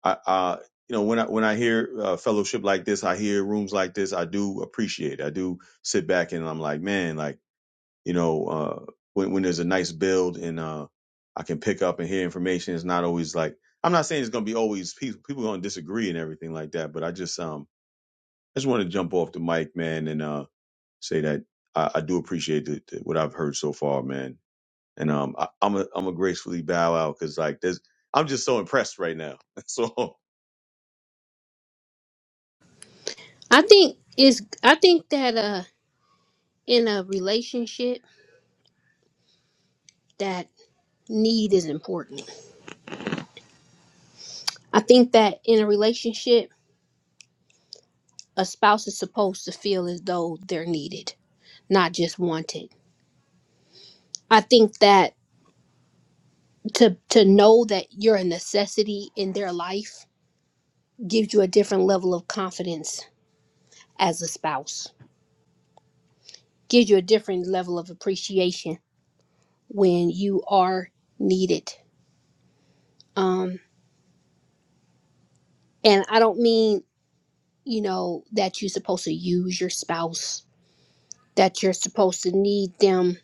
M: I, I you know when I when I hear uh, fellowship like this, I hear rooms like this, I do appreciate. It. I do sit back and I'm like, man, like you know, uh, when, when there's a nice build and uh, I can pick up and hear information, it's not always like I'm not saying it's gonna be always people people gonna disagree and everything like that, but I just um I just want to jump off the mic, man, and uh, say that I, I do appreciate the, the, what I've heard so far, man, and um I, I'm a I'm a gracefully bow out because like there's I'm just so impressed right now. So
K: I think is I think that uh in a relationship that need is important. I think that in a relationship a spouse is supposed to feel as though they're needed, not just wanted. I think that to to know that you're a necessity in their life gives you a different level of confidence as a spouse. gives you a different level of appreciation when you are needed. Um, and I don't mean, you know, that you're supposed to use your spouse, that you're supposed to need them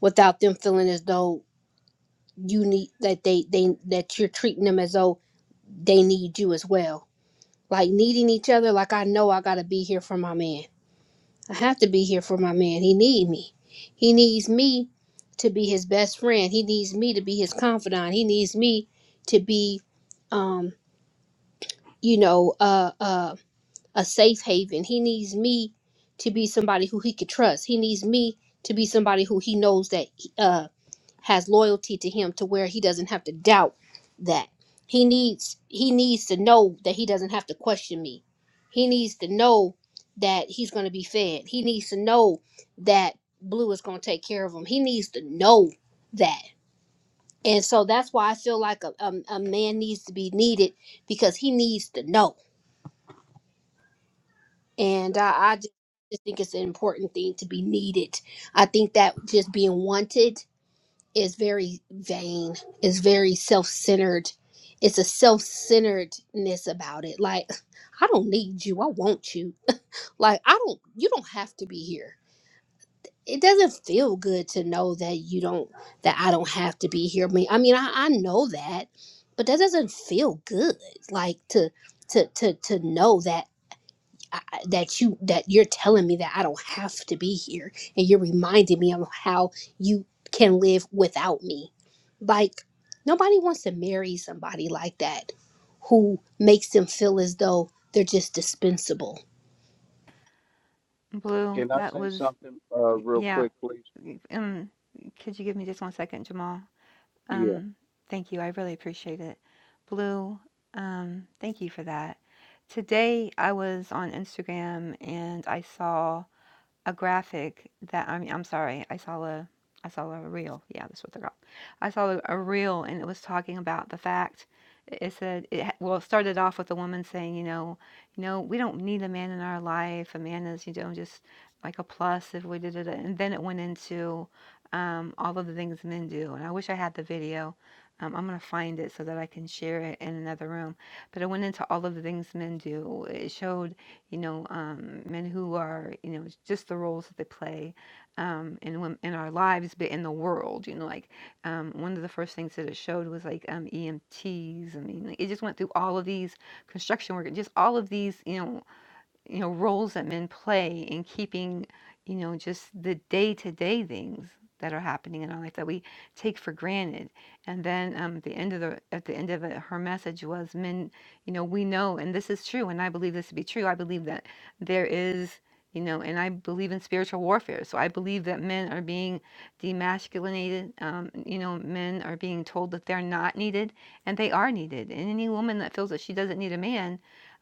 K: without them feeling as though you need that they they that you're treating them as though they need you as well. Like needing each other, like I know I gotta be here for my man I have to be here for my man. He need me. He needs me to be his best friend. He needs me to be his confidant. He needs me to be, um, you know, uh, uh, a safe haven. He needs me to be somebody who he could trust. He needs me to be somebody who he knows that uh, has loyalty to him, to where he doesn't have to doubt that. He needs he needs to know that he doesn't have to question me. He needs to know that he's going to be fed. He needs to know that Blue is going to take care of him. He needs to know that. And so that's why I feel like a, a, a man needs to be needed because he needs to know. and I, I just, just think it's an important thing to be needed. I think that just being wanted is very vain. It's very self-centered. It's a self-centeredness about it. Like I don't need you. I want you. Like I don't. You don't have to be here. It doesn't feel good to know that you don't. That I don't have to be here. I mean, I mean, I, I know that, but that doesn't feel good. Like to to to to know that. I- that you that you're telling me that I don't have to be here and you're reminding me of how you can live without me. Like nobody wants to marry somebody like that who makes them feel as though they're just dispensable.
J: it? Blue,
N: Can I
J: that
N: say
J: was
N: something uh, real
J: yeah.
N: quick, please?
J: Um could you give me just one second, Jamal?
N: Yeah.
J: Um, thank you. I really appreciate it. Blue, um, thank you for that. Today I was on Instagram and I saw a graphic that I mean, I'm sorry, I saw a I saw a reel. Yeah, that's what they're called. I saw a, a reel, and it was talking about the fact. It said, it, ha- well, it started off with a woman saying, you know, you know, we don't need a man in our life. A man is, you know, just like a plus if we did it. And then it went into um, all of the things men do. And I wish I had the video. Um, I'm gonna find it so that I can share it in another room. But it went into all of the things men do. It showed you know, um, men who are, you know, it's just the roles that they play um, in wom- in our lives, but in the world. You know, like um, one of the first things that it showed was like um, EMTs. I mean, like, it just went through all of these construction workers, just all of these, you know, you know roles that men play in keeping you know just the day to day things that are happening in our life that we take for granted and then um, at the end of the at the end of it her message was men you know we know and this is true and i believe this to be true i believe that there is you know and i believe in spiritual warfare so i believe that men are being demasculinated um, you know men are being told that they're not needed and they are needed and any woman that feels that she doesn't need a man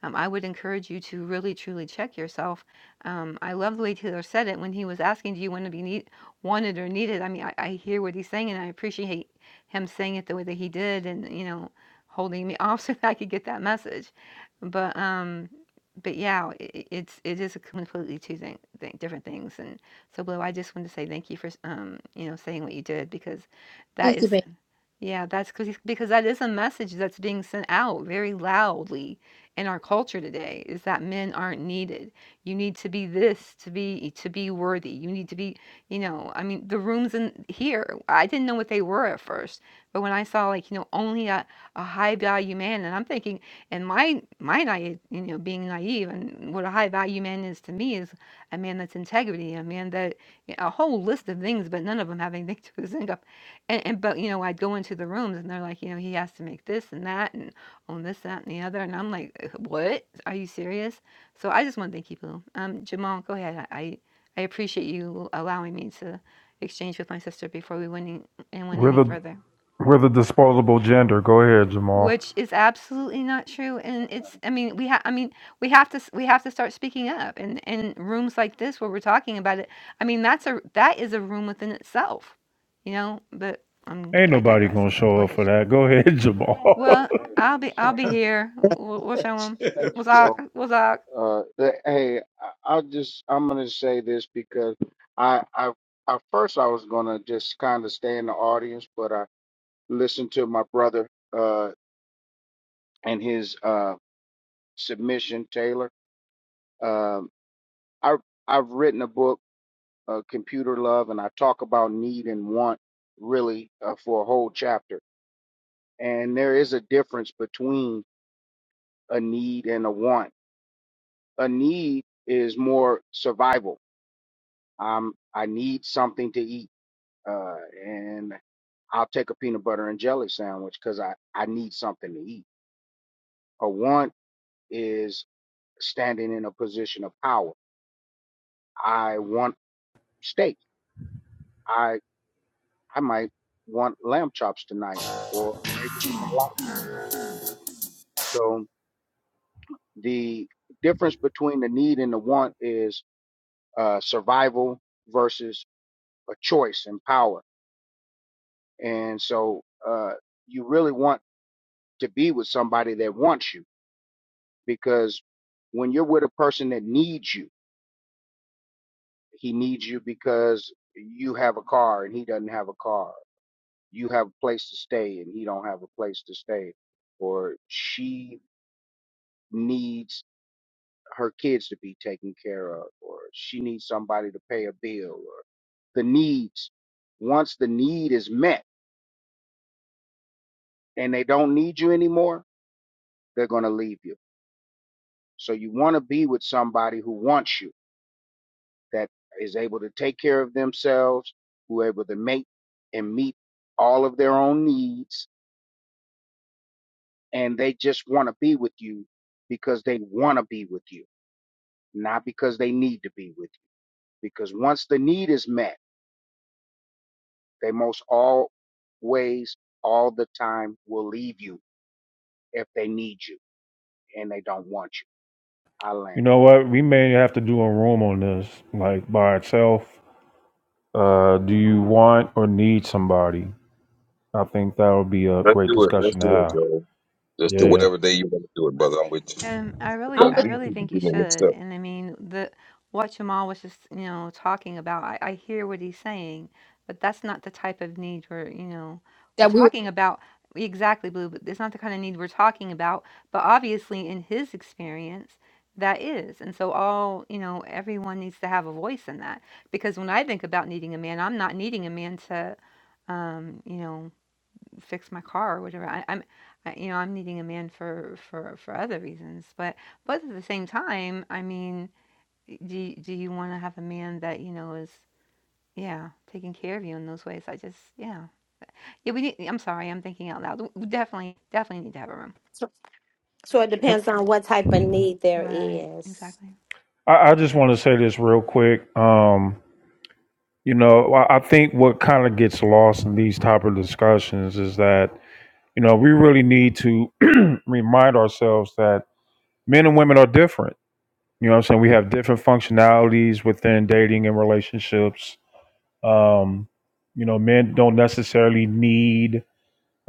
J: um, I would encourage you to really truly check yourself. Um, I love the way Taylor said it when he was asking, "Do you want to be need- wanted or needed?" I mean, I, I hear what he's saying, and I appreciate him saying it the way that he did, and you know, holding me off so that I could get that message. But um, but yeah, it, it's it is a completely two thing, thing, different things. And so, Blue, I just wanted to say thank you for um, you know saying what you did because that
K: Thank you,
J: is
K: babe.
J: yeah, that's because because that is a message that's being sent out very loudly in our culture today, is that men aren't needed. You need to be this to be to be worthy. You need to be, you know, I mean, the rooms in here, I didn't know what they were at first, but when I saw like, you know, only a, a high value man, and I'm thinking, and my my naive, you know, being naive, and what a high value man is to me is a man that's integrity, a man that a whole list of things, but none of them have anything to do with income and and but, you know, I'd go into the rooms and they're like, you know, "He has to make this and that and own this, that, and the other," and I'm like, "Uh, what? Are you serious?" So I just wanna thank you, Blue. Um, Jamal, go ahead. I I appreciate you allowing me to exchange with my sister before we went any, and went
B: We're
J: any
B: the
J: further,
B: we're the disposable gender. Go ahead, Jamal.
J: which is
N: Yeah.
J: absolutely not true. And
N: Uh-huh.
J: it's, I mean, we have, I mean, we have to, s- we have to start speaking up. And in rooms like this where we're talking about it, I mean, that's a that is a room within itself, you know. But um,
B: Ain't
J: I
B: nobody
J: digress.
B: gonna
J: Um, go
B: show up
J: ahead.
B: for that. Go ahead, Jamal.
J: Well,
N: All right,
J: I'll be I'll
N: So
J: be here. We'll, we'll show them.
N: thanks,
J: We'll talk.
N: Joe.
J: We'll talk.
N: Uh, the, hey, I, I'll just I'm gonna say this because I I at first I was gonna just kind of stay in the audience, but I listened to my brother uh and his uh submission, Taylor. Um, I I've written a book, uh, Computer Love, and I talk about need and want really uh, for a whole chapter. And there is a difference between a need and a want. A need is more survival. Um, I need something to eat, uh, and I'll take a peanut butter and jelly sandwich because I I need something to eat. A want is standing in a position of power. I want steak. I I might want lamb chops tonight, or maybe even lobster. So the difference between the need and the want is uh, survival versus a choice and power And so uh, you really want to be with somebody that wants you because when you're with a person that needs you, he needs you because you have a car and he doesn't have a car. You have a place to stay and he don't have a place to stay. Or she needs her kids to be taken care of or she needs somebody to pay a bill or the needs. Once the need is met and they don't need you anymore, they're going to leave you So you want to be with somebody who wants you, that is able to take care of themselves, who are able to make and meet all of their own needs, and they just want to be with you because they want to be with you, not because they need to be with you. Because once the need is met, they most always, all the time will leave you if they need you and they don't want you. I
B: You
N: land.
B: know what? We may have to do a room on this, like by itself. Uh, do you want or need somebody? I think that would be a great discussion to have.
I: it. Just
B: Yeah.
J: Um, I really
I: because
J: I really think you should. And I mean the what Jamal was just you know talking about. I, I hear what he's saying, but that's not the type of need we're you know we're
K: That we were
J: talking about. Exactly, Blue. But it's not the kind of need we're talking about. But obviously, in his experience, that is. And so all you know, everyone needs to have a voice in that. Because when I think about needing a man, I'm not needing a man to um, you know. fix my car or whatever. I, I'm, I, you know, I'm needing a man for for for other reasons. But but at the same time, I mean, do do you want to have a man that you know is yeah taking care of you in those ways? I just yeah yeah we need. I'm sorry, I'm thinking out loud. We definitely definitely need to have a room.
A: So, so it
B: Can-
A: depends on what type of need there
J: Right,
A: is.
J: exactly.
B: I, I just want to say this real quick. Um, you know, I, I think what kind of gets lost in these type of discussions is that, you know, we really need to remind ourselves that men and women are different. You know what I'm saying? We have different functionalities within dating and relationships Um, you know, men don't necessarily need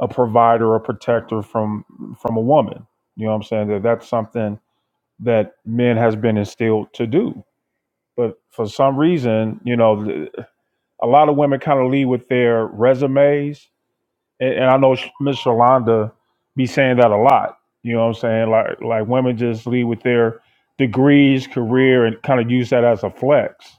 B: a provider or protector from from a woman. You know what I'm saying? That that's something that men has been instilled to do. But for some reason, you know, th- a lot of women kind of lead with their resumes, and, and I know Miss Shalonda be saying that a lot. You know what I'm saying? Like like women just lead with their degrees, career, and kind of use that as a flex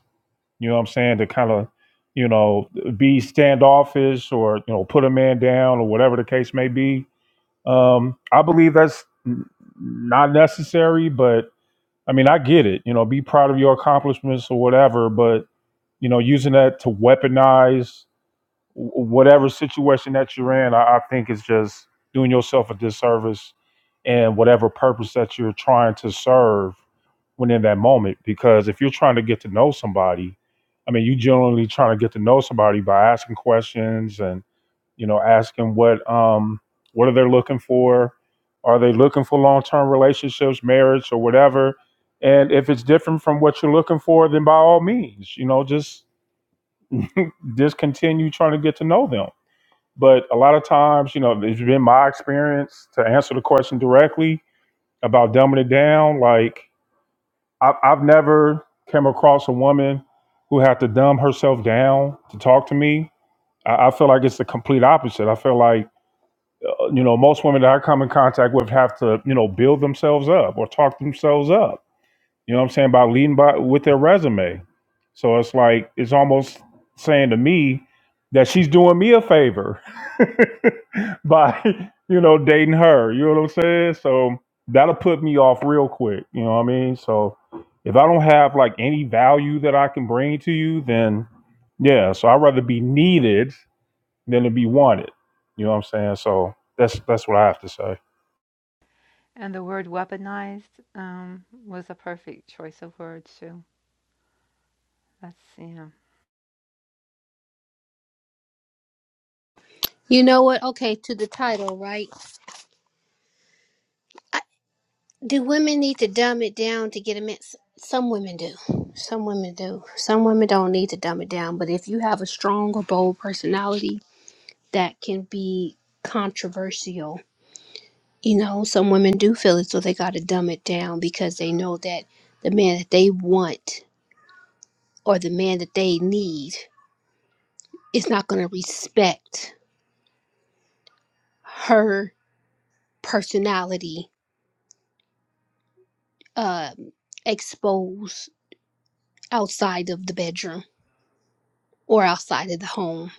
B: you know what I'm saying? To kind of, you know, be standoffish or you know put a man down or whatever the case may be. Um, I believe that's n- not necessary, but I mean I get it. You know, be proud of your accomplishments or whatever, but you know, using that to weaponize wh- whatever situation that you're in, I, I think it's just doing yourself a disservice and whatever purpose that you're trying to serve when in that moment. Because if you're trying to get to know somebody, I mean, you generally trying to get to know somebody by asking questions and you know asking what um what are they looking for? Are they looking for long term relationships, marriage, or whatever? And if it's different from what you're looking for, then by all means, you know, just discontinue trying to get to know them but a lot of times, you know, it's been my experience to answer the question directly about dumbing it down. Like I've, I've never came across a woman who had to dumb herself down to talk to me. I, I feel like it's the complete opposite. I feel like uh, you know most women that I come in contact with have to you know build themselves up or talk themselves up you know what I'm saying? By leading by with their resume. So it's like it's almost saying to me that she's doing me a favor by, you know, dating her. You know what I'm saying? So that'll put me off real quick. You know what I mean? So if I don't have like any value that I can bring to you, then yeah. So I'd rather be needed than to be wanted. You know what I'm saying? So that's that's what I have to say.
J: And the word weaponized um, was a perfect choice of words too. That's yeah.
K: You know what? Okay, to the title, right? I, do women need to dumb it down to get a man? S- Some women do. Some women do. Some women don't need to dumb it down, but if you have a strong or bold personality, that can be controversial. You know, some women do feel as though they got to dumb it down because they know that the man that they want or the man that they need is not going to respect her personality um exposed outside of the bedroom or outside of the home.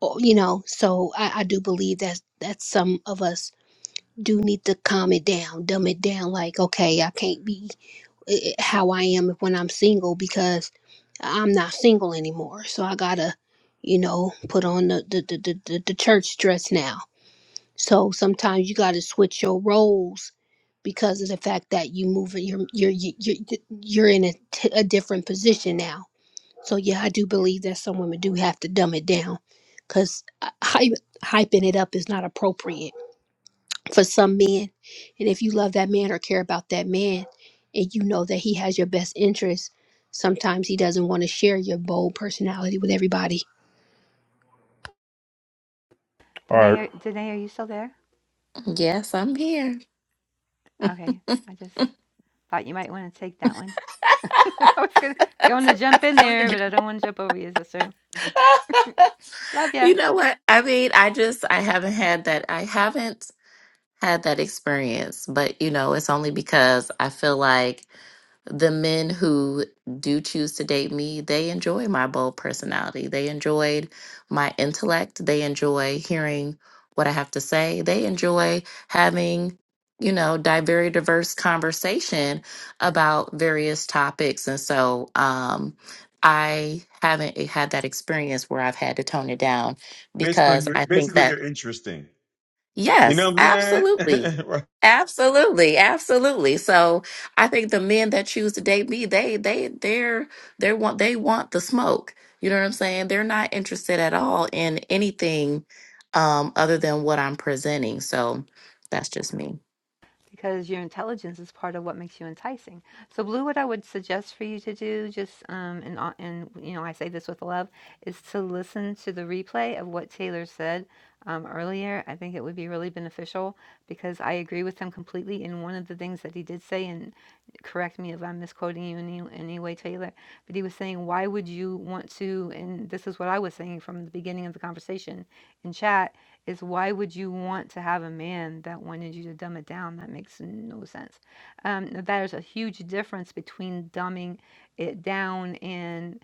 K: Or, you know, so I, I do believe that that some of us do need to calm it down, dumb it down. Like, okay, I can't be i- how I am when I'm single because I'm not single anymore. So I gotta, you know, put on the the the, the, the the church dress now. So sometimes you gotta switch your roles because of the fact that you move in you're you're you- you're, you're in a, t- a different position now. So yeah, I do believe that some women do have to dumb it down because hype, hyping it up is not appropriate for some men. And if you love that man or care about that man and you know that he has your best interest, sometimes he doesn't want to share your bold personality with everybody.
B: All
J: Danae,
B: right.
J: are, Danae, are you still there?
C: Yes, I'm here.
J: Okay, I just Thought you might want to take that one. I was gonna going to jump in there, but I don't want to jump over you, sister. Love ya.
C: You know what? I mean, I just I haven't had that I haven't had that experience, but you know, it's only because I feel like the men who do choose to date me, they enjoy my bold personality. They enjoyed my intellect. They enjoy hearing what I have to say. They enjoy having, you know, di- very diverse conversation about various topics. And so um, I haven't had that experience where I've had to tone it down
M: basically,
C: because
M: you're,
C: I think
M: basically
C: Mhm.
M: you're interesting. You
C: Yes,
M: know what I'm
C: absolutely.
M: saying? Right.
C: Absolutely, absolutely. So I think the men that choose to date me, they they they're they want they want the smoke. You know what I'm saying? They're not interested at all in anything um other than what I'm presenting. So that's just me.
J: because your intelligence is part of what makes you enticing. So, Blue, what I would suggest for you to do, just um, and uh, and you know, I say this with love, is to listen to the replay of what Taylor said um, earlier. I think it would be really beneficial because I agree with him completely. And one of the things that he did say, and correct me if I'm misquoting you in any, any way, Taylor, but he was saying, why would you want to? And this is what I was saying from the beginning of the conversation in chat is why would you want to have a man that wanted you to dumb it down? That makes no sense. Um, there's a huge difference between dumbing it down and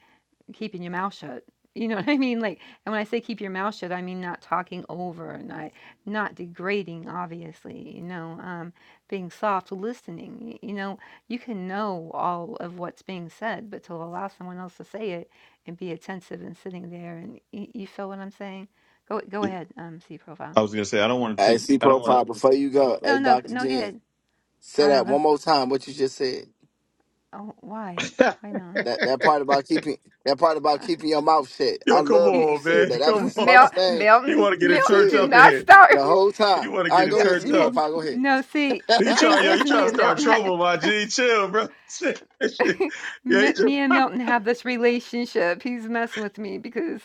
J: keeping your mouth shut. You know what I mean? Like, and when I say keep your mouth shut, I mean not talking over, not not degrading, obviously. You know, um, being soft, listening. You know, you can know all of what's being said, but to allow someone else to say it and be attentive and sitting there, and y- you feel what I'm saying? Go go ahead. Um, see profile.
M: I was gonna say I don't want to
O: Hey,
M: take
O: see
M: I don't want
O: profile before you go.
J: No,
O: Hey,
J: no,
O: Doctor
J: no. Go
O: Jen,
J: ahead.
O: say
J: I
O: that
J: don't know.
O: one more time. What you just said.
J: Oh, why?
M: to.
J: Why, Melon?
O: That that part about keeping that part about
J: Uh,
O: keeping your mouth shut. I
M: Yo, come
O: love
J: you,
O: when you
M: on,
O: said
M: man.
J: J-
O: that. That was the
M: Come
J: M- Mel,
M: on.
O: smartest thing
M: He
J: Melton,
M: want to get
O: you
M: it
J: Melton,
M: turned
J: do
O: said
M: up in
J: not
M: here.
J: start.
O: the whole
M: He
O: time.
M: want to
O: All
M: get
O: right,
M: it
O: go
J: No,
O: ahead.
M: turned
O: See
M: up.
J: n
O: profile. Go ahead.
J: no, see,
M: He
J: the
M: try,
J: thing
M: yo,
J: is
M: he try
J: me
M: to
J: and
M: start
J: Milton ha
M: trouble, my G. Chill, bro. Shit. yeah, he
J: me
M: try,
J: me and Milton have this relationship, he's messing with me because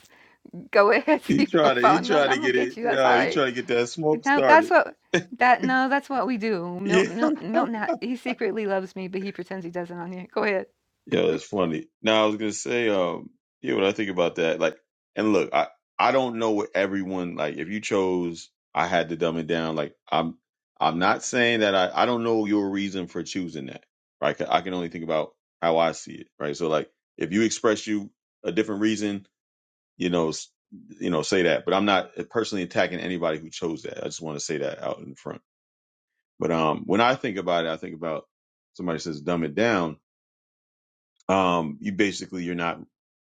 J: go ahead,
M: he
J: see
M: try to, he
J: profile,
M: try
J: Milton,
M: to
J: I'm gonna
M: get
J: get
M: it,
J: you, that's all
M: yo, he
J: right.
M: try to get that smoke
J: No, that's
M: started.
J: what that no, that's what we do.
M: Yeah.
J: Milton Milton Milton ha he secretly loves me, but he pretends he doesn't on here. Go ahead.
M: Yeah, that's funny. Now I was gonna say, um, yeah, when I think about that, like, and look, I I don't know what everyone like. If you chose, I had to dumb it down. Like, I'm I'm not saying that I I don't know your reason for choosing that. Right? 'Cause I can only think about how I see it. Right? So like, if you express you a different reason, you know, s- you know, say that. But I'm not personally attacking anybody who chose that. I just want to say that out in front. But um, when I think about it, I think about somebody says dumb it down um, you basically you're not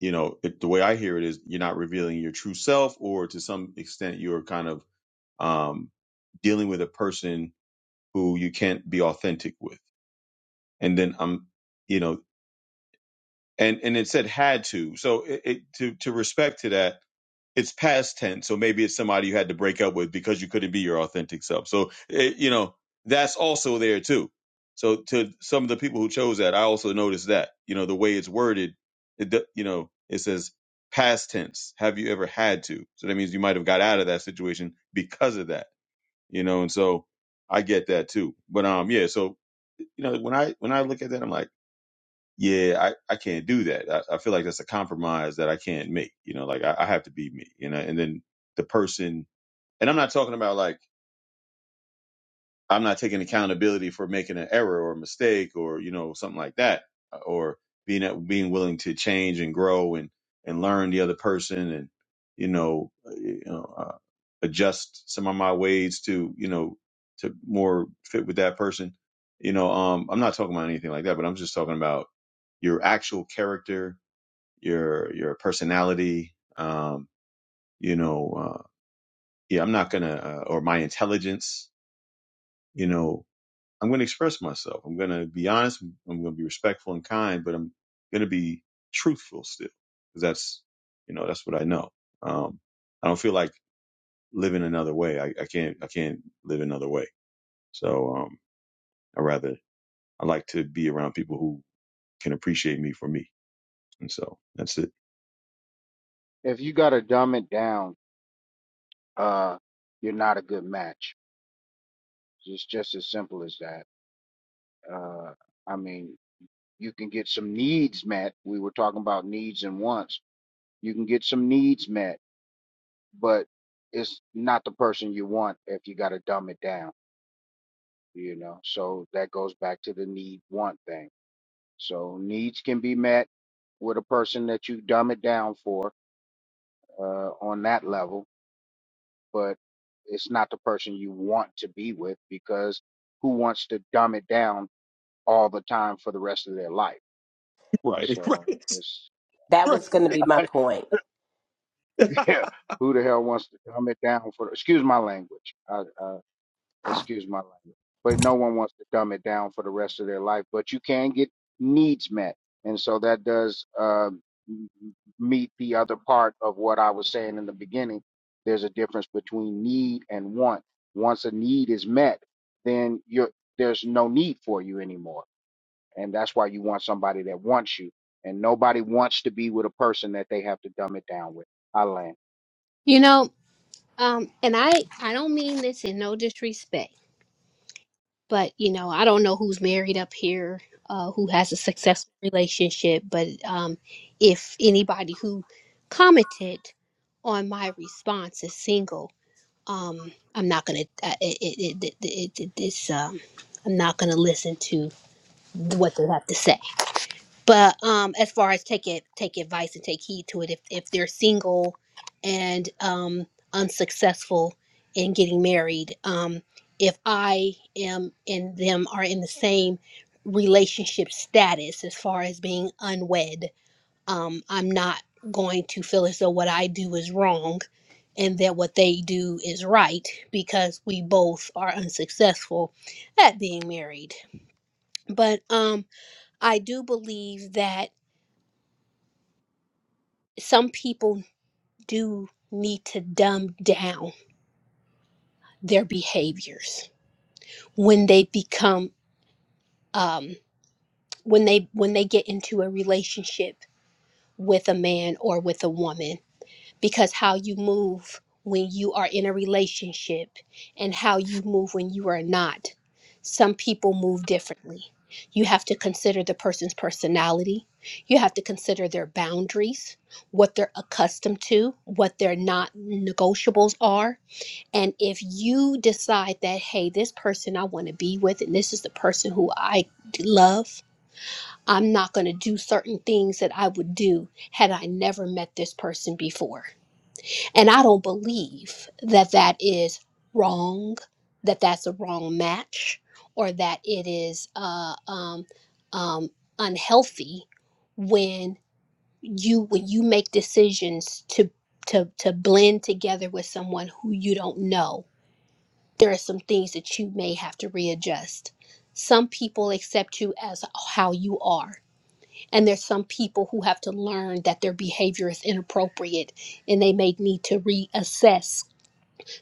M: you know it, the way i hear it is you're not revealing your true self or to some extent you're kind of um, dealing with a person who you can't be authentic with and then i'm you know and and it said had to so it, it to to respect to that it's past tense, so maybe it's somebody you had to break up with because you couldn't be your authentic self. So it, you know that's also there too. So to some of the people who chose that, I also noticed that you know the way it's worded, it do- you know it says past tense. Have you ever had to? So that means you might have got out of that situation because of that, you know. And so I get that too. But um, yeah. So you know when I when I look at that, I'm like yeah, I, I can't do that. I, I feel like that's a compromise that I can't make. You know, like I, I have to be me, you know, and then the person, and I'm not talking about like, I'm not taking accountability for making an error or a mistake or, you know, something like that, uh, or being, at- being willing to change and grow and, and learn the other person and, you know, uh, you know, uh, adjust some of my ways to, you know, to more fit with that person. You know, um, I'm not talking about anything like that, but I'm just talking about your actual character your your personality um you know uh yeah i'm not gonna uh, or my intelligence you know i'm gonna express myself i'm gonna be honest i'm gonna be respectful and kind but i'm gonna be truthful still because that's you know that's what i know um i don't feel like living another way i, I can't i can't live another way so um i rather i like to be around people who can appreciate me for me and so that's it
N: If you got to dumb it down, uh, you're not a good match. It's just as simple as that. Uh, I mean, you can get some needs met. We were talking about needs and wants. You can get some needs met, but it's not the person you want if you got to dumb it down, you know? So that goes back to the need want thing. So needs can be met with a person that you dumb it down for uh, on that level, but it's not the person you want to be with because who wants to dumb it down all the time for the rest of their life?
M: Right,
N: So
M: right,
N: it's
G: that was
N: yeah.
G: going to be my point
M: right.
N: Who the hell wants to dumb it down for? Excuse my language. I, uh, excuse my language. But no one wants to dumb it down for the rest of their life. But you can get needs met, and so that does uh, m- meet the other part of what I was saying in the beginning. There's a difference between need and want. Once a need is met, then you're there's no need for you anymore, and that's why you want somebody that wants you. And nobody wants to be with a person that they have to dumb it down with. I land.
K: You know, um and I I don't mean this in no disrespect, but you know, I don't know who's married up here, uh who has a successful relationship, but um if anybody who commented on my response is single, um i'm not gonna uh, it, it, it, it, it it's um i'm not gonna listen to what they have to say but um as far as take it take advice and take heed to it if if they're single and um unsuccessful in getting married um if i am and them are in the same relationship status as far as being unwed um i'm not going to feel as though what i do is wrong and that what they do is right because we both are unsuccessful at being married. But um I do believe that some people do need to dumb down their behaviors when they become um when they when they get into a relationship with a man or with a woman because how you move when you are in a relationship and how you move when you are not. Some people move differently. You have to consider the person's personality. You have to consider their boundaries, what they're accustomed to, what their not negotiables are. And if you decide that, hey, this person I want to be with, and this is the person who I love, I'm not going to do certain things that I would do had I never met this person before and I don't believe that that is wrong, that that's a wrong match, or that it is uh, um, um, unhealthy when you when you make decisions to to to blend together with someone who you don't know. There are some things that you may have to readjust. Some people accept you as how you are, and there's some people who have to learn that their behavior is inappropriate, and they may need to reassess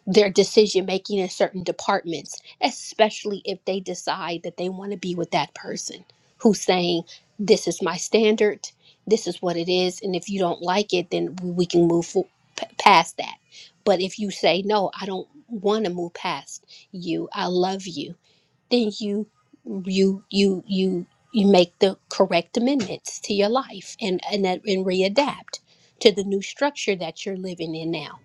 K: their decision making in certain departments, especially if they decide that they want to be with that person who's saying, This is my standard, this is what it is, and if you don't like it, then we can move fo- p- past that. But if you say, No, I don't want to move past you, I love you, then you, you, you, you, you make the correct amendments to your life and and, and readapt to the new structure that you're living in now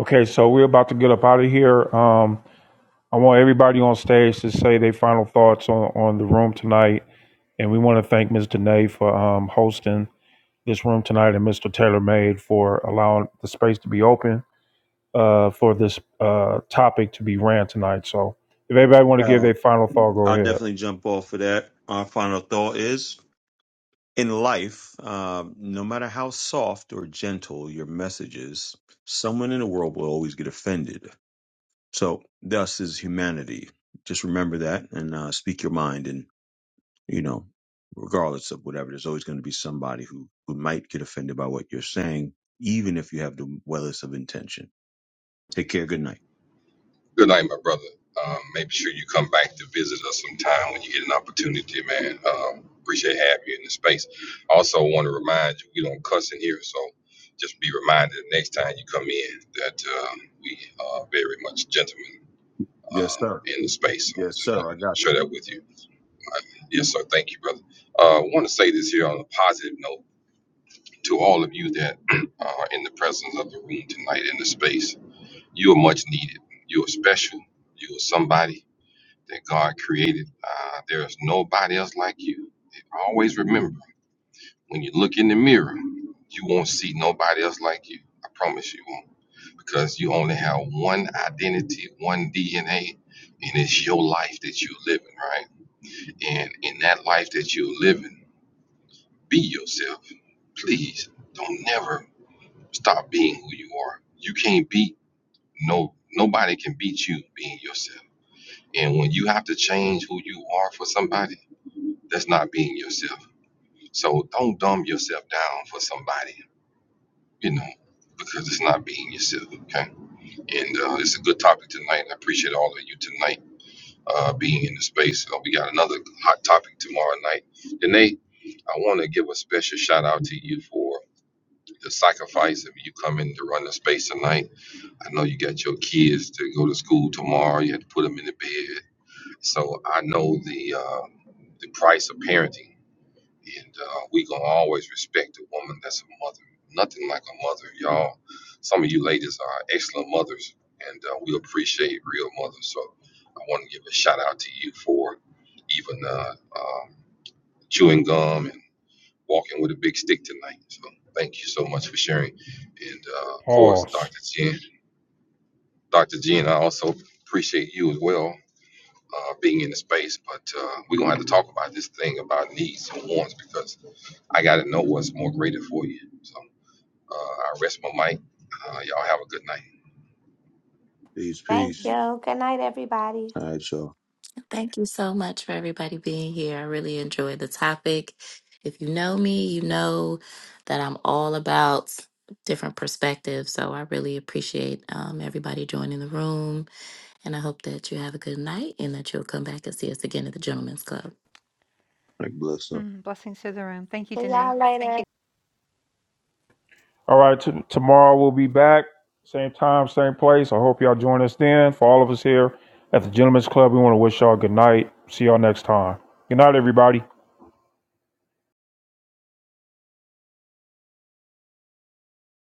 B: Okay, so we're about to get up out of here. Um I want everybody on stage to say their final thoughts on, on the room tonight. And we want to thank Ms. Danae for um, hosting this room tonight and Mr. Taylor Made for allowing the space to be open uh, for this uh, topic to be ran tonight. So if everybody want to give
M: Um,
B: their final thought, go
M: I'll
B: ahead.
M: definitely jump off of that. Our final thought is in life, um, no matter how soft or gentle your message is, someone in the world will always get offended. So, thus is humanity. Just remember that and uh, speak your mind. And, you know, regardless of whatever, there's always going to be somebody who, who might get offended by what you're saying, even if you have the wellest of intention. Take care. Good night.
I: Good night, my brother. Um, make sure you come back to visit us sometime when you get an opportunity, man. Um, appreciate having you in the space. Also, want to remind you we don't cuss in here, so just be reminded the next time you come in that um, we are very much gentlemen.
M: Yes,
I: um,
M: sir.
I: in the space. So I
M: Yes,
I: just
M: sir. I
I: wanted to
M: got
I: share that with you. Uh, Yes, sir. Thank you, brother. Uh, I want to say this here on a positive note to all of you that are in the presence of the room tonight in the space. You are much needed. You are special. You are somebody that God created. Uh, there is nobody else like you. Always remember when you look in the mirror, you won't see nobody else like you. I promise you because you only have one identity, one DNA, and it's your life that you're living, right? And in that life that you're living, be yourself. Please don't never stop being who you are. You can't beat no nobody can beat you being yourself. And when you have to change who you are for somebody, that's not being yourself. So don't dumb yourself down for somebody, you know, because it's not being yourself. Okay. And uh, it's a good topic tonight. I appreciate all of you tonight uh, being in the space. Uh, we got another hot topic tomorrow night. Danae, I want to give a special shout out to you for the sacrifice of you coming to run the space tonight. I know you got your kids to go to school tomorrow. You had to put them in the bed. So I know the uh, the price of parenting and uh, we gonna always respect a woman that's a mother. Nothing like a mother, y'all. Some of you ladies are excellent mothers, and uh, we appreciate real mothers. So I want to give a shout out to you for even uh, um, chewing gum and walking with a big stick tonight. So thank you so much for sharing. And uh, of course,
B: Pause.
I: Dr. Jen, Dr. Jen, I also appreciate you as well. Uh, being in the space, but uh, we're gonna have to talk about this thing about needs and wants because I got to know what's more greater for you. So uh, I rest my mic. Uh, y'all have a good night.
M: you. Peace,
A: Thank
M: peace.
A: you. Good night, everybody.
M: All right, y'all.
C: Thank you so much for everybody being here. I really enjoyed the topic. If you know me, you know that I'm all about different perspectives. So I really appreciate um everybody joining the room And I hope that you have a good night and that you'll come back and see us again at the Gentlemen's Club.
M: Like, bless up.
J: Mm, blessings to the room. Thank you,
A: See
J: Danae.
A: y'all later.
B: All right. T- tomorrow we'll be back. Same time, same place. I hope y'all join us then. For all of us here at the Gentlemen's Club, we want to wish y'all good night. See y'all next time. Good night, everybody.